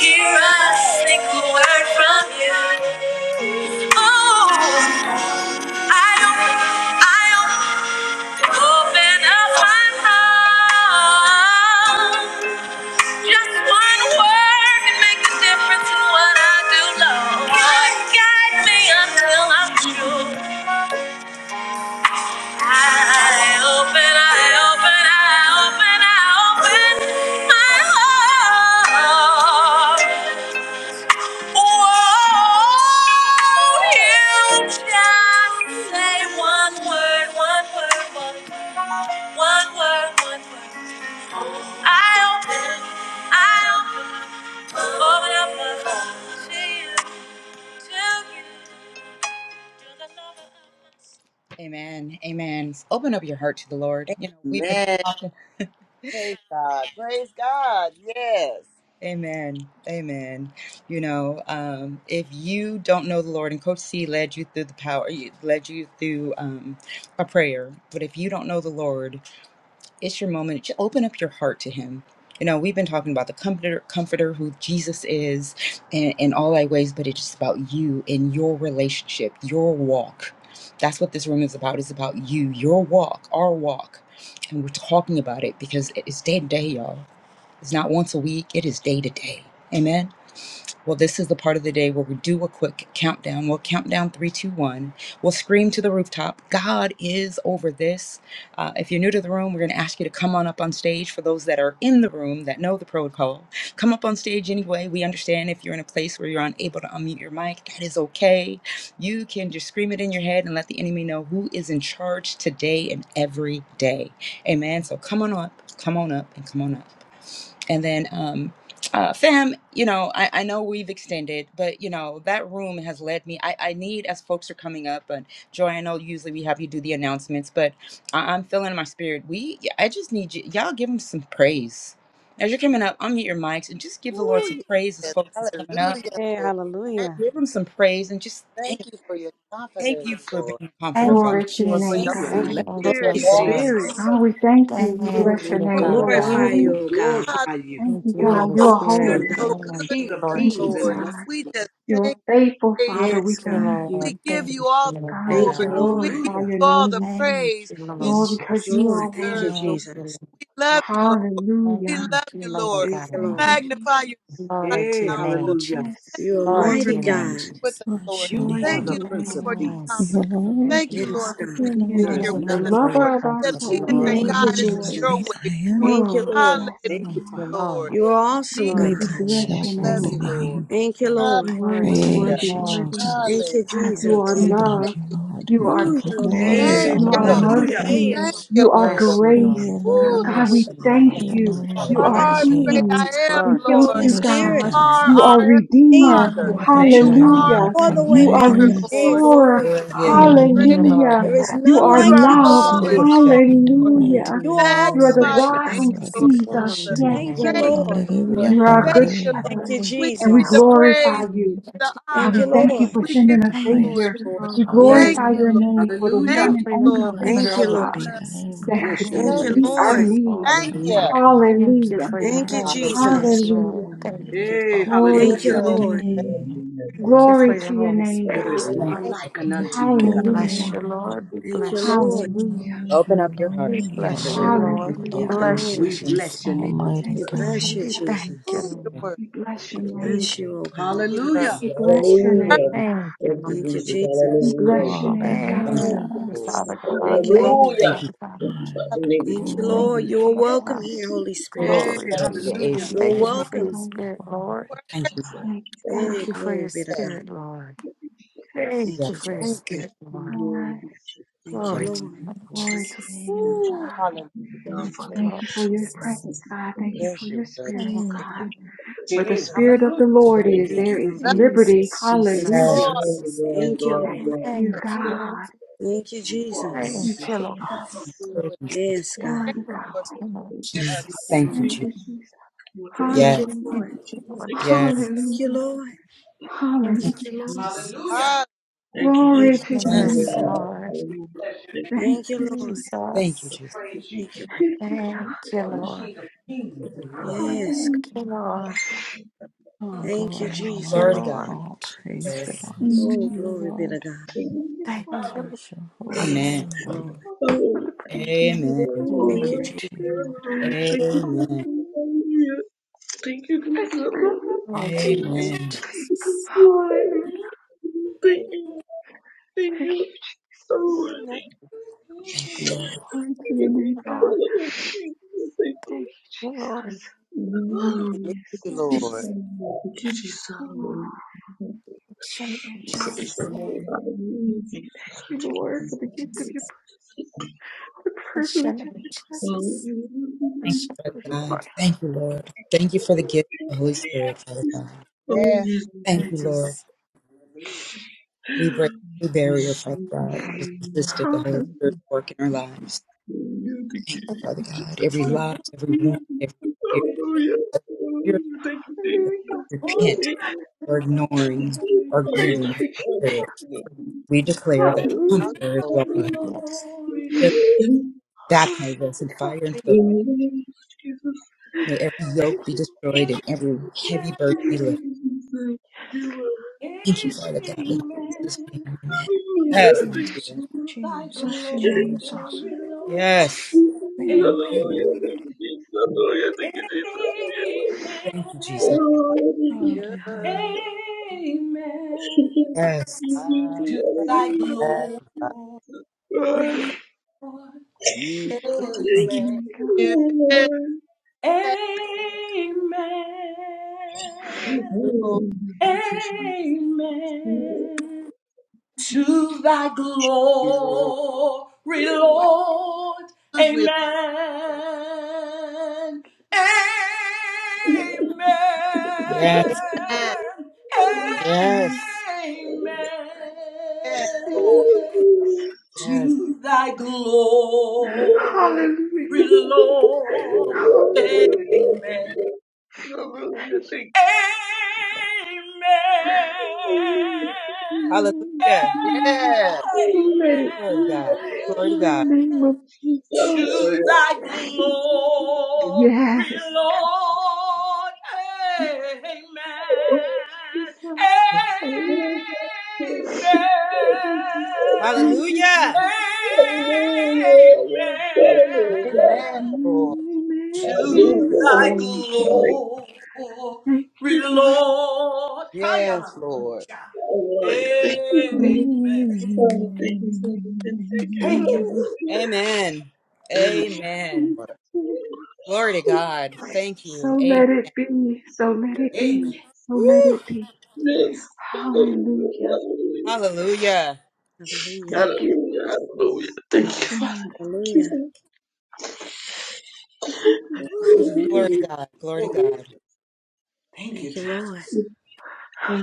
Speaker 1: hear a single word from you. Oh, I open, I open, up my heart. Just one word can make the difference in what I do, Lord. Guide me until I'm true. Amen. Amen. Open up your heart to the Lord. You know, we've been
Speaker 4: Amen.
Speaker 1: talking.
Speaker 4: Praise God. Praise God. Yes.
Speaker 1: Amen. Amen. You know, um, if you don't know the Lord, and Coach C led you through the power, led you through um, a prayer, but if you don't know the Lord, it's your moment. Just open up your heart to Him. You know, we've been talking about the comforter, comforter who Jesus is in, in all thy ways, but it's just about you and your relationship, your walk. That's what this room is about. It's about you, your walk, our walk. And we're talking about it because it is day to day, y'all it's not once a week, it is day to day. Amen. Well, this is the part of the day where we do a quick countdown. We'll count down three, two, one. We'll scream to the rooftop, God is over this. Uh, if you're new to the room, we're going to ask you to come on up on stage. For those that are in the room that know the protocol, come up on stage anyway. We understand if you're in a place where you're unable to unmute your mic, that is okay. You can just scream it in your head and let the enemy know who is in charge today and every day. Amen. So come on up, come on up, and come on up and then um uh fam you know i i know we've extended but you know that room has led me i i need as folks are coming up and joy i know usually we have you do the announcements but I, i'm feeling in my spirit we yeah, i just need you y'all give him some praise as you're coming up unmute your mics and just give the lord some
Speaker 4: Ooh,
Speaker 1: praise as
Speaker 4: yes.
Speaker 1: folks is coming up
Speaker 4: Hallelujah,
Speaker 2: Hey,
Speaker 4: Lord. Thank,
Speaker 2: hallelujah.
Speaker 1: give him some praise and just thank
Speaker 4: thank you for your
Speaker 1: thank
Speaker 4: comforter,
Speaker 1: you for being
Speaker 4: Lord,
Speaker 1: a comforter
Speaker 15: Thank you,
Speaker 1: father
Speaker 4: or for
Speaker 1: thank
Speaker 4: your
Speaker 2: Hallelujah.
Speaker 15: Jesus.
Speaker 2: Thank
Speaker 4: Holy
Speaker 2: you,
Speaker 1: you
Speaker 15: Thank
Speaker 2: Bless your Holy name,
Speaker 1: for
Speaker 4: Spirit,
Speaker 2: Lord.
Speaker 15: you,
Speaker 1: walking
Speaker 15: Lord.
Speaker 2: Spirit.
Speaker 1: with
Speaker 2: Jesus.
Speaker 1: us
Speaker 15: Thank
Speaker 2: Lord, we
Speaker 15: you,
Speaker 4: through
Speaker 15: Father
Speaker 4: with us.
Speaker 2: glorify
Speaker 15: God.
Speaker 2: We you, We oh God.
Speaker 4: God,
Speaker 2: glorify you.
Speaker 15: Thank you,
Speaker 2: You are For
Speaker 15: Holy
Speaker 4: Lord, you're
Speaker 2: awesome,
Speaker 15: Spirit.
Speaker 2: you God.
Speaker 15: Thank
Speaker 4: so
Speaker 2: are the
Speaker 4: good
Speaker 15: you,
Speaker 4: to
Speaker 2: King of
Speaker 4: us,
Speaker 15: Lord
Speaker 2: kings
Speaker 15: Jesus.
Speaker 4: Lord.
Speaker 2: and Lord.
Speaker 4: We just thank you, Asia.
Speaker 2: Yes,
Speaker 15: Thank you,
Speaker 2: God.
Speaker 15: Lord.
Speaker 4: We
Speaker 15: Thank
Speaker 4: give
Speaker 15: you,
Speaker 4: you all the
Speaker 15: Lord
Speaker 2: Thank
Speaker 4: glory.
Speaker 2: you,
Speaker 15: God.
Speaker 2: Lord.
Speaker 4: We give
Speaker 2: Hallelujah.
Speaker 4: you all the
Speaker 15: Thank
Speaker 4: praise.
Speaker 15: you, Lord
Speaker 4: It's so
Speaker 15: Jesus.
Speaker 2: Lord, thank
Speaker 15: Thank
Speaker 2: you,
Speaker 4: deserved, Lord.
Speaker 15: you, Lord.
Speaker 2: Jesus.
Speaker 4: We love you, Lord. We
Speaker 15: Thank
Speaker 4: love
Speaker 15: you,
Speaker 4: you,
Speaker 15: Lord
Speaker 4: Lord.
Speaker 2: Thank you,
Speaker 4: We
Speaker 15: God.
Speaker 2: Lord.
Speaker 4: magnify you right
Speaker 15: Glory to
Speaker 2: Hey,
Speaker 15: your
Speaker 4: now,
Speaker 15: name,
Speaker 4: Lord.
Speaker 2: hallelujah.
Speaker 15: Jesus.
Speaker 2: You are
Speaker 15: Glory
Speaker 4: Lord, for
Speaker 15: to
Speaker 2: mighty
Speaker 15: your name,
Speaker 2: God.
Speaker 4: with
Speaker 15: Jesus.
Speaker 4: us, Lord.
Speaker 16: Bless your
Speaker 2: You are
Speaker 4: Thank
Speaker 16: name.
Speaker 2: the
Speaker 4: you, Lord,
Speaker 2: Prince of
Speaker 4: for your
Speaker 15: Thank
Speaker 2: Peace.
Speaker 16: You
Speaker 15: you,
Speaker 4: comforter.
Speaker 16: alone,
Speaker 15: Lord
Speaker 4: Thank
Speaker 15: God.
Speaker 4: you,
Speaker 2: Yes,
Speaker 4: Lord, for
Speaker 2: God.
Speaker 16: you alone
Speaker 4: leading
Speaker 2: There
Speaker 4: it
Speaker 16: are
Speaker 4: here
Speaker 2: is
Speaker 15: Thank
Speaker 4: with
Speaker 15: you
Speaker 4: us,
Speaker 2: none
Speaker 16: almighty.
Speaker 15: for
Speaker 2: like
Speaker 15: your
Speaker 4: Lord.
Speaker 15: comfort,
Speaker 4: To
Speaker 2: unto
Speaker 4: lead us
Speaker 2: you, O
Speaker 16: You
Speaker 2: God.
Speaker 15: Lord.
Speaker 4: and
Speaker 2: Thank
Speaker 15: Thank
Speaker 2: you,
Speaker 15: you,
Speaker 4: guide
Speaker 16: alone
Speaker 4: us
Speaker 16: are
Speaker 4: in
Speaker 16: the
Speaker 15: Jesus.
Speaker 4: your
Speaker 16: great
Speaker 2: Jesus.
Speaker 4: way,
Speaker 16: I
Speaker 4: Lord.
Speaker 16: am.
Speaker 2: Thank you, Lord.
Speaker 4: Hallelujah,
Speaker 2: Thank you,
Speaker 15: Thank you,
Speaker 2: Father.
Speaker 15: Lord.
Speaker 4: Lord.
Speaker 2: You're
Speaker 4: We need
Speaker 2: awesome, God.
Speaker 15: Glory
Speaker 16: We
Speaker 4: you.
Speaker 15: to your
Speaker 16: bless
Speaker 15: name,
Speaker 16: your
Speaker 4: We love
Speaker 15: Jesus.
Speaker 16: holy
Speaker 4: you, Lord.
Speaker 16: name.
Speaker 2: Thank you, Lord.
Speaker 15: Glory to your
Speaker 4: Hallelujah.
Speaker 16: Praise you,
Speaker 15: name,
Speaker 16: Jesus.
Speaker 2: Thank
Speaker 4: Hallelujah,
Speaker 2: you,
Speaker 15: Jesus. Glory to
Speaker 2: Jesus.
Speaker 4: Lord.
Speaker 16: We love
Speaker 4: Thank
Speaker 16: you,
Speaker 4: you,
Speaker 16: Lord. We
Speaker 4: Jesus.
Speaker 16: give
Speaker 2: Ooh,
Speaker 16: you
Speaker 2: you're
Speaker 16: glory
Speaker 15: you,
Speaker 16: and
Speaker 2: amazing,
Speaker 4: Thank
Speaker 2: Hey, oh
Speaker 16: honor
Speaker 4: you.
Speaker 2: God.
Speaker 15: Lord.
Speaker 16: and
Speaker 2: hallelujah. Hey, oh
Speaker 4: Thank
Speaker 2: God.
Speaker 16: praise.
Speaker 4: you,
Speaker 15: Bless
Speaker 4: Lord.
Speaker 15: you,
Speaker 16: For you
Speaker 15: Lord.
Speaker 2: You,
Speaker 4: Woo, thank you
Speaker 16: alone,
Speaker 2: oh
Speaker 15: Bless you,
Speaker 2: God.
Speaker 16: you
Speaker 15: Lord.
Speaker 16: alone are
Speaker 2: Thank you,
Speaker 4: are
Speaker 15: Bless
Speaker 4: the
Speaker 15: you,
Speaker 16: worthy.
Speaker 4: great
Speaker 15: Lord.
Speaker 4: I
Speaker 2: Jesus.
Speaker 4: am,
Speaker 15: Glory
Speaker 2: Thank you,
Speaker 15: to
Speaker 4: Lord.
Speaker 15: you,
Speaker 2: Holy
Speaker 15: Lord
Speaker 16: El
Speaker 4: You
Speaker 2: Spirit.
Speaker 4: are
Speaker 16: Shaddai,
Speaker 15: Jesus.
Speaker 4: our Heavenly
Speaker 2: Thank you
Speaker 4: Father.
Speaker 16: Jehovah
Speaker 15: Thank you,
Speaker 4: You
Speaker 16: Jireh,
Speaker 15: Lord.
Speaker 4: are our
Speaker 16: my
Speaker 2: for the
Speaker 15: Thank you,
Speaker 4: Redeemer,
Speaker 2: waymaker.
Speaker 16: provider,
Speaker 2: Hey,
Speaker 4: Lord.
Speaker 15: Jesus.
Speaker 2: glory be
Speaker 1: brother.
Speaker 2: to
Speaker 4: Thank
Speaker 2: God.
Speaker 16: my
Speaker 1: we
Speaker 4: and
Speaker 15: Thank
Speaker 4: praise
Speaker 15: you, Lord
Speaker 4: you,
Speaker 2: There
Speaker 16: waymaker.
Speaker 2: is
Speaker 4: Lord.
Speaker 15: God.
Speaker 2: none
Speaker 15: Thank
Speaker 4: You
Speaker 2: like
Speaker 15: you,
Speaker 2: you,
Speaker 4: are
Speaker 16: There
Speaker 2: oh God.
Speaker 4: all in
Speaker 15: Lord.
Speaker 16: seems to
Speaker 4: all,
Speaker 16: be no
Speaker 4: Lord.
Speaker 15: Glory
Speaker 16: way.
Speaker 15: to your
Speaker 2: You are
Speaker 4: Magnify
Speaker 2: awesome,
Speaker 4: your
Speaker 15: name,
Speaker 2: Bless oh your God. name,
Speaker 4: name,
Speaker 16: Lord,
Speaker 15: Jesus.
Speaker 16: we
Speaker 4: Lord
Speaker 2: Jesus.
Speaker 15: Glory
Speaker 16: bless
Speaker 4: Jesus.
Speaker 16: your
Speaker 15: to your
Speaker 2: Thank you,
Speaker 16: name.
Speaker 15: name.
Speaker 4: Thank you,
Speaker 2: Lord.
Speaker 4: Lord.
Speaker 16: Hallelujah,
Speaker 4: Thank you, Lord.
Speaker 2: Thank
Speaker 15: Thank
Speaker 16: hallelujah.
Speaker 2: you,
Speaker 15: you,
Speaker 4: We give you the
Speaker 2: Jesus.
Speaker 15: Lord.
Speaker 4: praise. We give
Speaker 15: Thank you,
Speaker 4: you the
Speaker 15: Jesus.
Speaker 2: Thank you,
Speaker 4: honor.
Speaker 16: Lord,
Speaker 2: Lord.
Speaker 16: we
Speaker 4: We
Speaker 16: place you
Speaker 4: give
Speaker 16: in
Speaker 4: you
Speaker 16: the
Speaker 4: the
Speaker 15: thank
Speaker 4: glory,
Speaker 16: highest
Speaker 15: you,
Speaker 4: Lord.
Speaker 15: Lord.
Speaker 16: place.
Speaker 15: God.
Speaker 2: Yes.
Speaker 4: Thank you, Lord.
Speaker 16: Hallelujah.
Speaker 2: Hallelujah.
Speaker 4: Thank you,
Speaker 15: for your
Speaker 4: Lord.
Speaker 2: Thank
Speaker 15: comforter,
Speaker 2: you,
Speaker 16: Blessed
Speaker 4: We
Speaker 15: Lord
Speaker 16: be
Speaker 2: Lord.
Speaker 4: love you.
Speaker 16: the name
Speaker 15: Jesus.
Speaker 16: of
Speaker 15: Thank
Speaker 16: the
Speaker 2: Bless your
Speaker 15: you
Speaker 2: Thank name,
Speaker 4: Thank
Speaker 15: for
Speaker 16: Lord,
Speaker 2: you,
Speaker 15: your
Speaker 4: you, Lord.
Speaker 2: Lord.
Speaker 15: spirit,
Speaker 2: Jesus.
Speaker 15: Lord.
Speaker 4: Thank
Speaker 16: the
Speaker 1: Hallelujah.
Speaker 4: you,
Speaker 16: maker of
Speaker 15: Thank you for
Speaker 16: heaven and
Speaker 4: Lord.
Speaker 15: your
Speaker 2: Thank you,
Speaker 16: earth.
Speaker 15: Holy
Speaker 16: We
Speaker 1: Hallelujah.
Speaker 15: Spirit,
Speaker 2: Jesus.
Speaker 16: bless
Speaker 4: Thank
Speaker 16: your
Speaker 4: you, Lord.
Speaker 15: Lord.
Speaker 16: holy
Speaker 15: Thank
Speaker 16: name.
Speaker 15: you for the
Speaker 2: Hey,
Speaker 15: Holy
Speaker 2: Thank
Speaker 4: Thank
Speaker 2: you,
Speaker 4: you,
Speaker 2: hallelujah.
Speaker 15: Spirit.
Speaker 4: Lord.
Speaker 2: Lord.
Speaker 16: Yea,
Speaker 17: Hallelujah.
Speaker 16: we
Speaker 15: Thank
Speaker 17: Thank
Speaker 16: love
Speaker 17: you,
Speaker 15: you for
Speaker 16: you.
Speaker 17: Jesus.
Speaker 15: your
Speaker 17: Thank
Speaker 15: Holy
Speaker 17: you, God.
Speaker 2: There
Speaker 15: Spirit,
Speaker 2: is
Speaker 17: Hallelujah.
Speaker 15: Lord.
Speaker 2: none like
Speaker 16: We
Speaker 2: unto you,
Speaker 15: We
Speaker 2: God.
Speaker 16: adore
Speaker 15: bless you, Lord.
Speaker 16: you.
Speaker 15: We
Speaker 2: Thank you,
Speaker 15: bless you,
Speaker 16: You
Speaker 2: Lord.
Speaker 15: Jesus.
Speaker 16: alone,
Speaker 1: Open
Speaker 16: you
Speaker 1: up your heart.
Speaker 15: We
Speaker 16: alone, you
Speaker 1: Yes.
Speaker 17: Thank
Speaker 15: bless you,
Speaker 16: alone,
Speaker 15: Lord.
Speaker 17: you
Speaker 16: you
Speaker 15: We
Speaker 17: so
Speaker 2: Thank you,
Speaker 16: alone.
Speaker 15: bless
Speaker 2: Lord.
Speaker 15: you,
Speaker 2: We
Speaker 15: Jesus.
Speaker 2: bless your name, We
Speaker 16: Almighty
Speaker 2: Jesus.
Speaker 17: much.
Speaker 2: bless
Speaker 16: God.
Speaker 2: you,
Speaker 15: We thank
Speaker 4: Oh,
Speaker 15: you,
Speaker 2: Jesus.
Speaker 4: your
Speaker 15: Lord.
Speaker 4: word.
Speaker 2: We
Speaker 17: Thank you.
Speaker 15: We
Speaker 2: bless you, oh God.
Speaker 4: We love
Speaker 2: Hallelujah.
Speaker 15: Jesus.
Speaker 4: you,
Speaker 16: That's
Speaker 4: Lord.
Speaker 16: right.
Speaker 17: Hallelujah.
Speaker 15: Thank you,
Speaker 17: Thank you,
Speaker 15: Lord.
Speaker 2: Thank you,
Speaker 17: Jesus.
Speaker 2: Jesus.
Speaker 17: Hallelujah. Thank you, Father.
Speaker 4: Thank
Speaker 15: Thank
Speaker 4: you,
Speaker 16: Hallelujah.
Speaker 15: you,
Speaker 4: Lord.
Speaker 15: Father God.
Speaker 2: Thank you,
Speaker 15: Thank you,
Speaker 2: Lord.
Speaker 17: Hallelujah.
Speaker 1: Thank you.
Speaker 15: Father
Speaker 1: Jesus.
Speaker 15: God.
Speaker 17: Thank you, Father.
Speaker 16: And
Speaker 17: Name of
Speaker 2: Thank you,
Speaker 17: Jesus.
Speaker 16: glory.
Speaker 2: Lord.
Speaker 17: Thank
Speaker 2: You are
Speaker 17: you,
Speaker 15: Father
Speaker 17: Father.
Speaker 2: welcome
Speaker 15: God.
Speaker 2: here, Holy
Speaker 1: Oro
Speaker 4: Oh,
Speaker 2: Spirit.
Speaker 15: Glory
Speaker 2: Hey,
Speaker 4: Thank
Speaker 15: to you,
Speaker 16: Yes,
Speaker 1: sarere e
Speaker 15: Lord.
Speaker 2: hallelujah.
Speaker 4: you,
Speaker 2: You're
Speaker 15: Thank
Speaker 4: Lord.
Speaker 1: sharara.
Speaker 16: Jesus.
Speaker 15: you for your
Speaker 2: welcome.
Speaker 15: spirit, Lord.
Speaker 16: Glory to
Speaker 1: Thank you.
Speaker 17: Jesus.
Speaker 16: God.
Speaker 17: Thank you, Father.
Speaker 2: Hey,
Speaker 15: Thank you for your
Speaker 2: glory be to
Speaker 4: Yeah.
Speaker 17: Thank
Speaker 2: God.
Speaker 15: spirit,
Speaker 17: you.
Speaker 15: Lord. Thank
Speaker 2: Thank
Speaker 15: you
Speaker 2: you.
Speaker 1: Yes,
Speaker 2: Je-
Speaker 15: for your
Speaker 1: Lord.
Speaker 4: Thank you.
Speaker 15: spirit, Lord.
Speaker 17: Hallelujah. Thank you, Jesus.
Speaker 2: Thank you,
Speaker 17: Father,
Speaker 15: Glory
Speaker 1: Yes.
Speaker 17: we
Speaker 15: to you,
Speaker 17: will
Speaker 2: Lord.
Speaker 17: thank
Speaker 15: Lord
Speaker 17: you. Thank
Speaker 15: Jesus.
Speaker 17: you, Father.
Speaker 4: Ooh. Hallelujah.
Speaker 17: Thank you,
Speaker 15: Thank you,
Speaker 17: Father.
Speaker 15: Lord
Speaker 17: Bless
Speaker 15: Jesus.
Speaker 17: us. Bless us.
Speaker 4: Bless you,
Speaker 17: Thank
Speaker 4: Lord.
Speaker 17: you,
Speaker 15: Thank
Speaker 17: Jesus. Thank
Speaker 15: you,
Speaker 17: you,
Speaker 15: Lord.
Speaker 17: Father.
Speaker 2: Hey,
Speaker 17: Thank you,
Speaker 2: hallelujah. Thank you, Lord.
Speaker 4: Yes,
Speaker 17: Father.
Speaker 15: Jesus,
Speaker 2: Yes,
Speaker 17: Glory,
Speaker 2: Lord.
Speaker 1: Yes.
Speaker 15: Jesus,
Speaker 4: Lord.
Speaker 15: Jesus.
Speaker 17: glory,
Speaker 2: thank you,
Speaker 17: glory,
Speaker 2: Lord.
Speaker 17: glory,
Speaker 15: Thank
Speaker 17: glory,
Speaker 15: you,
Speaker 17: glory.
Speaker 15: Lord.
Speaker 2: Thank you,
Speaker 17: Thank you
Speaker 15: Thank
Speaker 2: Jesus.
Speaker 17: for this.
Speaker 15: you, Lord.
Speaker 1: Lord,
Speaker 4: with
Speaker 1: we
Speaker 2: Yes, God.
Speaker 4: thank
Speaker 15: Glory
Speaker 4: you for
Speaker 15: to you, Lord
Speaker 4: being us.
Speaker 1: say-
Speaker 2: Thank you,
Speaker 15: Jesus.
Speaker 1: Thank
Speaker 2: Lord.
Speaker 1: you, Jesus.
Speaker 2: Thank
Speaker 1: Yes.
Speaker 2: you,
Speaker 15: Thank
Speaker 2: Lord.
Speaker 17: Thank
Speaker 15: you,
Speaker 17: you for
Speaker 15: Lord
Speaker 17: taking
Speaker 1: Yes.
Speaker 17: me.
Speaker 15: Jesus.
Speaker 2: Thank you, Lord.
Speaker 15: Thank
Speaker 2: Thank
Speaker 15: you,
Speaker 2: you, Lord.
Speaker 15: Jesus.
Speaker 2: Hallelujah.
Speaker 17: Thank you,
Speaker 2: Thank
Speaker 17: Jesus.
Speaker 2: you,
Speaker 1: Thank you.
Speaker 15: Yes,
Speaker 2: Jesus.
Speaker 17: Hallelujah.
Speaker 15: Lord.
Speaker 17: Hallelujah. Thank you,
Speaker 2: Thank you,
Speaker 17: Jesus.
Speaker 2: Lord.
Speaker 1: Thank you,
Speaker 17: Oh,
Speaker 15: Jesus.
Speaker 17: thank you,
Speaker 1: Jesus.
Speaker 17: Jesus.
Speaker 2: Thank
Speaker 15: Thank you,
Speaker 17: Hallelujah.
Speaker 15: Lord.
Speaker 2: you. Lord. Yes,
Speaker 15: Thank you, Lord.
Speaker 2: God.
Speaker 16: All
Speaker 2: Thank you,
Speaker 16: glory,
Speaker 15: Thank
Speaker 16: all
Speaker 15: you,
Speaker 1: Glory
Speaker 2: Jesus.
Speaker 1: to
Speaker 16: honor,
Speaker 15: Lord.
Speaker 1: God.
Speaker 16: all praise
Speaker 1: Glory to
Speaker 15: Jesus.
Speaker 1: God.
Speaker 16: belongs
Speaker 2: Oh,
Speaker 16: to you,
Speaker 2: glory be
Speaker 16: Lord.
Speaker 2: to God.
Speaker 15: Thank
Speaker 16: We
Speaker 15: you,
Speaker 16: bless your
Speaker 15: Lord
Speaker 16: holy
Speaker 2: Oh, thank
Speaker 15: Jesus.
Speaker 1: Amen.
Speaker 2: you, Lord.
Speaker 16: name.
Speaker 1: Amen.
Speaker 2: Thank you,
Speaker 16: Glory
Speaker 2: Jesus.
Speaker 16: to you, Lord.
Speaker 17: Thank you,
Speaker 1: Amen.
Speaker 17: Jesus. Hallelujah. Thank you, Jesus.
Speaker 15: Lord, you Lord
Speaker 1: Amen.
Speaker 15: Jesus.
Speaker 17: Thank you, thank you. Oh,
Speaker 15: Lord,
Speaker 1: Thank you, Lord.
Speaker 17: thank you. Thank you,
Speaker 15: Lord, thank you, Lord
Speaker 17: I love you. thank you.
Speaker 4: Hallelujah,
Speaker 17: Jesus.
Speaker 4: Lord.
Speaker 15: Jesus.
Speaker 17: Thank you, Jesus. Jesus,
Speaker 15: Hashem,
Speaker 17: Praise
Speaker 15: Jesus.
Speaker 17: the Lord. Hallelujah. Jesus. I Thank you, Jesus.
Speaker 15: Jesus. Hashem, Jesus.
Speaker 1: Thank you,
Speaker 17: Hallelujah.
Speaker 15: Hashem,
Speaker 1: Father
Speaker 15: Lord
Speaker 1: God. Thank you, Lord. Thank you for the gift of the Holy Spirit, Father God.
Speaker 17: Oh,
Speaker 4: Yes,
Speaker 17: Jesus.
Speaker 1: Thank you,
Speaker 17: Thank you,
Speaker 1: Lord.
Speaker 15: Jesus.
Speaker 1: We break every barrier,
Speaker 17: Jesus.
Speaker 1: Father
Speaker 17: Thank
Speaker 1: God, that
Speaker 17: you,
Speaker 1: has resisted the
Speaker 17: thank
Speaker 1: Holy
Speaker 17: you,
Speaker 1: Spirit's work in our
Speaker 17: Thank
Speaker 1: lives.
Speaker 17: you, thank Jesus.
Speaker 15: I Thank
Speaker 1: Father
Speaker 15: you.
Speaker 1: God, every
Speaker 17: Hallelujah.
Speaker 1: lie, every wound, every fear, every spirit
Speaker 17: Hallelujah. Thank you, Jesus.
Speaker 1: of repent
Speaker 17: Glory.
Speaker 1: or ignoring or
Speaker 17: Praise
Speaker 1: grieving the
Speaker 17: you, Father.
Speaker 1: spirit.
Speaker 15: for you.
Speaker 1: We declare that the
Speaker 4: God,
Speaker 1: Comforter is
Speaker 4: Lord.
Speaker 1: welcome here.
Speaker 15: Yes.
Speaker 1: Fill-
Speaker 17: Hallelujah.
Speaker 1: Baptize us in fire and purpose.
Speaker 17: Jesus.
Speaker 1: May every yoke be destroyed and every heavy burden be lifted.
Speaker 17: Thank you.
Speaker 1: Thank you, Father God. In Jesus'
Speaker 2: Amen.
Speaker 1: name, amen.
Speaker 17: Hallelujah.
Speaker 1: Yes, Mama
Speaker 17: Thank
Speaker 16: Jesus,
Speaker 1: Tia.
Speaker 2: Thy
Speaker 16: Jesus,
Speaker 17: you.
Speaker 16: Jesus.
Speaker 2: glory, Lord.
Speaker 1: Yes.
Speaker 16: We love
Speaker 2: Amen.
Speaker 16: you,
Speaker 17: Hallelujah. Thank you,
Speaker 16: Lord.
Speaker 17: Jesus. Hallelujah. Thank you, Jesus. Hallelujah.
Speaker 1: Thank you,
Speaker 2: Amen.
Speaker 4: Thank
Speaker 1: Jesus.
Speaker 17: Oh, Thank
Speaker 4: you.
Speaker 16: Hallelujah.
Speaker 2: Amen.
Speaker 17: you,
Speaker 1: Yes.
Speaker 17: Jesus.
Speaker 2: To thy glory,
Speaker 17: Hallelujah.
Speaker 2: Lord.
Speaker 4: You
Speaker 17: Yes.
Speaker 1: Thank you.
Speaker 2: Amen.
Speaker 4: give
Speaker 17: Hallelujah.
Speaker 4: it back,
Speaker 2: Amen.
Speaker 17: Hallelujah.
Speaker 4: Lord.
Speaker 17: Hallelujah.
Speaker 2: Amen. To thy
Speaker 4: Because
Speaker 2: glory, Lord.
Speaker 4: we
Speaker 2: Amen. Amen.
Speaker 1: Yes.
Speaker 4: land.
Speaker 1: Yes.
Speaker 4: Yes, Lord.
Speaker 2: Amen.
Speaker 1: Yes.
Speaker 2: to thy glory, Lord. Amen. Amen.
Speaker 1: Hallelujah.
Speaker 4: Yes.
Speaker 1: Glory to God. Glory to
Speaker 2: Amen
Speaker 1: God.
Speaker 2: to thy glory, Lord. Amen. Amen.
Speaker 1: Hallelujah.
Speaker 4: Amen,
Speaker 2: Amen.
Speaker 4: Lord.
Speaker 2: To thy glory, Lord.
Speaker 4: Yes, Lord.
Speaker 2: Hallelujah. Amen. Thank you.
Speaker 1: Amen.
Speaker 4: Amen.
Speaker 1: Amen.
Speaker 4: Lord.
Speaker 1: Glory to God. Thank you. Amen.
Speaker 2: Amen.
Speaker 1: Woo. Hallelujah.
Speaker 2: Hallelujah.
Speaker 17: Hallelujah. Thank you, Father. Thank
Speaker 2: Hallelujah.
Speaker 17: you,
Speaker 1: Woo.
Speaker 17: Father.
Speaker 1: Glory
Speaker 2: Hallelujah.
Speaker 1: to God. Glory to
Speaker 2: Glory to
Speaker 1: God.
Speaker 2: God. Thank you, Thank you, Lord. Jesus.
Speaker 17: Yes. Oh,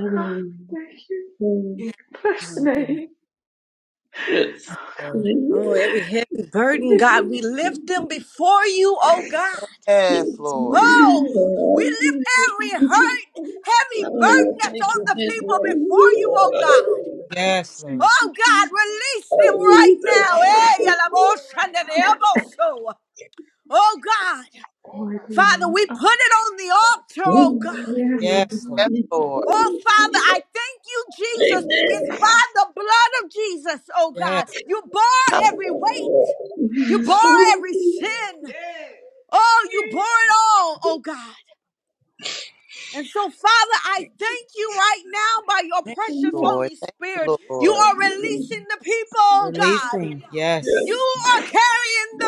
Speaker 2: Yes. Hallelujah.
Speaker 1: Lord.
Speaker 2: Oh, every heavy burden.
Speaker 4: Yes, Lord.
Speaker 17: yeah, thank you,
Speaker 2: God.
Speaker 1: Yes, Lord.
Speaker 2: Oh God, release them right now. Eh, yalabosa, and the elboso. Oh God, Father, we put it on the altar, oh God.
Speaker 1: Yes, Lord.
Speaker 4: Yes, Lord.
Speaker 2: Oh Father, I thank you, Jesus.
Speaker 17: Amen.
Speaker 2: It's by the blood of Jesus, oh God.
Speaker 1: Yes.
Speaker 2: You bore every weight, you bore every sin. Oh, you bore it all, oh God. And so, Father, I thank you right now by your
Speaker 4: Thank
Speaker 2: precious
Speaker 4: you, Lord.
Speaker 2: Holy
Speaker 4: Thank you,
Speaker 2: Spirit. You
Speaker 4: Lord.
Speaker 2: are releasing the people. God.
Speaker 1: Releasing.
Speaker 17: Yes,
Speaker 2: You
Speaker 1: Yes.
Speaker 2: carry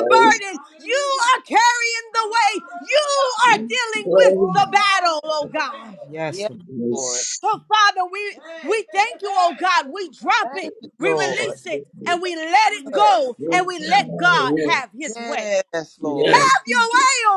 Speaker 2: a burden. You are carrying the way. You are
Speaker 17: Yes.
Speaker 2: with the battle, oh God.
Speaker 1: Yes,
Speaker 4: Yes,
Speaker 1: Lord.
Speaker 4: Lord.
Speaker 2: We thank you, oh God. We drop
Speaker 4: Thank
Speaker 2: it.
Speaker 4: you,
Speaker 2: We
Speaker 4: Lord.
Speaker 2: let it
Speaker 4: Yes.
Speaker 2: go and we let God
Speaker 17: Yes.
Speaker 2: have
Speaker 4: Yes, Lord.
Speaker 1: Yes.
Speaker 17: Yes,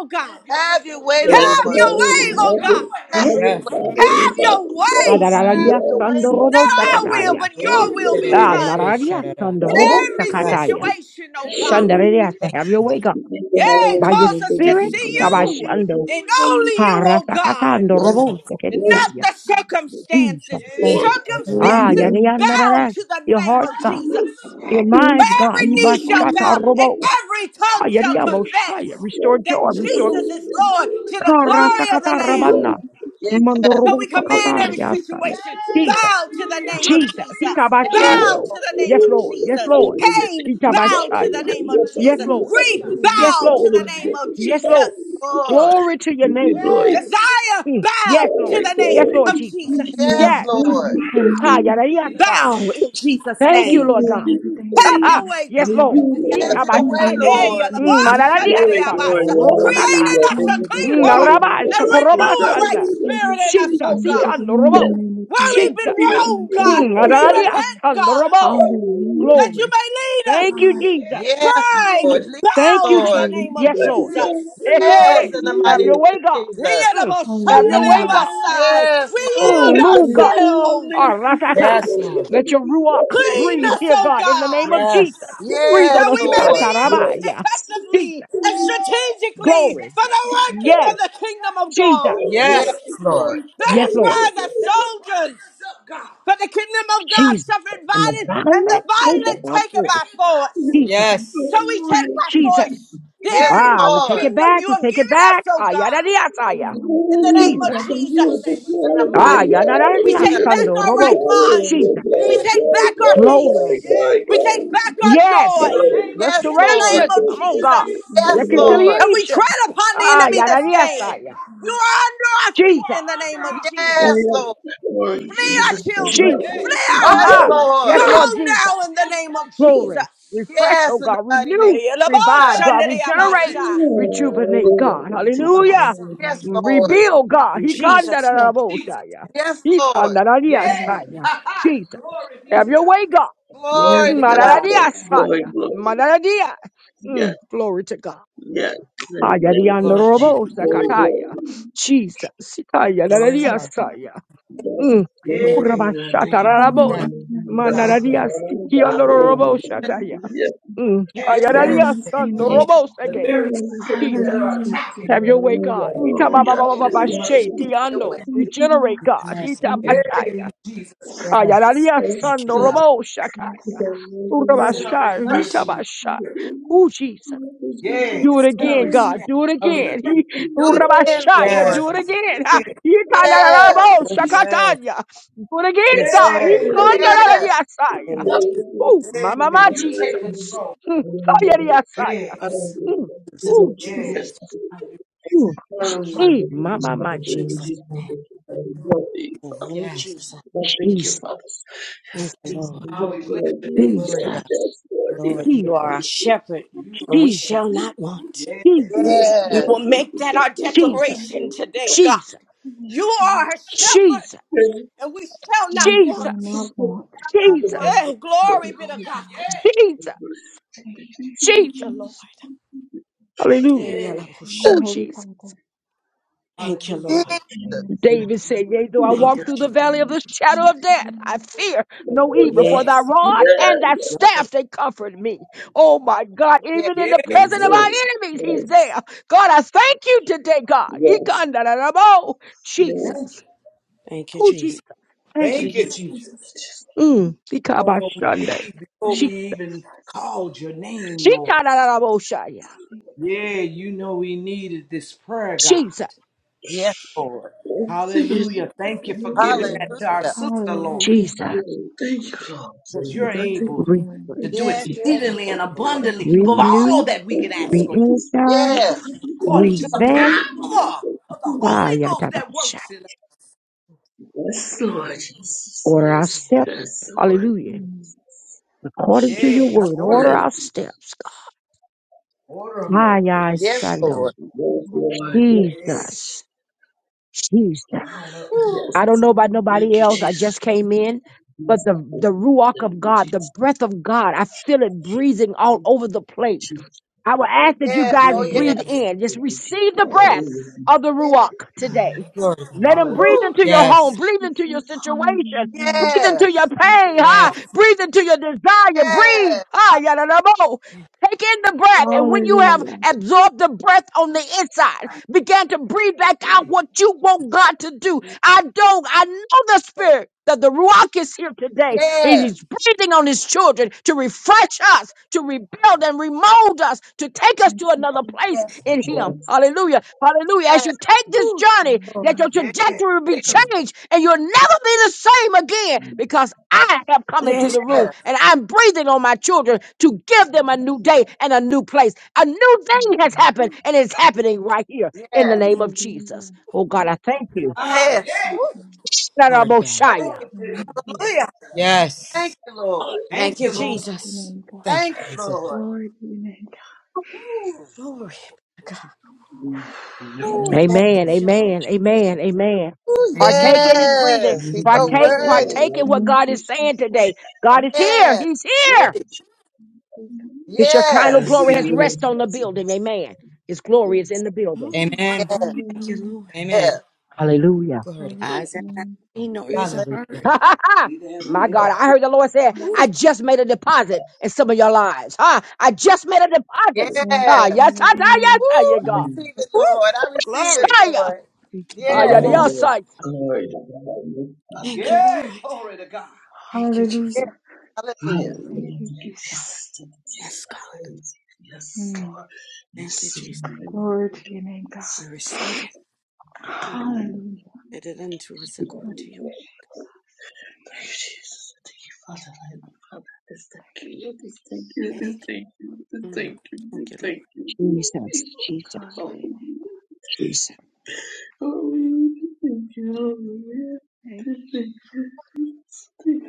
Speaker 2: God. Have your
Speaker 4: Have your way,
Speaker 17: yes, Heavenly
Speaker 4: Lord.
Speaker 2: way, oh God.
Speaker 17: Father, Heavenly
Speaker 1: Yes,
Speaker 17: Father,
Speaker 1: Lord.
Speaker 17: Heavenly
Speaker 2: Have your
Speaker 17: Father,
Speaker 2: way.
Speaker 17: yes,
Speaker 4: Have
Speaker 18: Adararia
Speaker 4: your way, Lord.
Speaker 17: yes,
Speaker 18: Sandorobo
Speaker 2: Not
Speaker 17: Heavenly
Speaker 2: our
Speaker 17: Father,
Speaker 2: will,
Speaker 17: yes,
Speaker 18: Sakataya.
Speaker 2: but
Speaker 1: Ruth,
Speaker 2: your will
Speaker 1: da, da,
Speaker 2: be
Speaker 1: da,
Speaker 18: Ah,
Speaker 17: hallelujah,
Speaker 1: da, eh,
Speaker 17: thank
Speaker 2: done
Speaker 17: you,
Speaker 1: sha,
Speaker 18: Nararia
Speaker 1: da, da.
Speaker 2: in
Speaker 18: Sandorobo
Speaker 2: every
Speaker 17: hallelujah,
Speaker 1: Yes,
Speaker 17: thank
Speaker 18: Sakataya.
Speaker 1: Lord.
Speaker 17: you,
Speaker 2: situation, oh God.
Speaker 17: hallelujah.
Speaker 18: Shandaria,
Speaker 1: Thank you.
Speaker 18: have your way, God.
Speaker 17: We Thank you,
Speaker 2: Yea,
Speaker 18: By your
Speaker 2: cause
Speaker 17: hallelujah,
Speaker 2: us
Speaker 17: thank
Speaker 2: to
Speaker 17: you,
Speaker 18: spirit,
Speaker 17: thank
Speaker 2: see
Speaker 17: you,
Speaker 2: you
Speaker 17: hallelujah,
Speaker 18: Kabashando,
Speaker 2: and only
Speaker 17: hallelujah,
Speaker 2: you,
Speaker 18: Hara
Speaker 2: oh God,
Speaker 18: Sakatando
Speaker 4: Yes,
Speaker 1: Yes.
Speaker 18: Robo
Speaker 17: yes,
Speaker 2: and not
Speaker 17: yes,
Speaker 18: Sakataya.
Speaker 2: the circumstances.
Speaker 18: Jesus.
Speaker 1: Thank
Speaker 17: Lord,
Speaker 1: you, Father
Speaker 17: yes, yes,
Speaker 1: God.
Speaker 18: Ah,
Speaker 2: Circumstances
Speaker 17: yes,
Speaker 2: bow
Speaker 18: Yarianara,
Speaker 2: to the
Speaker 18: your
Speaker 2: name of
Speaker 18: hearts, God,
Speaker 2: Jesus.
Speaker 17: yes,
Speaker 18: your
Speaker 2: For
Speaker 17: yes,
Speaker 18: minds, God,
Speaker 2: every knee shall bow
Speaker 18: Ibachata
Speaker 2: and
Speaker 18: Robo.
Speaker 2: every tongue shall
Speaker 18: Yariabo Shaya,
Speaker 2: confess
Speaker 18: restore
Speaker 2: that
Speaker 18: joy, restore
Speaker 2: Jesus is
Speaker 17: hallelujah,
Speaker 2: Lord to the
Speaker 18: Kara
Speaker 2: glory of the
Speaker 18: Sakata
Speaker 2: Lamb.
Speaker 17: hallelujah,
Speaker 18: Rabana,
Speaker 4: Lord.
Speaker 2: So
Speaker 18: Mandorobo
Speaker 2: we
Speaker 17: yes,
Speaker 2: command every
Speaker 17: hallelujah.
Speaker 18: Sakataria Saya.
Speaker 2: situation
Speaker 18: Jesus.
Speaker 2: bow to the name of
Speaker 18: Jesus.
Speaker 2: Jesus.
Speaker 4: yes,
Speaker 2: Bow
Speaker 18: Ikabashando.
Speaker 2: to the name
Speaker 18: Yes,
Speaker 2: of
Speaker 18: Lord. Yes,
Speaker 2: Jesus.
Speaker 18: Lord.
Speaker 17: Hallelujah.
Speaker 2: Pain,
Speaker 17: Thank you,
Speaker 2: bow to the
Speaker 18: Ikabashaya.
Speaker 17: Hallelujah.
Speaker 2: name of
Speaker 17: Yes,
Speaker 18: Yes,
Speaker 2: Jesus.
Speaker 17: hallelujah.
Speaker 18: Lord.
Speaker 17: Father,
Speaker 2: Grief,
Speaker 17: thank you,
Speaker 18: Yes,
Speaker 17: Jesus.
Speaker 2: bow
Speaker 18: Lord.
Speaker 2: to the name
Speaker 17: Hallelujah.
Speaker 2: of
Speaker 17: Thank you,
Speaker 18: Yes,
Speaker 17: Father.
Speaker 18: Lord.
Speaker 2: Jesus.
Speaker 4: Lord.
Speaker 18: Glory to your
Speaker 17: Thank you,
Speaker 18: name,
Speaker 17: Lord.
Speaker 18: Jesus.
Speaker 2: Desire,
Speaker 18: Mm. Yes,
Speaker 2: bow to
Speaker 18: Lord.
Speaker 17: My
Speaker 2: the
Speaker 18: Yes,
Speaker 2: name
Speaker 17: God.
Speaker 18: Lord
Speaker 2: of
Speaker 17: Thank
Speaker 18: Jesus.
Speaker 17: you. Thank
Speaker 2: Jesus.
Speaker 4: Yes,
Speaker 18: Yes.
Speaker 17: you. Thank you.
Speaker 4: Lord.
Speaker 18: Kaya, da, yes,
Speaker 2: Bow in Jesus'
Speaker 18: Thank
Speaker 17: Thank
Speaker 18: you,
Speaker 2: name.
Speaker 17: you. Thank you.
Speaker 18: Lord God.
Speaker 2: Have
Speaker 17: Thank
Speaker 2: your way, God.
Speaker 18: yes,
Speaker 17: Thank
Speaker 18: Lord.
Speaker 17: you,
Speaker 4: Have
Speaker 17: Lord.
Speaker 4: your
Speaker 17: Thank
Speaker 4: way,
Speaker 17: you,
Speaker 18: Ikabashaya.
Speaker 17: Lord.
Speaker 2: Hey,
Speaker 4: Lord.
Speaker 18: Mm, mararadia,
Speaker 17: Glory, glory.
Speaker 18: sando,
Speaker 2: yalaboshandareyabasa.
Speaker 18: rosa,
Speaker 2: Create in
Speaker 17: Hallelujah.
Speaker 18: kataya.
Speaker 2: us
Speaker 17: Thank
Speaker 2: a
Speaker 17: you, Jesus.
Speaker 2: clean
Speaker 18: Mm,
Speaker 2: heart
Speaker 18: naraba,
Speaker 17: Hallelujah.
Speaker 2: and
Speaker 17: Thank you, Jesus.
Speaker 2: renew a right
Speaker 18: sakorobasana.
Speaker 17: Hallelujah.
Speaker 2: spirit
Speaker 17: Thank
Speaker 2: in
Speaker 17: you,
Speaker 2: us, oh
Speaker 18: Jesus.
Speaker 17: Jesus.
Speaker 2: God.
Speaker 18: Ikando,
Speaker 17: Yes.
Speaker 2: Where we've
Speaker 18: robo.
Speaker 17: Praise
Speaker 2: been
Speaker 17: the Lord.
Speaker 2: wrong, God,
Speaker 18: Mm,
Speaker 17: Thank
Speaker 2: we
Speaker 18: Aradia
Speaker 2: repent, God,
Speaker 18: Sandorobo.
Speaker 17: you, Lord.
Speaker 2: that you
Speaker 18: Glory.
Speaker 2: may lead us.
Speaker 18: Thank you, Jesus.
Speaker 4: Yes,
Speaker 2: Pride,
Speaker 17: Hallelujah.
Speaker 4: Lord. Lead us,
Speaker 18: Thank
Speaker 2: bow
Speaker 18: you,
Speaker 2: to the
Speaker 18: Jesus.
Speaker 4: Lord.
Speaker 2: name of
Speaker 18: Yes, Lord.
Speaker 2: Jesus.
Speaker 18: Hey, hey.
Speaker 4: Yes, in the mighty
Speaker 18: Have
Speaker 4: name
Speaker 18: your way,
Speaker 4: of
Speaker 18: God.
Speaker 4: Jesus.
Speaker 18: Mm. Have your way, God.
Speaker 2: Yalaboshandareyabasa.
Speaker 4: Yes,
Speaker 2: We
Speaker 4: Lord.
Speaker 18: Mm.
Speaker 2: yield
Speaker 18: Move, God.
Speaker 2: ourselves.
Speaker 18: Arasaka.
Speaker 1: Yes, Lord.
Speaker 18: Let your ruach
Speaker 2: Clean
Speaker 18: breathe
Speaker 2: us,
Speaker 18: here,
Speaker 2: oh
Speaker 18: God, in the name of
Speaker 2: God,
Speaker 1: Yes.
Speaker 18: Jesus. Breathe
Speaker 2: that
Speaker 18: on
Speaker 4: Yes,
Speaker 18: us.
Speaker 2: we may be
Speaker 4: Lord.
Speaker 18: Ikata
Speaker 2: used
Speaker 18: rabaya. Jesus.
Speaker 2: effectively and strategically
Speaker 18: Glory.
Speaker 2: for the working of
Speaker 18: Yes,
Speaker 2: the kingdom of
Speaker 18: Jesus.
Speaker 2: God.
Speaker 4: Yes,
Speaker 1: Yes, Lord.
Speaker 4: Lord.
Speaker 18: Yes,
Speaker 2: Let us
Speaker 18: Lord.
Speaker 2: rise as soldiers, for the kingdom of God
Speaker 18: Jesus.
Speaker 2: suffered
Speaker 18: And the
Speaker 2: violence, and the
Speaker 18: violent take it
Speaker 2: violent
Speaker 18: not
Speaker 2: take it
Speaker 18: through.
Speaker 2: by force.
Speaker 18: Jesus.
Speaker 2: So
Speaker 1: Yes.
Speaker 2: we take by
Speaker 18: Jesus.
Speaker 2: force the
Speaker 4: Yes,
Speaker 2: areas
Speaker 18: Ah,
Speaker 2: of
Speaker 18: we
Speaker 2: the
Speaker 18: take
Speaker 4: Lord.
Speaker 18: it
Speaker 2: kingdom
Speaker 18: back.
Speaker 2: you
Speaker 18: We
Speaker 2: have
Speaker 18: take it
Speaker 2: given us,
Speaker 18: back.
Speaker 2: oh
Speaker 18: Ah, yada
Speaker 2: God,
Speaker 18: yada yada.
Speaker 2: in the name of
Speaker 18: Jesus.
Speaker 2: Jesus.
Speaker 4: In the
Speaker 18: Ah,
Speaker 4: mighty name
Speaker 18: yada
Speaker 4: of
Speaker 18: yada
Speaker 2: We
Speaker 18: yada.
Speaker 4: Jesus.
Speaker 2: take
Speaker 18: Thunder, robo. Jesus.
Speaker 2: we take
Speaker 18: Glory. Yes.
Speaker 2: joy
Speaker 4: Yes,
Speaker 2: in the
Speaker 4: Lord.
Speaker 18: Restoration. Come on,
Speaker 2: Jesus
Speaker 18: God.
Speaker 17: Hallelujah.
Speaker 4: Yes, Lord.
Speaker 18: Reconciliation. Ah,
Speaker 2: enemy
Speaker 18: yada
Speaker 2: this
Speaker 18: yada
Speaker 2: day.
Speaker 18: yada.
Speaker 2: You are under feet
Speaker 18: Jesus.
Speaker 2: in the name of Jesus.
Speaker 4: Yes, Lord.
Speaker 17: Lord Jesus, thank you,
Speaker 2: children,
Speaker 18: Jesus.
Speaker 17: hallelujah.
Speaker 2: flee our
Speaker 18: Ah,
Speaker 17: Thank you,
Speaker 4: Yes,
Speaker 18: ah.
Speaker 2: homes.
Speaker 4: Lord.
Speaker 18: Yes,
Speaker 2: God,
Speaker 18: Lord Jesus.
Speaker 2: in the name of Jesus.
Speaker 18: Glory. Refresh, oh
Speaker 4: Yes, in the
Speaker 18: God.
Speaker 4: mighty name
Speaker 18: Renew,
Speaker 2: Yeah,
Speaker 4: of
Speaker 18: revive,
Speaker 4: Jesus.
Speaker 18: God.
Speaker 17: yes,
Speaker 18: Regenerate, rejuvenate,
Speaker 17: yes, yes. Hallelujah.
Speaker 18: God.
Speaker 17: Thank you, Jesus.
Speaker 18: Hallelujah.
Speaker 17: Hallelujah.
Speaker 4: Yes, Lord.
Speaker 18: Rebuild, oh God. He
Speaker 17: Thank you,
Speaker 18: can
Speaker 17: Father.
Speaker 18: da da da
Speaker 2: Jesus.
Speaker 18: boshaya.
Speaker 4: Yes,
Speaker 18: He can
Speaker 4: Lord.
Speaker 18: da da
Speaker 2: Yeah.
Speaker 18: dia saya. Jesus.
Speaker 2: Glory be
Speaker 18: Have
Speaker 2: to
Speaker 18: your
Speaker 2: God.
Speaker 18: way, God.
Speaker 17: Yes,
Speaker 2: Glory
Speaker 17: yes,
Speaker 4: Glory to
Speaker 2: be to the
Speaker 17: yes.
Speaker 2: Lamb.
Speaker 17: Glory,
Speaker 18: Madadadiasaya.
Speaker 17: glory.
Speaker 18: Madadadia. Mm,
Speaker 17: Yes,
Speaker 18: Glory to God.
Speaker 17: yes. Hallelujah. Thank
Speaker 1: Glory
Speaker 17: you,
Speaker 1: to God.
Speaker 17: Jesus. Glory,
Speaker 4: God.
Speaker 17: glory.
Speaker 18: Ayadiandorobosakataya. Jesus.
Speaker 1: Glory to God.
Speaker 18: Ayadadadiasaya.
Speaker 17: Yes.
Speaker 18: Mm,
Speaker 17: Glory to
Speaker 2: Yeah.
Speaker 17: God. Thank you,
Speaker 2: Up to
Speaker 17: Father.
Speaker 1: Yes.
Speaker 2: our
Speaker 18: Urabashatararabo.
Speaker 17: Hallelujah.
Speaker 2: God.
Speaker 17: Thank you, Hallelujah.
Speaker 4: Woo.
Speaker 17: Hallelujah.
Speaker 2: We
Speaker 18: Manadadiasikiandoroboshataya. Mm.
Speaker 4: Yeah,
Speaker 2: Cast down
Speaker 17: Yes,
Speaker 1: Photo
Speaker 18: Ayadadiya son, no
Speaker 1: finish.
Speaker 18: robos
Speaker 2: the
Speaker 18: again.
Speaker 2: very spirits
Speaker 17: yes,
Speaker 2: that
Speaker 18: Jesus.
Speaker 2: are
Speaker 17: yes.
Speaker 2: attacking.
Speaker 18: Have your way, God. Ita ba ba
Speaker 17: Hallelujah.
Speaker 18: ba ba ba ba
Speaker 17: Hallelujah.
Speaker 18: she,
Speaker 17: Hallelujah.
Speaker 4: your way.
Speaker 18: tiano. Regenerate, God.
Speaker 1: Yes,
Speaker 2: Jesus,
Speaker 18: Ita ba shaya.
Speaker 2: thank you,
Speaker 1: yes,
Speaker 18: Ayadadiya
Speaker 17: Let's
Speaker 18: son, no
Speaker 2: Lord.
Speaker 17: speak to
Speaker 18: robos shakai.
Speaker 17: the
Speaker 18: Ura
Speaker 17: living
Speaker 18: ba
Speaker 2: Well, A
Speaker 17: beings,
Speaker 18: shai, ita
Speaker 2: refreshing.
Speaker 17: living,
Speaker 18: ba shai.
Speaker 17: living.
Speaker 18: Ooh, Jesus.
Speaker 17: Let the
Speaker 2: Yeah.
Speaker 17: visions
Speaker 18: Do
Speaker 17: of
Speaker 18: it again,
Speaker 17: all the
Speaker 18: God. Do it
Speaker 2: A
Speaker 18: again. He,
Speaker 17: people
Speaker 4: Do
Speaker 17: be
Speaker 4: it
Speaker 18: ura ba
Speaker 4: again,
Speaker 18: shaya,
Speaker 2: Yes,
Speaker 4: Lord.
Speaker 18: do
Speaker 1: yes,
Speaker 18: it again. Ha, ita da da da
Speaker 4: Yes,
Speaker 18: bo
Speaker 2: peace.
Speaker 1: yes,
Speaker 18: shakatanya. Do it again,
Speaker 2: yes,
Speaker 18: God.
Speaker 2: Yeah.
Speaker 18: Ita da da
Speaker 17: Hallelujah.
Speaker 18: da da
Speaker 4: yes,
Speaker 17: Thank
Speaker 2: In
Speaker 18: shaya.
Speaker 2: the name of You.
Speaker 17: you,
Speaker 18: Ooh, mama, my Jesus. Hmm. Ayadadiya shaya.
Speaker 2: Yes.
Speaker 18: Mm. Ooh, Jesus.
Speaker 17: Jesus.
Speaker 2: Yes.
Speaker 17: Thank you, Lord
Speaker 18: Ooh, gee, my, my, my,
Speaker 2: In
Speaker 18: Jesus.
Speaker 2: Jesus'
Speaker 17: Jesus. Thank
Speaker 2: name.
Speaker 17: you for the glory,
Speaker 2: In the name
Speaker 17: Father.
Speaker 2: of
Speaker 1: yes.
Speaker 2: Jesus.
Speaker 17: Lord, Thank you,
Speaker 18: Jesus.
Speaker 17: Father.
Speaker 2: Thank
Speaker 17: Yes,
Speaker 2: you,
Speaker 17: Jesus.
Speaker 2: Lord. Ah,
Speaker 17: Yes,
Speaker 2: we bless
Speaker 17: Lord
Speaker 2: your
Speaker 17: Jesus.
Speaker 2: name, Jesus.
Speaker 1: Glory to
Speaker 17: Yes,
Speaker 18: Jesus.
Speaker 17: yes, Lord
Speaker 1: God.
Speaker 2: Lord, you are our
Speaker 17: Jesus.
Speaker 18: Jesus.
Speaker 2: shepherd, and we shall
Speaker 18: Jesus.
Speaker 2: not want. yes,
Speaker 18: Jesus.
Speaker 17: Yes,
Speaker 2: We
Speaker 4: yes.
Speaker 2: will
Speaker 17: Lord, thank
Speaker 2: make
Speaker 17: you,
Speaker 2: that
Speaker 17: thank
Speaker 2: our
Speaker 17: you,
Speaker 18: Jesus.
Speaker 17: thank you,
Speaker 2: declaration
Speaker 17: thank you,
Speaker 2: today,
Speaker 17: God.
Speaker 2: God.
Speaker 18: Jesus.
Speaker 2: You are our
Speaker 18: Jesus.
Speaker 2: shepherd,
Speaker 17: Thank
Speaker 2: and we shall not
Speaker 18: Jesus.
Speaker 2: want.
Speaker 17: you, Lord. Thank you,
Speaker 4: I'm not
Speaker 18: Jesus.
Speaker 4: one
Speaker 17: Lord.
Speaker 4: of
Speaker 2: Hey, glory be to God. yes,
Speaker 18: Jesus.
Speaker 17: Thank you, thank
Speaker 2: Thank you,
Speaker 17: you,
Speaker 2: Lord.
Speaker 18: Jesus. Hallelujah.
Speaker 2: Hey, yes. yellow
Speaker 4: them.
Speaker 18: Oh, Jesus.
Speaker 2: Thank you, Lord.
Speaker 17: Lord.
Speaker 18: David said, Yea, though I
Speaker 17: Oh,
Speaker 2: Thank you,
Speaker 18: walk
Speaker 17: God.
Speaker 18: through the
Speaker 2: Jesus.
Speaker 18: valley of the shadow of death, I fear no evil, for thy
Speaker 2: Yes.
Speaker 17: Oh, God.
Speaker 18: rod and thy
Speaker 17: Yeah, yes,
Speaker 18: staff, they comfort me. Oh my God,
Speaker 4: Yes,
Speaker 18: even in
Speaker 2: Yes.
Speaker 18: the presence of
Speaker 17: Lord.
Speaker 18: our enemies, he's
Speaker 17: Yes,
Speaker 18: there. God, I thank you today, God.
Speaker 17: yes,
Speaker 18: Ikandarabo.
Speaker 17: yes.
Speaker 18: Jesus.
Speaker 2: Thank you,
Speaker 18: Oh,
Speaker 2: Jesus.
Speaker 18: Jesus. Thank you,
Speaker 2: Thank you,
Speaker 18: Jesus.
Speaker 17: Jesus,
Speaker 2: Jesus.
Speaker 17: Jesus.
Speaker 18: Mm.
Speaker 2: Know what we
Speaker 18: Ikabashande.
Speaker 2: need before
Speaker 18: Shi-
Speaker 2: we even called your name, Lord.
Speaker 18: Shikandarabo shaya.
Speaker 2: Yeah, you know we needed this prayer, God.
Speaker 18: Jesus.
Speaker 4: yes, Lord.
Speaker 17: Thank you,
Speaker 2: Hallelujah. Thank you
Speaker 17: Lord.
Speaker 2: for
Speaker 17: Thank
Speaker 2: giving
Speaker 17: you,
Speaker 2: that
Speaker 17: Lord.
Speaker 2: to our
Speaker 4: Hallelujah.
Speaker 2: sister, Lord,
Speaker 18: Jesus.
Speaker 17: Thank
Speaker 2: because you're
Speaker 17: you,
Speaker 2: able
Speaker 18: Refresh,
Speaker 2: to
Speaker 17: Thank
Speaker 2: do
Speaker 17: you,
Speaker 4: Yes, you're
Speaker 17: Jesus.
Speaker 2: exceedingly
Speaker 4: able,
Speaker 2: and
Speaker 4: Lord.
Speaker 2: abundantly above all
Speaker 18: Renew,
Speaker 2: that we
Speaker 17: Yes,
Speaker 2: can ask or think,
Speaker 18: re-energize,
Speaker 4: Yes.
Speaker 2: according to the power of the
Speaker 18: Ah,
Speaker 2: Holy Ghost that
Speaker 18: yadabasha.
Speaker 2: works in us.
Speaker 17: Lord Jesus.
Speaker 18: Order our
Speaker 17: Yes,
Speaker 2: Yes,
Speaker 18: steps.
Speaker 17: yes, Lord.
Speaker 18: Hallelujah. According to your
Speaker 2: yes.
Speaker 18: word,
Speaker 2: order
Speaker 18: order
Speaker 4: Hallelujah.
Speaker 2: them,
Speaker 18: our
Speaker 17: Yes,
Speaker 18: steps. God.
Speaker 2: order them,
Speaker 18: Ah,
Speaker 2: Lord.
Speaker 18: yeah,
Speaker 2: Yes, God.
Speaker 4: Yes,
Speaker 18: Sando.
Speaker 4: Lord.
Speaker 17: yes, Lord.
Speaker 2: Yes,
Speaker 17: Yes,
Speaker 18: Jesus. Jesus.
Speaker 2: mount up.
Speaker 4: Woo.
Speaker 17: yes.
Speaker 18: I don't know about
Speaker 17: Thank
Speaker 18: nobody
Speaker 17: you,
Speaker 18: else.
Speaker 2: We-
Speaker 18: I
Speaker 17: Jesus.
Speaker 18: just came in. But the,
Speaker 17: Thank
Speaker 18: the ruach of
Speaker 17: you,
Speaker 18: God,
Speaker 17: Jesus.
Speaker 18: the
Speaker 17: Thank
Speaker 18: breath of God, I feel it breathing all over the
Speaker 17: you,
Speaker 18: place.
Speaker 17: Jesus.
Speaker 18: I will
Speaker 4: Oh,
Speaker 17: Thank you,
Speaker 18: ask that you
Speaker 4: yes.
Speaker 18: guys
Speaker 4: Oh, yes.
Speaker 2: Yes,
Speaker 18: breathe
Speaker 17: Jesus.
Speaker 18: in. Just
Speaker 17: Thank you, Jesus.
Speaker 18: receive the breath
Speaker 17: Hallelujah.
Speaker 18: of the
Speaker 4: Yes.
Speaker 18: Ruach today.
Speaker 1: Glory to
Speaker 18: Let
Speaker 1: God.
Speaker 18: him breathe
Speaker 4: Woo.
Speaker 18: into your home,
Speaker 1: Yes,
Speaker 18: breathe into your situation, breathe into
Speaker 4: Yes.
Speaker 18: your pain, huh?
Speaker 1: yes.
Speaker 18: breathe into your desire, breathe.
Speaker 4: Yes.
Speaker 18: Ah, yada, da, bo. Take in the breath, and when
Speaker 4: Woo.
Speaker 18: you
Speaker 4: Thank
Speaker 18: have absorbed the breath on the inside, begin to breathe back out what you want God to do.
Speaker 4: you.
Speaker 18: I don't, I know the spirit that the Ruach is here today it
Speaker 4: Yes.
Speaker 18: is breathing on his children to refresh us, to rebuild and remold us, to take us to another place
Speaker 4: Yes,
Speaker 18: in
Speaker 4: Lord.
Speaker 18: him. Hallelujah. Hallelujah. As
Speaker 4: Yes.
Speaker 18: you take this journey, that your trajectory will be changed and you'll never be the same again because I have come into
Speaker 2: Yes.
Speaker 18: the room
Speaker 4: Yes.
Speaker 18: and I'm breathing on my children to give them a new day and a new place. A new thing has happened and it's happening right here in the
Speaker 4: Yes.
Speaker 18: name of Jesus. Oh God, I thank
Speaker 4: In the
Speaker 18: you.
Speaker 4: mighty
Speaker 2: hallelujah. Yes. Yes. Yeah. Thank
Speaker 4: name of Jesus.
Speaker 1: Glory to God.
Speaker 4: Thank you. Thank
Speaker 1: Yes.
Speaker 4: you, Lord.
Speaker 2: Thank you, you, Lord. Jesus.
Speaker 1: Thank you,
Speaker 4: Thank you,
Speaker 1: Jesus.
Speaker 4: Lord. Ooh,
Speaker 2: Glory. to God.
Speaker 17: Yes, we
Speaker 4: ooh,
Speaker 17: know.
Speaker 4: thank
Speaker 18: Amen.
Speaker 2: Thank you, Lord.
Speaker 18: Amen.
Speaker 17: Jesus.
Speaker 18: Amen. Amen.
Speaker 4: you.
Speaker 18: Partake in his breathing.
Speaker 4: Yes, he's
Speaker 17: Thank
Speaker 4: so
Speaker 17: you,
Speaker 18: Partake,
Speaker 4: worthy.
Speaker 18: partake in what God is saying today. God is here.
Speaker 4: Yes,
Speaker 18: He's
Speaker 2: Yeah.
Speaker 18: here. His
Speaker 17: Lord.
Speaker 18: Shekinah
Speaker 17: Yes,
Speaker 4: yes,
Speaker 18: glory has
Speaker 17: we are
Speaker 18: rest on the
Speaker 17: blessed.
Speaker 18: building. Amen. His
Speaker 17: Yes,
Speaker 18: glory is in the building.
Speaker 2: Mm,
Speaker 1: Amen.
Speaker 2: Thank you, Lord.
Speaker 1: Amen.
Speaker 4: yes.
Speaker 18: Hallelujah.
Speaker 1: Glory to God.
Speaker 4: Ooh,
Speaker 2: Eyes have not seen, no ears have
Speaker 4: hallelujah.
Speaker 1: Hallelujah.
Speaker 2: heard. Neither has it
Speaker 18: My
Speaker 2: Ooh, ever.
Speaker 18: God, I heard the Lord say, I just made a deposit in some of your lives. Huh? I just made a deposit.
Speaker 17: yes.
Speaker 18: Ah, yes,
Speaker 4: Yes.
Speaker 18: I, I, yes,
Speaker 4: Woo,
Speaker 18: ah, yeah,
Speaker 4: I
Speaker 18: God.
Speaker 17: Mm.
Speaker 4: receive it, Lord. I receive it,
Speaker 18: Shia.
Speaker 4: Lord.
Speaker 18: Ah,
Speaker 2: thank you,
Speaker 17: Glory,
Speaker 18: yeah,
Speaker 4: Yes,
Speaker 2: Lord.
Speaker 18: yes,
Speaker 17: Lord.
Speaker 18: I.
Speaker 17: glory to God, your
Speaker 2: Thank you,
Speaker 17: Father.
Speaker 2: Yeah, Lord. glory to God. Thank you, Jesus.
Speaker 4: yes. Hallelujah.
Speaker 17: Hallelujah. Thank you, Jesus. Thank you, Jesus.
Speaker 2: Yes, God.
Speaker 17: Hallelujah. Yes, Lord.
Speaker 2: Thank you,
Speaker 17: Yes,
Speaker 2: Jesus.
Speaker 17: Lord. Thank you,
Speaker 2: We
Speaker 17: Jesus.
Speaker 2: receive it.
Speaker 17: Glory,
Speaker 2: Let it unto us according
Speaker 17: glory,
Speaker 2: to you.
Speaker 17: glory. Thank you, Jesus. Thank you, Father. I am Father. Just thank you. Lord. Just thank you. Just
Speaker 2: Thank you.
Speaker 17: thank you. Just
Speaker 2: Mm.
Speaker 17: thank you.
Speaker 2: Thank
Speaker 17: Just
Speaker 2: you, Lord.
Speaker 17: thank you. Hallelujah. Hallelujah. Thank you. Hallelujah. Thank you. Thank you.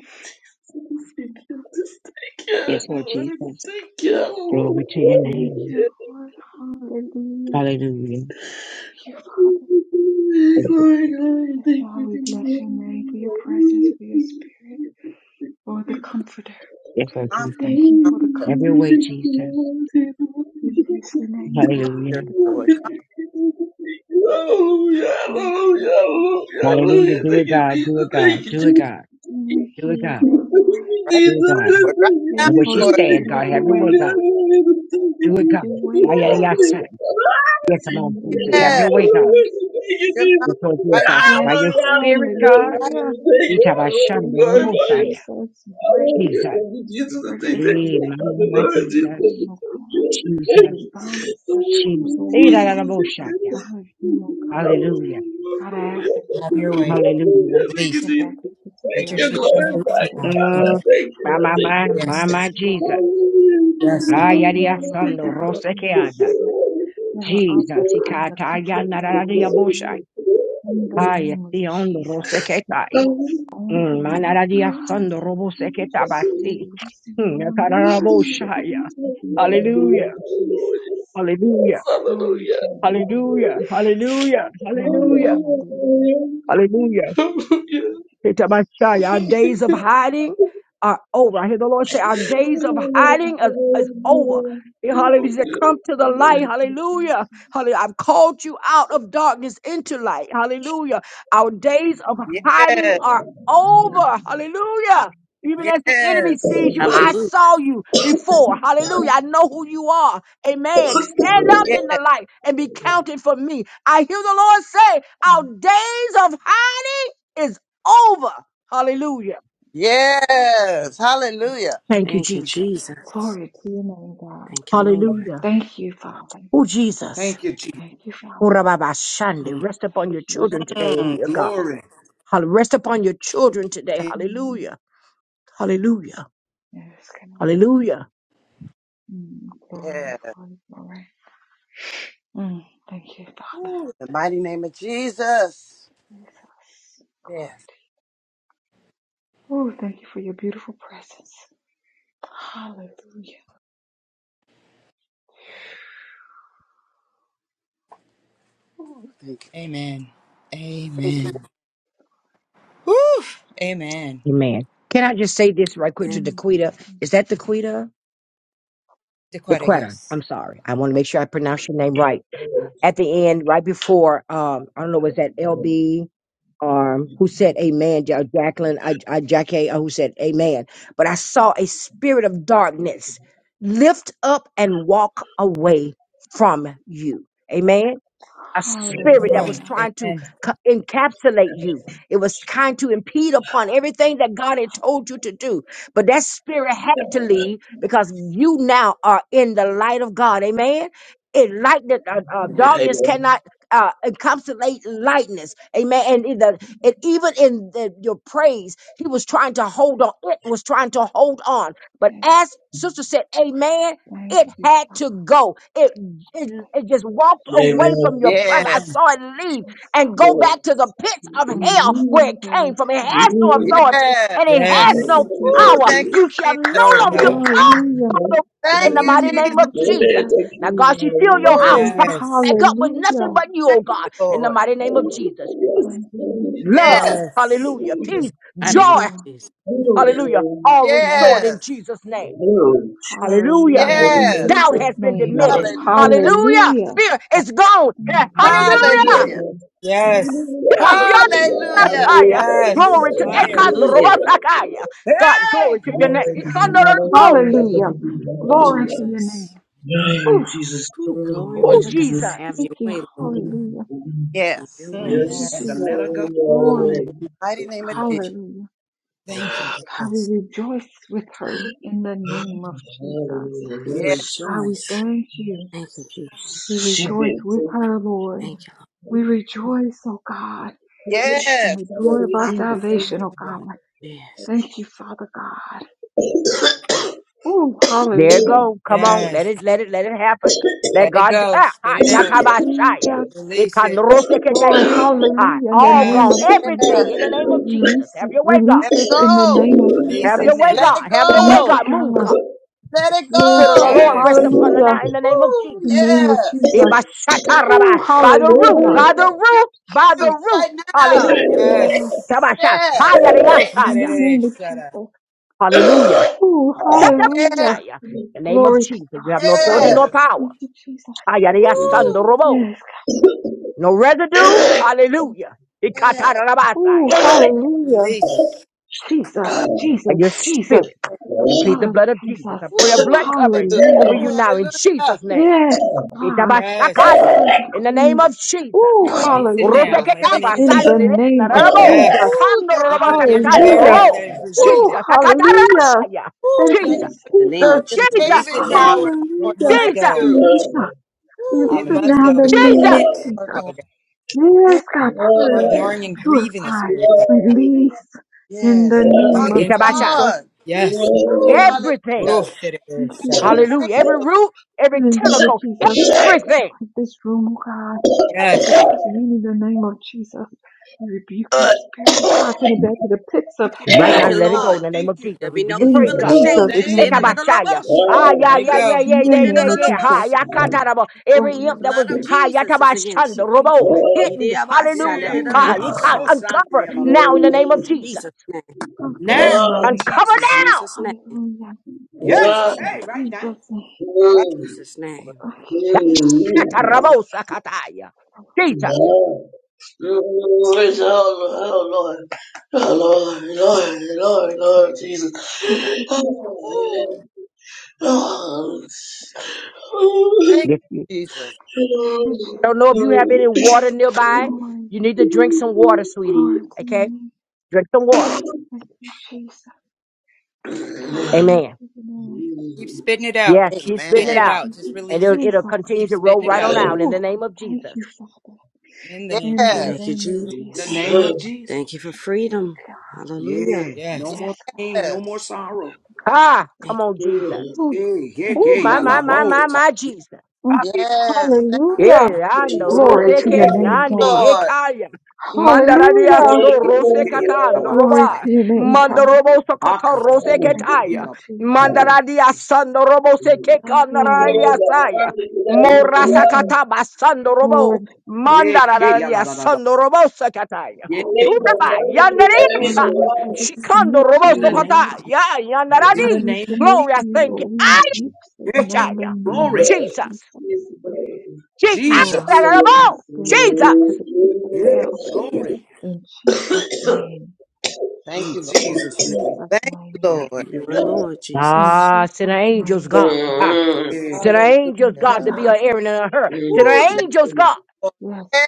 Speaker 17: Thank you, just thank you,
Speaker 18: Yes,
Speaker 17: Lord. take you, Lord.
Speaker 18: glory to your name. Hallelujah.
Speaker 17: Glory, glory, thank you, Jesus.
Speaker 18: Yes, Lord
Speaker 4: I'm
Speaker 18: Jesus.
Speaker 4: coming,
Speaker 18: Every way, Jesus. Hallelujah.
Speaker 4: Lord.
Speaker 17: Oh, hallelujah, hallelujah,
Speaker 18: Hallelujah.
Speaker 17: hallelujah.
Speaker 18: Do
Speaker 17: Thank
Speaker 18: it,
Speaker 17: you,
Speaker 18: God.
Speaker 17: Jesus.
Speaker 18: Do it, God.
Speaker 17: Thank you,
Speaker 18: Do it,
Speaker 17: Jesus.
Speaker 18: God. Do it, God. Do it, God.
Speaker 4: Lord. Right now,
Speaker 18: And where she
Speaker 4: Lord.
Speaker 18: stand, God, have your way, God. Do it, God. Why, yeah,
Speaker 4: Woo,
Speaker 18: yeah, son. Yeah, come on, Jesus. Have your
Speaker 4: yes.
Speaker 18: way, God.
Speaker 4: You're coming
Speaker 18: Yes, Lord
Speaker 4: right
Speaker 18: Jesus.
Speaker 4: now,
Speaker 18: By your
Speaker 4: Lord.
Speaker 18: spirit, God.
Speaker 4: Right?
Speaker 18: Itabashanda
Speaker 17: Thank you.
Speaker 18: Rogosaya. Jesus.
Speaker 17: Oh, Jesus, I thank you,
Speaker 18: Hey, mama,
Speaker 17: Father,
Speaker 18: my
Speaker 17: Lord, Jesus, I
Speaker 18: Jesus.
Speaker 17: thank you, I thank
Speaker 18: Jesus.
Speaker 17: you. Oh,
Speaker 18: Jesus. Hey, da,
Speaker 17: Jesus,
Speaker 18: da, da,
Speaker 17: I
Speaker 18: bo,
Speaker 17: thank
Speaker 18: shaka.
Speaker 17: you.
Speaker 18: Hallelujah.
Speaker 1: Have your way.
Speaker 18: Hallelujah.
Speaker 1: Release. Let your children release
Speaker 17: glorify you,
Speaker 1: now.
Speaker 17: Father,
Speaker 1: Thank you.
Speaker 18: Mm,
Speaker 17: thank you,
Speaker 18: my, my,
Speaker 17: thank
Speaker 18: my,
Speaker 17: you.
Speaker 18: my,
Speaker 1: Yes, Lord.
Speaker 18: my Jesus.
Speaker 1: Yes, Lord.
Speaker 18: Ayaria
Speaker 17: thank
Speaker 18: Sando
Speaker 17: you, Father,
Speaker 18: Rosekeada. Jesus, Ikataya
Speaker 17: for
Speaker 18: Nararia Boshai. Ay, Siondo Roseketai.
Speaker 17: you.
Speaker 18: Manararia Sando Roboseketa Basi.
Speaker 17: Hallelujah.
Speaker 18: Yakaraboshaya. Hallelujah. Hallelujah.
Speaker 17: Hallelujah.
Speaker 18: Hallelujah. Hallelujah. Hallelujah.
Speaker 17: Amen. Amen.
Speaker 18: Hallelujah.
Speaker 17: Yes.
Speaker 18: Hitabashai, Our days of hiding are over. I hear the Lord say, Our days of
Speaker 17: Amen.
Speaker 18: hiding is, is over. He- Hallelujah. He said, Come to the light. Hallelujah. Hallelujah. I've called you out of darkness into light. Hallelujah. Our days of hiding
Speaker 4: Yes,
Speaker 18: are over. Hallelujah. Even as the enemy
Speaker 4: yes,
Speaker 18: sees you, I
Speaker 2: Hallelujah.
Speaker 18: saw you before. Hallelujah. I know who you are. Amen. Stand up
Speaker 4: yes.
Speaker 18: in the light and be counted for me. I hear the Lord say, Our days of hiding over. Hallelujah.
Speaker 4: Yes. Hallelujah.
Speaker 18: Thank you,
Speaker 2: Thank you,
Speaker 18: Jesus.
Speaker 2: Jesus. Thank you, Lord.
Speaker 18: Hallelujah. Oh, Jesus. Oh, Rababa Shande,
Speaker 2: Mm.
Speaker 18: Rest upon your children today in
Speaker 2: Mm,
Speaker 18: your God.
Speaker 2: glory.
Speaker 18: Hall- Rest upon your children today. Hallelujah. Hallelujah. Hallelujah.
Speaker 4: Yes. Ooh, in the mighty name of Jesus. Yes. Thank
Speaker 1: Amen. Amen. Woo! Amen.
Speaker 18: Amen. Can I just say this right quick to
Speaker 2: Amen.
Speaker 18: Daquita? Is that Daquita?
Speaker 1: Dequetta,
Speaker 18: Daquetta.
Speaker 1: yes.
Speaker 18: I'm sorry. I want to make sure I pronounce your name right. At the end, right before, um, I don't know, was that LB? um, who said amen, Ja- Jacqueline, I, I, Jackie, uh, who said amen. But I saw a spirit of darkness lift up and walk away from you. Amen a spirit
Speaker 1: Come
Speaker 18: that was
Speaker 1: on.
Speaker 18: trying to
Speaker 1: Amen.
Speaker 18: co- encapsulate you. It was trying to impede upon everything that God had told you to do. But that spirit had to leave because you now are in the light of God. Amen. It light that uh, uh,
Speaker 4: you. Amen.
Speaker 18: darkness cannot uh, encapsulate lightness. Amen. And in the, and even in the, your praise, he was trying to hold on. It was trying to hold on. But as sister said, Amen. It had to go. It, it, it just walked away from your presence. I
Speaker 4: Yes.
Speaker 18: saw it leave and go back to the pits of hell where it came from. It has
Speaker 17: Yes.
Speaker 18: no
Speaker 17: Amen.
Speaker 18: authority
Speaker 4: Yes.
Speaker 18: and it has
Speaker 1: Yes.
Speaker 18: no
Speaker 4: Woo.
Speaker 17: Thank
Speaker 18: power.
Speaker 4: Thank you,
Speaker 18: You shall
Speaker 4: Jesus.
Speaker 18: no
Speaker 1: Glory to
Speaker 18: longer, you're
Speaker 1: God.
Speaker 18: caught by the in
Speaker 4: Thank
Speaker 18: the
Speaker 4: you,
Speaker 18: mighty name
Speaker 4: Jesus.
Speaker 18: of Jesus. Now,
Speaker 17: you.
Speaker 18: God, she fill your house
Speaker 4: Woo.
Speaker 1: Yes.
Speaker 18: back up
Speaker 17: Hallelujah.
Speaker 18: with nothing but you,
Speaker 4: Thank
Speaker 18: oh God,
Speaker 4: you,
Speaker 18: in the
Speaker 4: Lord.
Speaker 18: mighty name of Jesus.
Speaker 17: Yes,
Speaker 18: Love,
Speaker 17: Jesus.
Speaker 4: Yes.
Speaker 1: Yes.
Speaker 18: hallelujah,
Speaker 17: Hallelujah.
Speaker 18: peace,
Speaker 2: I didn't have
Speaker 18: joy,
Speaker 2: this.
Speaker 17: Hallelujah.
Speaker 18: hallelujah, all restored in
Speaker 4: Yes.
Speaker 18: Jesus' name. Hallelujah.
Speaker 1: Yes.
Speaker 4: Yes.
Speaker 18: Doubt has been diminished.
Speaker 4: Hallelujah.
Speaker 17: Hallelujah.
Speaker 18: Hallelujah. Fear is gone. Yeah.
Speaker 17: Hallelujah.
Speaker 18: Hallelujah.
Speaker 4: Hallelujah.
Speaker 17: Hallelujah.
Speaker 1: Yes.
Speaker 18: Yeah, yeah,
Speaker 17: Hallelujah.
Speaker 18: yeah,
Speaker 4: Hallelujah.
Speaker 18: yeah.
Speaker 17: Hallelujah.
Speaker 1: Yes.
Speaker 18: Glory to
Speaker 1: Fire.
Speaker 2: Hallelujah.
Speaker 18: Ekandorobosakaya.
Speaker 2: Yeah.
Speaker 18: God, glory to your name. Ekandorobo.
Speaker 2: Thank you,
Speaker 17: Hallelujah.
Speaker 2: Jesus.
Speaker 17: Jesus.
Speaker 2: Ooh, glory
Speaker 17: Oh
Speaker 2: be
Speaker 18: Oh,
Speaker 2: to God.
Speaker 17: Jesus.
Speaker 18: Jesus.
Speaker 2: Have your way, Lord. Have your
Speaker 4: Yes.
Speaker 2: way.
Speaker 17: Yes.
Speaker 2: Mm,
Speaker 1: Yes.
Speaker 4: Woo. In
Speaker 17: Hallelujah.
Speaker 4: the mighty
Speaker 17: Thank you.
Speaker 4: name of
Speaker 2: Thank you,
Speaker 4: Jesus.
Speaker 2: Jesus.
Speaker 1: Thank you, Jesus.
Speaker 17: Hallelujah.
Speaker 2: We
Speaker 4: Yes.
Speaker 17: Yes.
Speaker 2: rejoice. Thank you, Jesus.
Speaker 17: She did.
Speaker 2: Thank you,
Speaker 17: Oh
Speaker 4: Yes.
Speaker 17: Lord,
Speaker 2: Lord. Powerful. Yes.
Speaker 18: There it go. Come on. Let
Speaker 1: Yes.
Speaker 18: it, let it, let it happen. Let
Speaker 1: Let it
Speaker 18: God do.
Speaker 1: go.
Speaker 18: Ah,
Speaker 1: Spit
Speaker 18: hi.
Speaker 1: it out.
Speaker 18: Yatabashaya.
Speaker 1: Release it.
Speaker 18: Ekandoroseketeya. Hi. All gone.
Speaker 1: Yes.
Speaker 18: Everything in
Speaker 4: Yes.
Speaker 18: the name of Jesus. Have your way, God.
Speaker 4: Let it go.
Speaker 1: Release
Speaker 18: Have
Speaker 1: it
Speaker 18: your way,
Speaker 4: Let
Speaker 1: now.
Speaker 18: God.
Speaker 4: it
Speaker 18: Have your way, God.
Speaker 4: go.
Speaker 18: Move, God.
Speaker 4: Let it
Speaker 18: Spirit of the
Speaker 4: go.
Speaker 18: Lord rest
Speaker 1: Yes.
Speaker 18: upon her now in the name of
Speaker 4: Woo.
Speaker 18: Jesus.
Speaker 4: Yes.
Speaker 18: Yeah, by Shatarabah, by the root,
Speaker 4: You can
Speaker 18: by the
Speaker 4: you,
Speaker 18: root, by
Speaker 4: you can
Speaker 18: the root.
Speaker 4: right now.
Speaker 18: Hallelujah.
Speaker 1: Yes.
Speaker 18: Itabasha,
Speaker 4: Yes.
Speaker 18: hayariyasaya.
Speaker 1: Rosharereshara.
Speaker 18: Hallelujah.
Speaker 4: Yes.
Speaker 18: Yatabashaya. In the name of Jesus, you have no authority nor
Speaker 4: Yes.
Speaker 18: power.
Speaker 4: Woo.
Speaker 18: Hayariyasandorobo. No residue. Hallelujah.
Speaker 4: Yes.
Speaker 18: Ikatarabasaya.
Speaker 1: Release.
Speaker 18: And your spirit. We plead the blood of Jesus. I pray a blood
Speaker 4: Woo.
Speaker 18: covering
Speaker 4: Hallelujah.
Speaker 18: over you
Speaker 4: Oh,
Speaker 18: now in
Speaker 4: hallelujah.
Speaker 18: Jesus' name.
Speaker 1: Yes.
Speaker 18: Itabashakaya.
Speaker 4: Jesus.
Speaker 18: In the name of Jesus.
Speaker 1: We
Speaker 4: Thank
Speaker 1: release it
Speaker 4: you, Jesus.
Speaker 1: now in the
Speaker 18: Roseketa
Speaker 4: Thank
Speaker 1: name
Speaker 4: you.
Speaker 1: of Jesus.
Speaker 18: basandere narabo.
Speaker 1: Yes.
Speaker 4: Woo.
Speaker 18: Kando
Speaker 4: Thank
Speaker 1: We
Speaker 18: robo
Speaker 1: break
Speaker 4: you,
Speaker 1: every
Speaker 4: Jesus.
Speaker 18: sakatando
Speaker 1: barrier that
Speaker 18: robo.
Speaker 1: is
Speaker 4: Thank
Speaker 18: Jesus.
Speaker 4: you,
Speaker 1: resisted.
Speaker 4: Jesus.
Speaker 18: Akatarashaya.
Speaker 4: Woo. Thank you
Speaker 18: Jesus.
Speaker 4: for
Speaker 2: In the
Speaker 4: your
Speaker 2: name
Speaker 4: power,
Speaker 2: of
Speaker 4: your
Speaker 2: Jesus.
Speaker 18: Jesus.
Speaker 1: Release it
Speaker 4: saving power,
Speaker 1: now.
Speaker 4: Lord.
Speaker 1: It must
Speaker 4: Thank
Speaker 18: Jesus.
Speaker 1: go.
Speaker 4: you.
Speaker 17: oh
Speaker 4: Woo.
Speaker 1: It
Speaker 2: Hallelujah.
Speaker 4: Thank
Speaker 1: must
Speaker 4: you
Speaker 1: go.
Speaker 4: for
Speaker 1: We
Speaker 18: Jesus.
Speaker 1: repent,
Speaker 4: your power,
Speaker 1: Father God.
Speaker 4: Lord. Yes.
Speaker 1: or ignoring and grieving the spirit. Father.
Speaker 4: Yes. It's
Speaker 1: We come
Speaker 4: on. It's
Speaker 1: against it.
Speaker 18: Itabasha.
Speaker 4: on.
Speaker 1: Yes.
Speaker 4: Woo.
Speaker 18: Everything.
Speaker 4: Hallelujah.
Speaker 1: Oro-shiri-shara-ra.
Speaker 4: Thank
Speaker 18: Hallelujah. Every root, every tentacle, everything.
Speaker 4: you. Yes.
Speaker 1: Yes.
Speaker 2: Thank you.
Speaker 18: Right
Speaker 2: Thank
Speaker 18: now,
Speaker 1: Yes.
Speaker 2: you,
Speaker 18: let it go
Speaker 2: Lord.
Speaker 18: in the
Speaker 4: On.
Speaker 18: name
Speaker 2: Thank
Speaker 18: of
Speaker 2: you.
Speaker 18: Jesus.
Speaker 2: There'll be
Speaker 18: We give
Speaker 2: no
Speaker 18: you praise,
Speaker 2: evil
Speaker 18: God. We
Speaker 2: exchanges. Thank you.
Speaker 18: take
Speaker 2: In
Speaker 18: Abashaya. Ah, yeah,
Speaker 1: Let it
Speaker 2: the
Speaker 18: yeah, yeah,
Speaker 1: go.
Speaker 2: name
Speaker 18: yeah, yeah, yeah, yeah.
Speaker 2: of
Speaker 18: Ha,
Speaker 2: Jesus.
Speaker 18: ya, ka, ta, da, bo. Every
Speaker 2: The
Speaker 18: imp that
Speaker 2: blood
Speaker 18: was,
Speaker 2: of
Speaker 18: ha, ya, ta,
Speaker 2: Jesus is
Speaker 18: ba, shun,
Speaker 2: against
Speaker 18: da,
Speaker 2: you.
Speaker 18: robo, hidden.
Speaker 2: Yeah, yeah,
Speaker 18: Hallelujah.
Speaker 2: yeah,
Speaker 18: Ha, you can
Speaker 2: yeah,
Speaker 18: uncover now in the name
Speaker 2: In
Speaker 18: of Jesus.
Speaker 2: Jesus' name. Now, in
Speaker 18: Uncover
Speaker 2: Jesus' name. In
Speaker 18: now.
Speaker 2: Jesus' name. In Yeah, Jesus' name. hey, right?
Speaker 4: Right.
Speaker 2: Jesus' name.
Speaker 18: Ya, ta, robo, sa, ka, ta, ya. Jesus.
Speaker 17: Lord, Lord, Lord, Lord, Jesus.
Speaker 4: Woo.
Speaker 17: Oh.
Speaker 4: Thank
Speaker 18: Yes, yes.
Speaker 4: you, Jesus.
Speaker 18: Don't know if you have any water nearby. You need to drink some water, sweetie. Okay? Drink some water. Amen.
Speaker 1: Keep spitting it out.
Speaker 18: Yes,
Speaker 1: Keep
Speaker 18: keep spitting
Speaker 1: spitting
Speaker 18: it
Speaker 1: it
Speaker 4: Amen.
Speaker 18: out.
Speaker 1: out. Just
Speaker 18: And
Speaker 1: release
Speaker 18: it'll,
Speaker 1: it.
Speaker 18: it'll continue
Speaker 1: Keep
Speaker 18: to roll
Speaker 1: spitting it
Speaker 18: right on
Speaker 1: out.
Speaker 18: out in the name of Jesus.
Speaker 1: In the
Speaker 4: Yes.
Speaker 1: name of Jesus.
Speaker 2: Thank you, Jesus. In the name of Jesus. Thank you for freedom. Hallelujah. Yeah.
Speaker 1: Yes.
Speaker 2: No
Speaker 4: Yes.
Speaker 2: more pain, no
Speaker 4: Yes.
Speaker 2: more sorrow.
Speaker 18: Ah,
Speaker 2: Thank
Speaker 18: come on, Jesus.
Speaker 2: Hey, yeah,
Speaker 18: Ooh,
Speaker 2: yeah,
Speaker 18: my,
Speaker 2: yeah,
Speaker 18: my,
Speaker 2: la
Speaker 18: my, my,
Speaker 2: bosa.
Speaker 18: my, Jesus.
Speaker 2: Hallelujah.
Speaker 4: Yes.
Speaker 2: you,
Speaker 18: Elando
Speaker 2: Jesus.
Speaker 1: Glory
Speaker 18: roseke
Speaker 1: to
Speaker 18: ke
Speaker 2: Yeah,
Speaker 1: God.
Speaker 18: nande
Speaker 4: Lord.
Speaker 18: ekaya.
Speaker 2: yeah, yeah,
Speaker 18: Mandaradia so rose
Speaker 2: yeah,
Speaker 18: kata
Speaker 2: la bahasa.
Speaker 18: roba. Mandorobo so kata
Speaker 2: Aka,
Speaker 18: rose
Speaker 2: yeah,
Speaker 18: ketaya.
Speaker 2: la- Thank you,
Speaker 18: Mandaradia
Speaker 2: Jesus.
Speaker 18: sando robo se ke
Speaker 2: Mm,
Speaker 18: kanaradia saya.
Speaker 2: Glory.
Speaker 18: Morasa kata basando robo.
Speaker 2: Yeah, yeah, yeah, la,
Speaker 18: Mandaradia
Speaker 2: la, la, la.
Speaker 18: sando robo se kataya.
Speaker 2: Yeah.
Speaker 18: Uraba yandarisa. Shikando robo
Speaker 2: In
Speaker 18: so
Speaker 2: the name of
Speaker 18: kata. Ya
Speaker 2: in the
Speaker 18: yandaradi.
Speaker 2: name of
Speaker 18: Glory,
Speaker 2: Jesus.
Speaker 18: I thank you. I
Speaker 2: Yeah, yeah, yeah.
Speaker 18: shall.
Speaker 2: Glory.
Speaker 18: Jesus. Je-
Speaker 2: Jesus.
Speaker 18: ah, Jesus.
Speaker 2: Yeah, glory.
Speaker 4: Thank
Speaker 2: In
Speaker 4: you, Lord.
Speaker 2: Jesus' name.
Speaker 4: Thank you,
Speaker 2: Yeah, yeah,
Speaker 4: Lord.
Speaker 2: You are Lord Jesus.
Speaker 18: Ah, send her angels, God. Ah,
Speaker 2: Yeah.
Speaker 18: Send her angels, God,
Speaker 4: Hallelujah.
Speaker 18: to be her Aaron and her. Hur. Send
Speaker 4: Woo,
Speaker 18: her
Speaker 4: set,
Speaker 18: angels, God.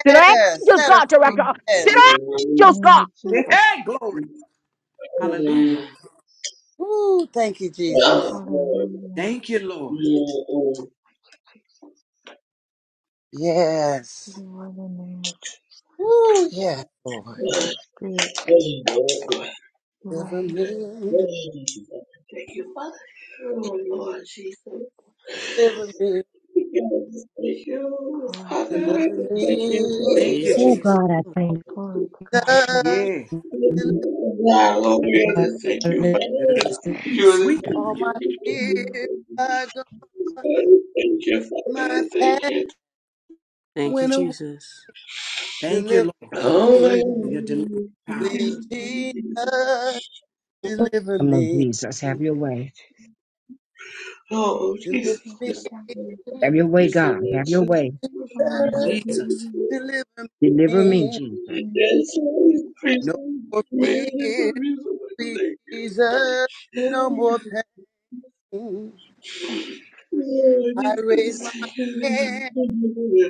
Speaker 18: Send her
Speaker 4: yes,
Speaker 18: angels,
Speaker 4: set her
Speaker 18: God, to wrap
Speaker 4: free.
Speaker 18: her. up.
Speaker 17: Thank
Speaker 18: Send
Speaker 4: Yes.
Speaker 18: her
Speaker 17: you,
Speaker 18: angels, God.
Speaker 2: Hey, glory. Hallelujah.
Speaker 4: Woo, thank you, Jesus.
Speaker 2: Thank you, Lord.
Speaker 4: Yes. Woo, yes, Lord. Deliver me,
Speaker 17: Father. Oh, Lord Jesus.
Speaker 4: deliver me,
Speaker 17: Thank you, Father.
Speaker 4: deliver
Speaker 17: Thank you,
Speaker 2: Thank
Speaker 4: me.
Speaker 2: you, Jesus.
Speaker 18: Oh,
Speaker 17: Lord.
Speaker 2: Jesus.
Speaker 18: God, I thank you.
Speaker 4: Jesus.
Speaker 2: Yeah.
Speaker 4: Deliver
Speaker 17: Now, Lord, we are just thank you, Father.
Speaker 2: There's a
Speaker 17: Thank
Speaker 2: sweet,
Speaker 17: You are the
Speaker 2: sweet.
Speaker 4: all my fears are gone.
Speaker 17: thank you,
Speaker 4: My
Speaker 17: Father. Thank
Speaker 4: past
Speaker 17: you.
Speaker 2: Thank you,
Speaker 4: went away.
Speaker 2: Jesus. Thank you,
Speaker 4: Deliver
Speaker 2: Lord,
Speaker 17: Oh, my
Speaker 2: for
Speaker 4: me,
Speaker 2: your delivering
Speaker 17: God.
Speaker 2: power.
Speaker 4: please,
Speaker 17: Jesus. Jesus.
Speaker 4: Jesus. Deliver
Speaker 18: Come on,
Speaker 4: me,
Speaker 18: Jesus. Have your way.
Speaker 17: Oh,
Speaker 4: deliver
Speaker 17: Jesus.
Speaker 4: me.
Speaker 18: Have your way,
Speaker 17: You
Speaker 18: God.
Speaker 17: submit
Speaker 18: Have your
Speaker 17: to the
Speaker 18: way.
Speaker 17: you
Speaker 4: Jesus,
Speaker 17: submit.
Speaker 2: Jesus.
Speaker 4: deliver
Speaker 18: Deliver me,
Speaker 4: me.
Speaker 18: Jesus.
Speaker 17: That's always crazy.
Speaker 4: No
Speaker 17: Man,
Speaker 4: more
Speaker 17: it's a
Speaker 4: fear,
Speaker 17: reason why
Speaker 4: sweet
Speaker 17: they
Speaker 4: Jesus. No
Speaker 17: can't be
Speaker 4: more
Speaker 17: good.
Speaker 4: pain.
Speaker 17: Lord,
Speaker 4: I
Speaker 17: it's the
Speaker 4: raise my
Speaker 17: second thing.
Speaker 4: hand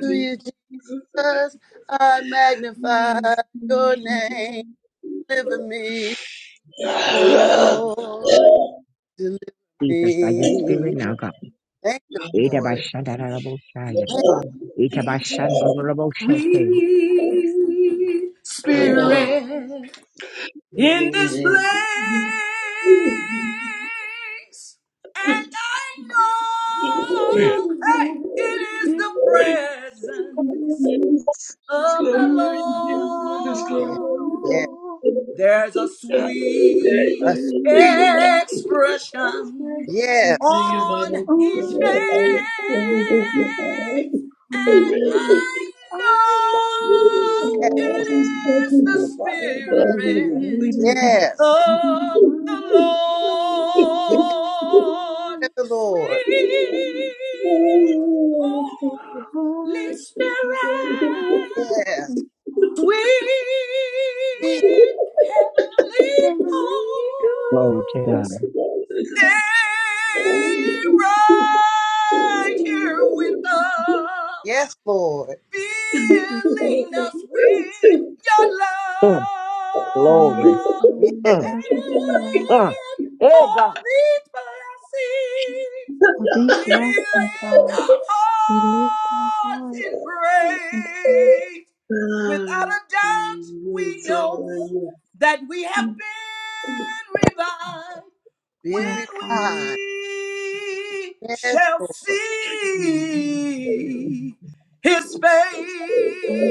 Speaker 4: to you,
Speaker 17: It's just the thing.
Speaker 4: Jesus. I magnify your name.
Speaker 17: Yes.
Speaker 4: Deliver me, oh
Speaker 17: Ah, ah,
Speaker 4: Lord. Deliver
Speaker 18: Jesus, by your spirit
Speaker 4: me.
Speaker 18: now, God.
Speaker 4: Thank you,
Speaker 18: Ita ba
Speaker 4: Lord.
Speaker 18: shanda da da bo shaya.
Speaker 4: Thank
Speaker 18: Ita ba shanda da da bo
Speaker 2: Sweet
Speaker 18: shake.
Speaker 2: spirit in this place. And I
Speaker 9: there.
Speaker 2: know, hey,
Speaker 17: ah,
Speaker 2: it is
Speaker 17: ah.
Speaker 2: the
Speaker 17: Let
Speaker 2: presence
Speaker 17: us
Speaker 2: of the
Speaker 17: disclaimer in Jesus, let us
Speaker 4: you.
Speaker 17: disclaimer
Speaker 2: Lord.
Speaker 17: in
Speaker 4: Yeah.
Speaker 17: God.
Speaker 2: There's
Speaker 17: Thank
Speaker 2: a
Speaker 17: you, Father.
Speaker 4: A
Speaker 2: sweet
Speaker 17: Thank
Speaker 4: sweet.
Speaker 17: you, Father.
Speaker 2: expression
Speaker 4: Yes.
Speaker 17: Thank you,
Speaker 2: on
Speaker 17: Father.
Speaker 2: each face,
Speaker 17: Amen. Thank you, Father. Thank you,
Speaker 2: and I know it is the Spirit
Speaker 4: Yes.
Speaker 2: of the Lord.
Speaker 4: Yes,
Speaker 2: Sweet
Speaker 4: Lord.
Speaker 2: Holy Spirit.
Speaker 4: Yes.
Speaker 2: Sweet heavenly
Speaker 18: Glory to
Speaker 2: home,
Speaker 18: God.
Speaker 2: stay right here with us,
Speaker 4: Yes, Lord.
Speaker 2: filling us with your love.
Speaker 18: Mm, Glory.
Speaker 4: Yes.
Speaker 18: Mm, mm.
Speaker 2: And
Speaker 18: Hey,
Speaker 2: for
Speaker 18: God.
Speaker 2: these blessings, we lift our hearts in praise. Without a doubt,
Speaker 17: Father.
Speaker 2: we
Speaker 17: Thank you,
Speaker 2: know
Speaker 17: Father.
Speaker 2: that we have been revived
Speaker 4: Been
Speaker 2: when
Speaker 4: with God.
Speaker 2: we
Speaker 4: Yes,
Speaker 2: shall
Speaker 4: Lord.
Speaker 2: see his face.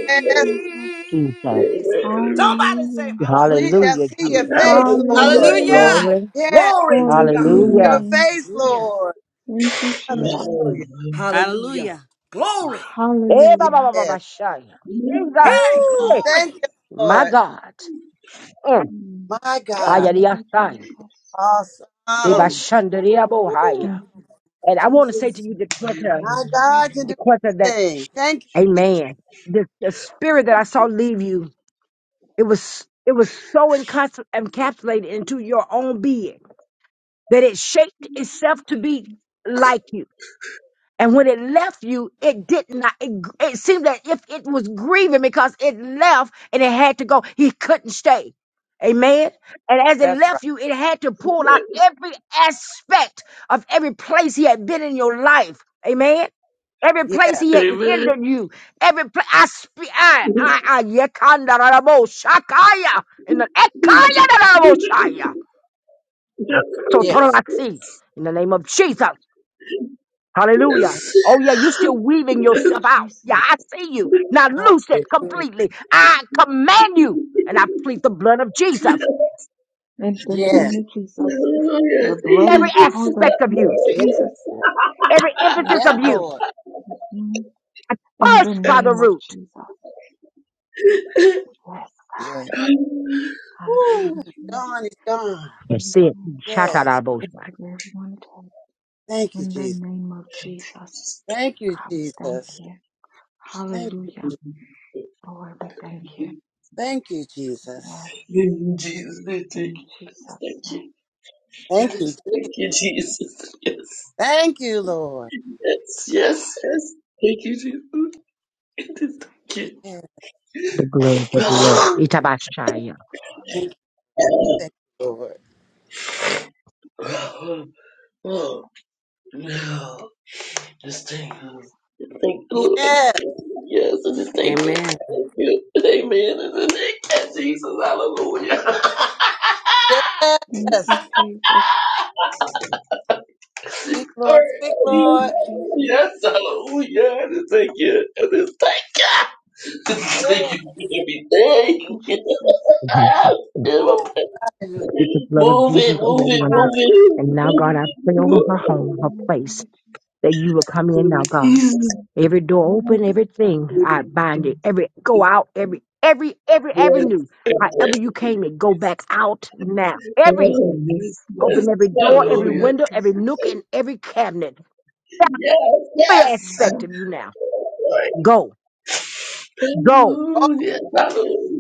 Speaker 4: Yes,
Speaker 18: Jesus.
Speaker 17: Amen.
Speaker 2: Somebody say
Speaker 4: we
Speaker 2: hallelujah.
Speaker 4: shall
Speaker 18: Hallelujah,
Speaker 4: see your
Speaker 18: Jesus.
Speaker 2: Hallelujah.
Speaker 4: face, Lord.
Speaker 17: Hallelujah.
Speaker 1: Hallelujah.
Speaker 18: Glory.
Speaker 4: Yes,
Speaker 2: Glory to God.
Speaker 4: your
Speaker 17: Amen.
Speaker 18: Hallelujah.
Speaker 4: face,
Speaker 2: Hallelujah.
Speaker 4: Lord. Hallelujah.
Speaker 17: Hallelujah.
Speaker 2: Hallelujah. Hallelujah. Glory.
Speaker 18: Eh, ba, ba, ba, ba,
Speaker 4: Yes.
Speaker 18: ba, shaya.
Speaker 17: Yes.
Speaker 18: Jesus.
Speaker 2: Hey,
Speaker 4: Woo,
Speaker 18: Eh,
Speaker 2: glory.
Speaker 4: thank you,
Speaker 18: my
Speaker 4: Lord.
Speaker 18: God. Mm.
Speaker 4: My God.
Speaker 2: Glory.
Speaker 18: Ayariyasai. Eh, ba,
Speaker 2: Glory.
Speaker 4: Awesome.
Speaker 18: shandariya, bo,
Speaker 2: Thank
Speaker 4: Woo,
Speaker 2: you,
Speaker 18: And I want to say to
Speaker 2: Jesus.
Speaker 18: you, Dequetta,
Speaker 4: My God can do
Speaker 18: Dequetta, that,
Speaker 4: anything. Thank you. Jesus.
Speaker 18: amen. The, the spirit that I saw leave you, it was it was so encapsul- encapsulated into your own being that it shaped itself to be like you. And when it left you, it did not, it, it seemed that if it was grieving because it left and it had to go, he couldn't stay. Amen. And as it
Speaker 4: That's right.
Speaker 18: left you, it had to pull out every aspect of every place he had been in your life. Amen. Every
Speaker 4: Yes.
Speaker 18: place he had hindered you. Every place, I speak, I, I, I, yekanda rarabo shakaya. In the, ekaya rarabo shaya. So, total
Speaker 4: Yes.
Speaker 18: I see. In the name of Jesus.
Speaker 4: And
Speaker 18: Hallelujah.
Speaker 4: My
Speaker 18: Oh, yeah, you're still weaving yourself out. Yeah, I see you. Now
Speaker 4: God.
Speaker 18: loose it
Speaker 4: Hallelujah.
Speaker 18: completely. I command you, and I plead the blood of Jesus.
Speaker 4: Yes.
Speaker 17: Hallelujah.
Speaker 18: Every aspect of you,
Speaker 4: Yes. Lord.
Speaker 18: every emphasis
Speaker 4: Yes,
Speaker 18: of you,
Speaker 4: Lord.
Speaker 18: I push by the root.
Speaker 4: Yes. Woo. It's gone. It's gone.
Speaker 18: That's it.
Speaker 4: Yes.
Speaker 18: Shatarabosha.
Speaker 4: Thank you, Jesus. Thank you, Jesus. Thank you. Je- Thank you, Jesus.
Speaker 17: Thank you, Jesus. Thank you, Jesus. I Thank you. Thank you.
Speaker 4: Thank
Speaker 17: Yes.
Speaker 4: you. Je-
Speaker 17: Thank you, Jesus. Yes.
Speaker 4: Thank you, Lord.
Speaker 17: Yes. Yes. Yes. Thank you, Jesus. Thank
Speaker 4: Yes.
Speaker 18: The blood of
Speaker 17: you.
Speaker 18: the earth.
Speaker 4: Woo.
Speaker 18: Itabashaya.
Speaker 4: Thank you, thank you, Lord.
Speaker 17: Oh, no. This thing. huh? This thing, Lord, I just
Speaker 4: Yes.
Speaker 17: Thank you, Lord. Yes, I just thank you.
Speaker 2: Amen.
Speaker 17: Thank you. Amen. In the name of Jesus, hallelujah.
Speaker 4: Yes. Speak,
Speaker 17: All
Speaker 4: Lord. Speak, Lord.
Speaker 17: right. Yes, hallelujah. I just thank you. I just thank you. I just thank
Speaker 4: Yes.
Speaker 17: you for everything. Ah, in my
Speaker 4: Woo.
Speaker 17: presence.
Speaker 18: Keep the blood of
Speaker 17: Move it,
Speaker 18: Jesus
Speaker 17: move
Speaker 18: over
Speaker 17: it,
Speaker 18: everyone. there. And now, God, I pray over
Speaker 17: move
Speaker 18: her home, her place, that you will come in now,
Speaker 17: it.
Speaker 18: God.
Speaker 17: Jesus.
Speaker 18: Every door open, everything
Speaker 17: Yes.
Speaker 18: I bind it. Every go out, every every every avenue. However you came in, go back out now. Every
Speaker 17: Yes.
Speaker 18: open every door, every
Speaker 17: Hallelujah.
Speaker 18: window, every nook, and every cabinet.
Speaker 17: Yes,
Speaker 18: Every
Speaker 17: yes.
Speaker 18: aspect of you now. Go, go,
Speaker 4: Oh,
Speaker 17: Hallelujah, hallelujah.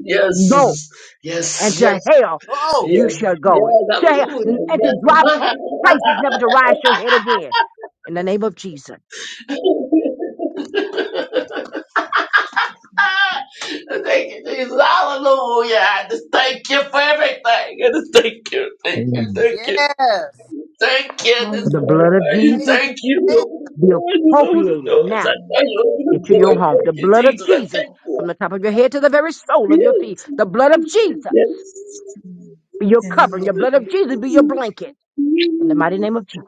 Speaker 18: go,
Speaker 17: Yes,
Speaker 18: and
Speaker 17: yes, yes,
Speaker 18: to hell
Speaker 4: oh.
Speaker 18: you shall
Speaker 17: yes,
Speaker 18: go.
Speaker 17: yes,
Speaker 18: To hell,
Speaker 17: hallelujah,
Speaker 18: and to drop
Speaker 17: yes.
Speaker 18: places, never to rise your head again. In the name of Jesus,
Speaker 17: thank you, Jesus, hallelujah. I just thank you for everything. I just thank you, thank you,
Speaker 18: Amen.
Speaker 17: thank you,
Speaker 4: Yes.
Speaker 17: thank you. I just
Speaker 4: Praise,
Speaker 18: the blood of
Speaker 17: glorify you,
Speaker 4: praise,
Speaker 18: Jesus
Speaker 17: thank you.
Speaker 4: praise.
Speaker 17: Open
Speaker 18: be
Speaker 17: the doors, open the
Speaker 18: appropriated
Speaker 17: doors.
Speaker 18: now
Speaker 17: I thank you, open the
Speaker 18: into your
Speaker 17: doors.
Speaker 18: home.
Speaker 17: Thank
Speaker 18: The
Speaker 17: you,
Speaker 18: blood of
Speaker 17: Jesus, I
Speaker 18: Jesus
Speaker 17: thank you.
Speaker 18: from the top of your head to the very sole of your feet.
Speaker 17: Yes.
Speaker 18: The blood of Jesus
Speaker 17: Yes.
Speaker 18: be your covering.
Speaker 4: Yes.
Speaker 18: Your blood of Jesus be your blanket. In the mighty name of Jesus.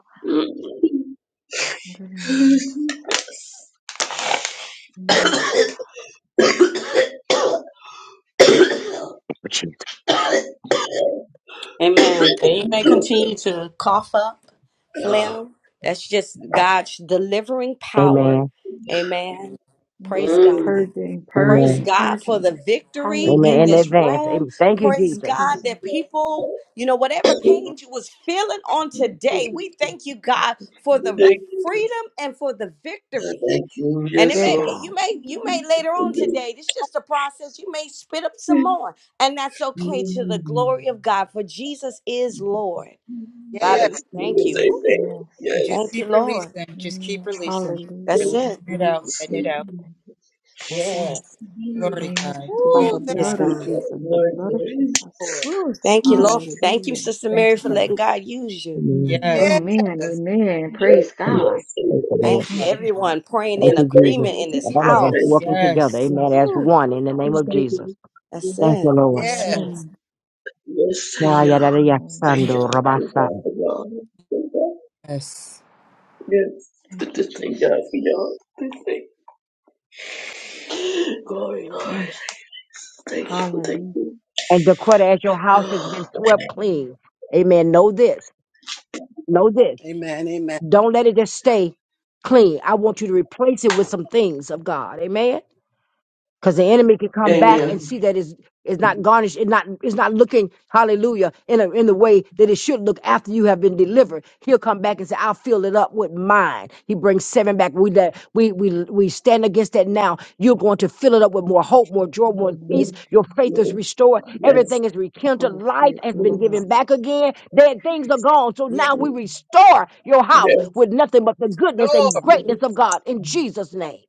Speaker 2: Amen. And you may continue to cough up
Speaker 17: Ah,
Speaker 2: phlegm. That's just God's delivering power.
Speaker 18: Amen.
Speaker 2: Amen. Praise God.
Speaker 17: mm.
Speaker 2: Praise
Speaker 18: Amen.
Speaker 2: God for the victory
Speaker 18: Amen.
Speaker 2: in
Speaker 18: In
Speaker 2: this
Speaker 18: advance.
Speaker 2: room.
Speaker 18: Amen. Thank you,
Speaker 2: Praise
Speaker 18: Jesus.
Speaker 2: God that people, you know,
Speaker 4: Thank
Speaker 2: whatever
Speaker 4: you,
Speaker 2: pain
Speaker 4: Lord.
Speaker 2: you was feeling on today, we thank you, God, for the
Speaker 4: Thank-
Speaker 17: Thank you.
Speaker 2: freedom and for the
Speaker 17: I
Speaker 2: victory.
Speaker 17: Thank you.
Speaker 2: And it
Speaker 17: Yes,
Speaker 2: may it-
Speaker 17: Lord.
Speaker 2: you may you may later on today. This just a process. You may spit up some more, and that's okay to the
Speaker 17: Mm.
Speaker 2: glory of God. For Jesus is Lord. Father,
Speaker 4: Yes.
Speaker 2: we
Speaker 17: Yes.
Speaker 2: thank
Speaker 17: Yes.
Speaker 2: you. Woo.
Speaker 17: Amen.
Speaker 1: And
Speaker 17: Yes.
Speaker 1: just
Speaker 2: Thank you,
Speaker 1: keep
Speaker 2: Lord.
Speaker 1: releasing. Just keep releasing.
Speaker 2: That's
Speaker 1: Releasing
Speaker 17: Thank you.
Speaker 2: it.
Speaker 1: it out.
Speaker 17: Jesus.
Speaker 1: Letting it
Speaker 17: Thank
Speaker 1: out.
Speaker 17: you.
Speaker 2: That's it.
Speaker 4: Yes.
Speaker 1: Glory to God. Glory to
Speaker 4: Woo. Thank
Speaker 2: Praise
Speaker 1: God.
Speaker 2: God.
Speaker 17: Lord, yes.
Speaker 4: you, Lord.
Speaker 2: Woo. Thank you,
Speaker 17: Yes.
Speaker 2: Lord. Thank you, Sister
Speaker 1: Thank
Speaker 2: Mary,
Speaker 1: you,
Speaker 2: for
Speaker 1: Father.
Speaker 2: letting God use you.
Speaker 18: Amen.
Speaker 1: Yes.
Speaker 4: Yes.
Speaker 18: Amen.
Speaker 17: Yes. Amen.
Speaker 18: Thank the
Speaker 1: Thank you,
Speaker 18: Lord.
Speaker 2: Thank you,
Speaker 1: Father God.
Speaker 2: everyone praying
Speaker 18: Thank
Speaker 2: in
Speaker 17: Yes.
Speaker 18: you,
Speaker 17: Thank
Speaker 18: Jesus.
Speaker 2: agreement
Speaker 17: you.
Speaker 2: in this
Speaker 18: All of
Speaker 4: Yes.
Speaker 18: us
Speaker 17: Thank
Speaker 2: house.
Speaker 18: working
Speaker 17: you.
Speaker 18: together.
Speaker 1: Yes.
Speaker 18: Amen. As
Speaker 2: Woo.
Speaker 18: one in the name of
Speaker 17: Thank
Speaker 18: Jesus.
Speaker 17: you.
Speaker 2: That's
Speaker 18: Thank you,
Speaker 2: it.
Speaker 18: Lord.
Speaker 2: That's
Speaker 4: Yes.
Speaker 2: it.
Speaker 1: Yes.
Speaker 17: Yes, thank
Speaker 18: Ah, yada,
Speaker 17: you.
Speaker 18: yada, yada,
Speaker 17: Thank
Speaker 1: Thank you.
Speaker 18: sando,
Speaker 17: you. Thank
Speaker 18: rabasa.
Speaker 17: God for y'all. Thank God.
Speaker 1: Yes.
Speaker 17: Yes. I Just thank God for y'all. Just thank Glory, Lord. Thank you. Thank you.
Speaker 18: And declare that as your house has been swept clean. Amen. Know this. Know this.
Speaker 4: Amen. Amen.
Speaker 18: Don't let it just stay clean. I want you to replace it with some things of God. Amen because the enemy can come back and
Speaker 17: Amen.
Speaker 18: see that it's, it's not garnished, it's not, it's not looking, hallelujah, in, a, in the way that it should look after you have been delivered. He'll come back and say, I'll fill it up with mine. He brings seven back. We, let, we, we, we stand against that now. You're going to fill it up with more hope, more joy, more
Speaker 17: Yes.
Speaker 18: peace. Your faith is restored.
Speaker 17: Yes.
Speaker 18: Everything is rekindled. Life has been given back again. Dead things are gone. So
Speaker 4: Yes.
Speaker 18: now we
Speaker 17: Yes.
Speaker 18: restore your house
Speaker 17: Yes.
Speaker 18: with nothing but the goodness and
Speaker 4: Lord.
Speaker 17: yes.
Speaker 18: greatness of God in Jesus' name.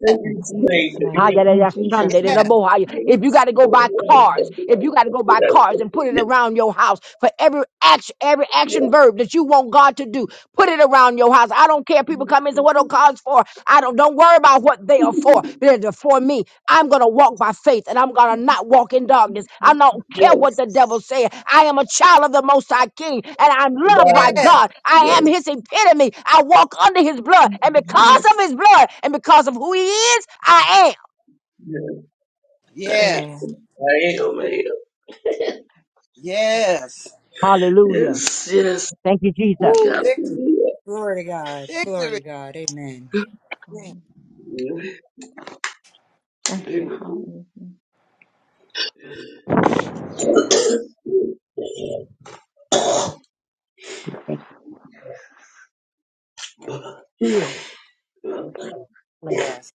Speaker 17: Thank you. Thank you. Thank you. Jesus.
Speaker 18: Hayarashtandererabohaya.
Speaker 17: Yes.
Speaker 18: If you got to go
Speaker 17: Yes.
Speaker 18: buy cars, if you got to go buy cars and put it
Speaker 17: Yes.
Speaker 18: around your house for every action, every action
Speaker 17: Yes.
Speaker 18: verb that you want God to do, put it around your house. I don't care. People come in and say, "What are cars for?" I don't. Don't worry about what they are for. Because They're for me. I'm gonna walk by faith, and I'm gonna not walk in darkness. I don't care what
Speaker 17: Yes.
Speaker 18: the devil says. I am a child of the Most High King, and I'm loved by
Speaker 4: Yes.
Speaker 18: God. I am
Speaker 17: Yes.
Speaker 18: His epitome. I walk under His blood, and because of His blood, and because of who He is, I am.
Speaker 17: Yes. I,
Speaker 4: Yes.
Speaker 17: I am. I am.
Speaker 4: Yes.
Speaker 18: Hallelujah.
Speaker 17: Yes, yes.
Speaker 18: Thank you,
Speaker 17: We
Speaker 18: Jesus.
Speaker 4: Woo.
Speaker 17: got it.
Speaker 4: Victory.
Speaker 1: Glory to God. Glory
Speaker 4: Victory.
Speaker 1: to God. Amen.
Speaker 4: Yes.
Speaker 17: Amen.
Speaker 18: Heal and place
Speaker 4: Yes.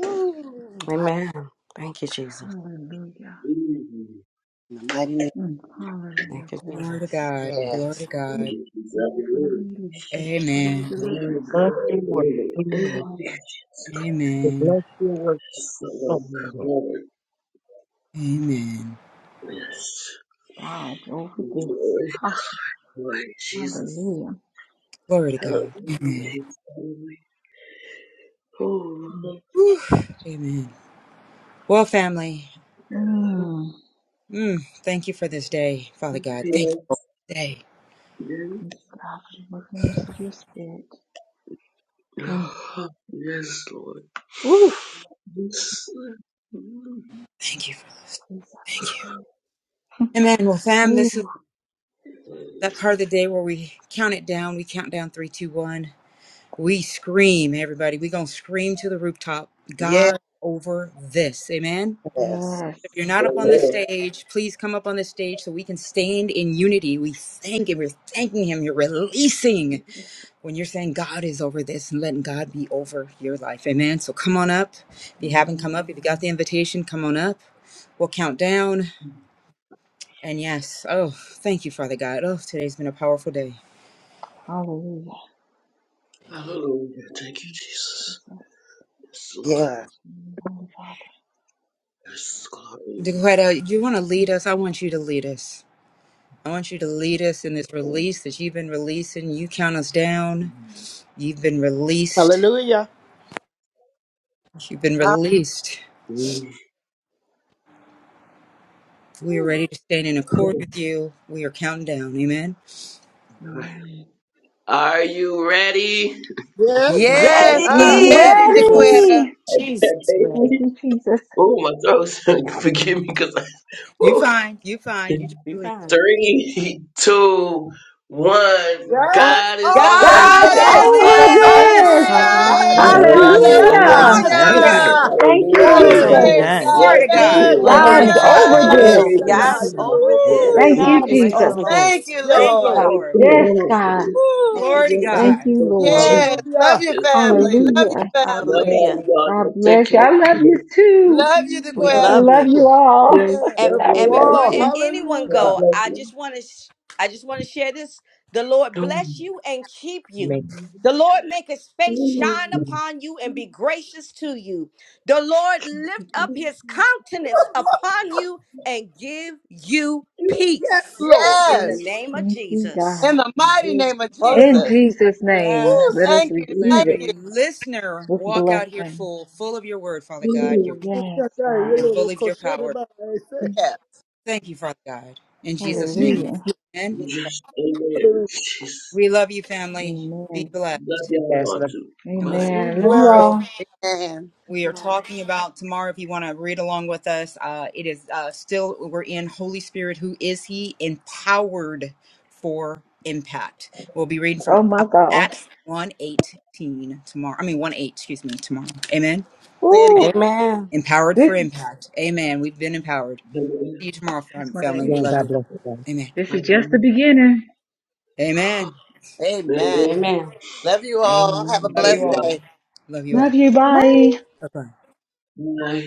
Speaker 4: Ooh,
Speaker 2: Amen. Thank you, Jesus.
Speaker 4: in the mighty name.
Speaker 2: Thank you,
Speaker 1: Glory to
Speaker 2: Jesus.
Speaker 1: God. Glory
Speaker 4: Yes.
Speaker 1: to God. Amen.
Speaker 18: healing
Speaker 1: Amen.
Speaker 18: bless your work. So
Speaker 1: Amen.
Speaker 17: Yes. Glory, glory, Jesus.
Speaker 1: Glory to God. Amen.
Speaker 17: Hallelujah. Oh, yes,
Speaker 1: Whew. Amen. Well, family, mm, thank you for this day, Father God.
Speaker 4: Yes.
Speaker 1: Thank you for this day.
Speaker 17: yes. Yes, Lord. Yes. Amen.
Speaker 1: Thank you for this. Thank you. Amen. Well, fam, this is that part of the day where we count it down. We count down three, two, one. We scream, everybody. we going to scream to the rooftop.
Speaker 4: Yes.
Speaker 1: God over this. Amen. You're not up on the stage. Please come up on the stage so we can stand in unity. We thank him. We're thanking him. You're releasing when you're saying God is over this and letting God be over your life. Amen. So come on up. If you haven't come up, if you got the invitation, come on up. We'll count down. And yes, oh, thank you, Father God. Oh, today's been a powerful day.
Speaker 17: Hallelujah. Thank you, Jesus. Yes, Lord.
Speaker 4: Yes.
Speaker 17: Yes, glory.
Speaker 1: Dequetta, you want to lead us? I want you to lead us. I want you to lead us in this release that you've been releasing. You count us down. You've been released.
Speaker 19: Hallelujah.
Speaker 1: You've been
Speaker 4: Ah,
Speaker 1: released.
Speaker 17: Mm-hmm.
Speaker 1: We are ready to stand in accord with you. We are counting down. Amen.
Speaker 17: Are you ready?
Speaker 19: Yes,
Speaker 17: My,
Speaker 19: we
Speaker 4: Yes. We're
Speaker 19: are.
Speaker 2: Ready.
Speaker 4: ready,
Speaker 15: Jesus.
Speaker 4: Dequeta.
Speaker 15: Jesus, ready.
Speaker 17: oh, my throat's forgive me because I.
Speaker 1: You find. You find. You just
Speaker 2: Be
Speaker 1: believe.
Speaker 2: fine.
Speaker 17: Three, two, one.
Speaker 19: Yes,
Speaker 17: God is
Speaker 19: all
Speaker 2: God
Speaker 19: the
Speaker 17: over.
Speaker 1: God's
Speaker 4: God
Speaker 15: And
Speaker 19: day.
Speaker 15: he
Speaker 4: is
Speaker 1: over
Speaker 15: is over
Speaker 4: over
Speaker 1: this.
Speaker 15: this. God
Speaker 19: Hallelujah.
Speaker 15: is
Speaker 4: this.
Speaker 16: Hallelujah,
Speaker 15: over
Speaker 19: It's
Speaker 2: Hey,
Speaker 16: God,
Speaker 15: this. God
Speaker 19: Saturday,
Speaker 17: Hallelujah.
Speaker 15: is
Speaker 16: over
Speaker 15: over
Speaker 2: hallelujah.
Speaker 1: Hallelujah.
Speaker 16: this.
Speaker 15: this.
Speaker 17: Yes.
Speaker 19: Masatara.
Speaker 4: Hallelujah.
Speaker 15: God
Speaker 4: Woo,
Speaker 17: Hallelujah.
Speaker 15: is
Speaker 19: Hey.
Speaker 15: over
Speaker 4: praise
Speaker 15: this.
Speaker 16: Amen.
Speaker 4: God.
Speaker 1: Glory
Speaker 17: Yes.
Speaker 1: to
Speaker 2: Hallelujah.
Speaker 17: Yes.
Speaker 4: Thank
Speaker 1: God.
Speaker 4: you,
Speaker 19: Yeah,
Speaker 17: Yes.
Speaker 19: glory.
Speaker 1: Glory to
Speaker 16: Blessings
Speaker 15: Amen.
Speaker 16: and
Speaker 1: God.
Speaker 16: praise.
Speaker 15: God is
Speaker 19: Hallelujah.
Speaker 4: Jesus.
Speaker 17: Glory
Speaker 15: over
Speaker 17: be
Speaker 19: Shata.
Speaker 17: to
Speaker 2: God's
Speaker 15: this.
Speaker 17: God.
Speaker 2: over
Speaker 19: Iluroko
Speaker 17: Glory. Yes.
Speaker 2: this.
Speaker 4: Woo,
Speaker 19: Shadaba.
Speaker 15: God is
Speaker 17: yes.
Speaker 2: Praise the
Speaker 15: over
Speaker 2: Lord.
Speaker 15: this.
Speaker 4: thank you,
Speaker 19: Yes,
Speaker 1: Thank you,
Speaker 4: Lord.
Speaker 19: Lord.
Speaker 18: stop.
Speaker 17: Thank
Speaker 1: Lord.
Speaker 17: you, Lord, for this.
Speaker 2: Thank you,
Speaker 4: Woo.
Speaker 1: Glory to
Speaker 17: Yes.
Speaker 18: Thank
Speaker 2: Jesus.
Speaker 18: you.
Speaker 1: God.
Speaker 17: Thank you,
Speaker 18: Thank
Speaker 17: Jesus.
Speaker 4: Yes. Love
Speaker 19: Hallelujah.
Speaker 4: your
Speaker 17: Yes. Thank
Speaker 4: family.
Speaker 17: you.
Speaker 4: Love your
Speaker 17: Love
Speaker 4: family.
Speaker 17: all
Speaker 2: Hallelujah.
Speaker 17: you all. let Take care. of you.
Speaker 4: Love you,
Speaker 17: Mhm.
Speaker 4: Dequeta.
Speaker 19: Hallelujah.
Speaker 17: Yeah,
Speaker 4: Yes.
Speaker 17: God
Speaker 19: Of
Speaker 17: bless
Speaker 19: you all.
Speaker 17: you.
Speaker 2: Anyone
Speaker 17: Have a
Speaker 19: Hallelujah.
Speaker 2: go.
Speaker 17: blessed
Speaker 2: I
Speaker 17: one.
Speaker 2: just want to sh- I just want to share this. The Lord bless
Speaker 17: Mhm.
Speaker 2: you and keep
Speaker 18: you.
Speaker 2: you.
Speaker 18: Make
Speaker 2: The Lord make his face
Speaker 17: Mhm.
Speaker 2: shine
Speaker 18: you
Speaker 2: upon you and be gracious to you. The Lord lift up his countenance upon you and give you
Speaker 17: Yes.
Speaker 19: Yes,
Speaker 2: peace.
Speaker 19: Lord.
Speaker 2: In the
Speaker 17: Mhm.
Speaker 4: Yes.
Speaker 2: name of Jesus.
Speaker 4: In the mighty
Speaker 17: Yes.
Speaker 4: name of Jesus.
Speaker 19: Hallelujah.
Speaker 4: Woo,
Speaker 1: Yes.
Speaker 4: thank you.
Speaker 1: Let
Speaker 17: Mhm.
Speaker 4: Thank you.
Speaker 1: every listener walk out here full, full of your word, Father God, your,
Speaker 19: Shata.
Speaker 1: and
Speaker 17: Mhm.
Speaker 1: full of
Speaker 19: Iluroko
Speaker 1: your power.
Speaker 19: Shadaba. I say,
Speaker 4: Yeah.
Speaker 1: Thank you, Father God. In Jesus' name.
Speaker 19: Jesus,
Speaker 1: Amen.
Speaker 4: yeah.
Speaker 17: Yes. Amen.
Speaker 1: We love you, family. Be
Speaker 17: Love
Speaker 1: blessed.
Speaker 17: y'all
Speaker 18: best
Speaker 17: all too.
Speaker 1: And we'll see
Speaker 17: Bye.
Speaker 1: you
Speaker 19: be blessed.
Speaker 1: tomorrow. We are talking about tomorrow. If you want to read along with us, uh, it is uh, still, we're in Holy Spirit. Who is He? Empowered for impact. We'll be reading from uh, Acts one eighteen tomorrow. I mean, 1 8, excuse me, tomorrow. Amen.
Speaker 4: Say it again.
Speaker 2: Amen.
Speaker 1: Empowered for impact. Amen. We've been empowered. We'll
Speaker 17: Amen.
Speaker 1: see you tomorrow, fam- family. We love you. Amen.
Speaker 17: Amen.
Speaker 1: Amen.
Speaker 4: Amen.
Speaker 17: Amen.
Speaker 2: Amen.
Speaker 4: Love you all. Have a
Speaker 1: Love
Speaker 17: Love
Speaker 1: you
Speaker 4: blessed
Speaker 1: all.
Speaker 17: y'all.
Speaker 4: day.
Speaker 1: Love you all. Bye bye.
Speaker 17: Bye.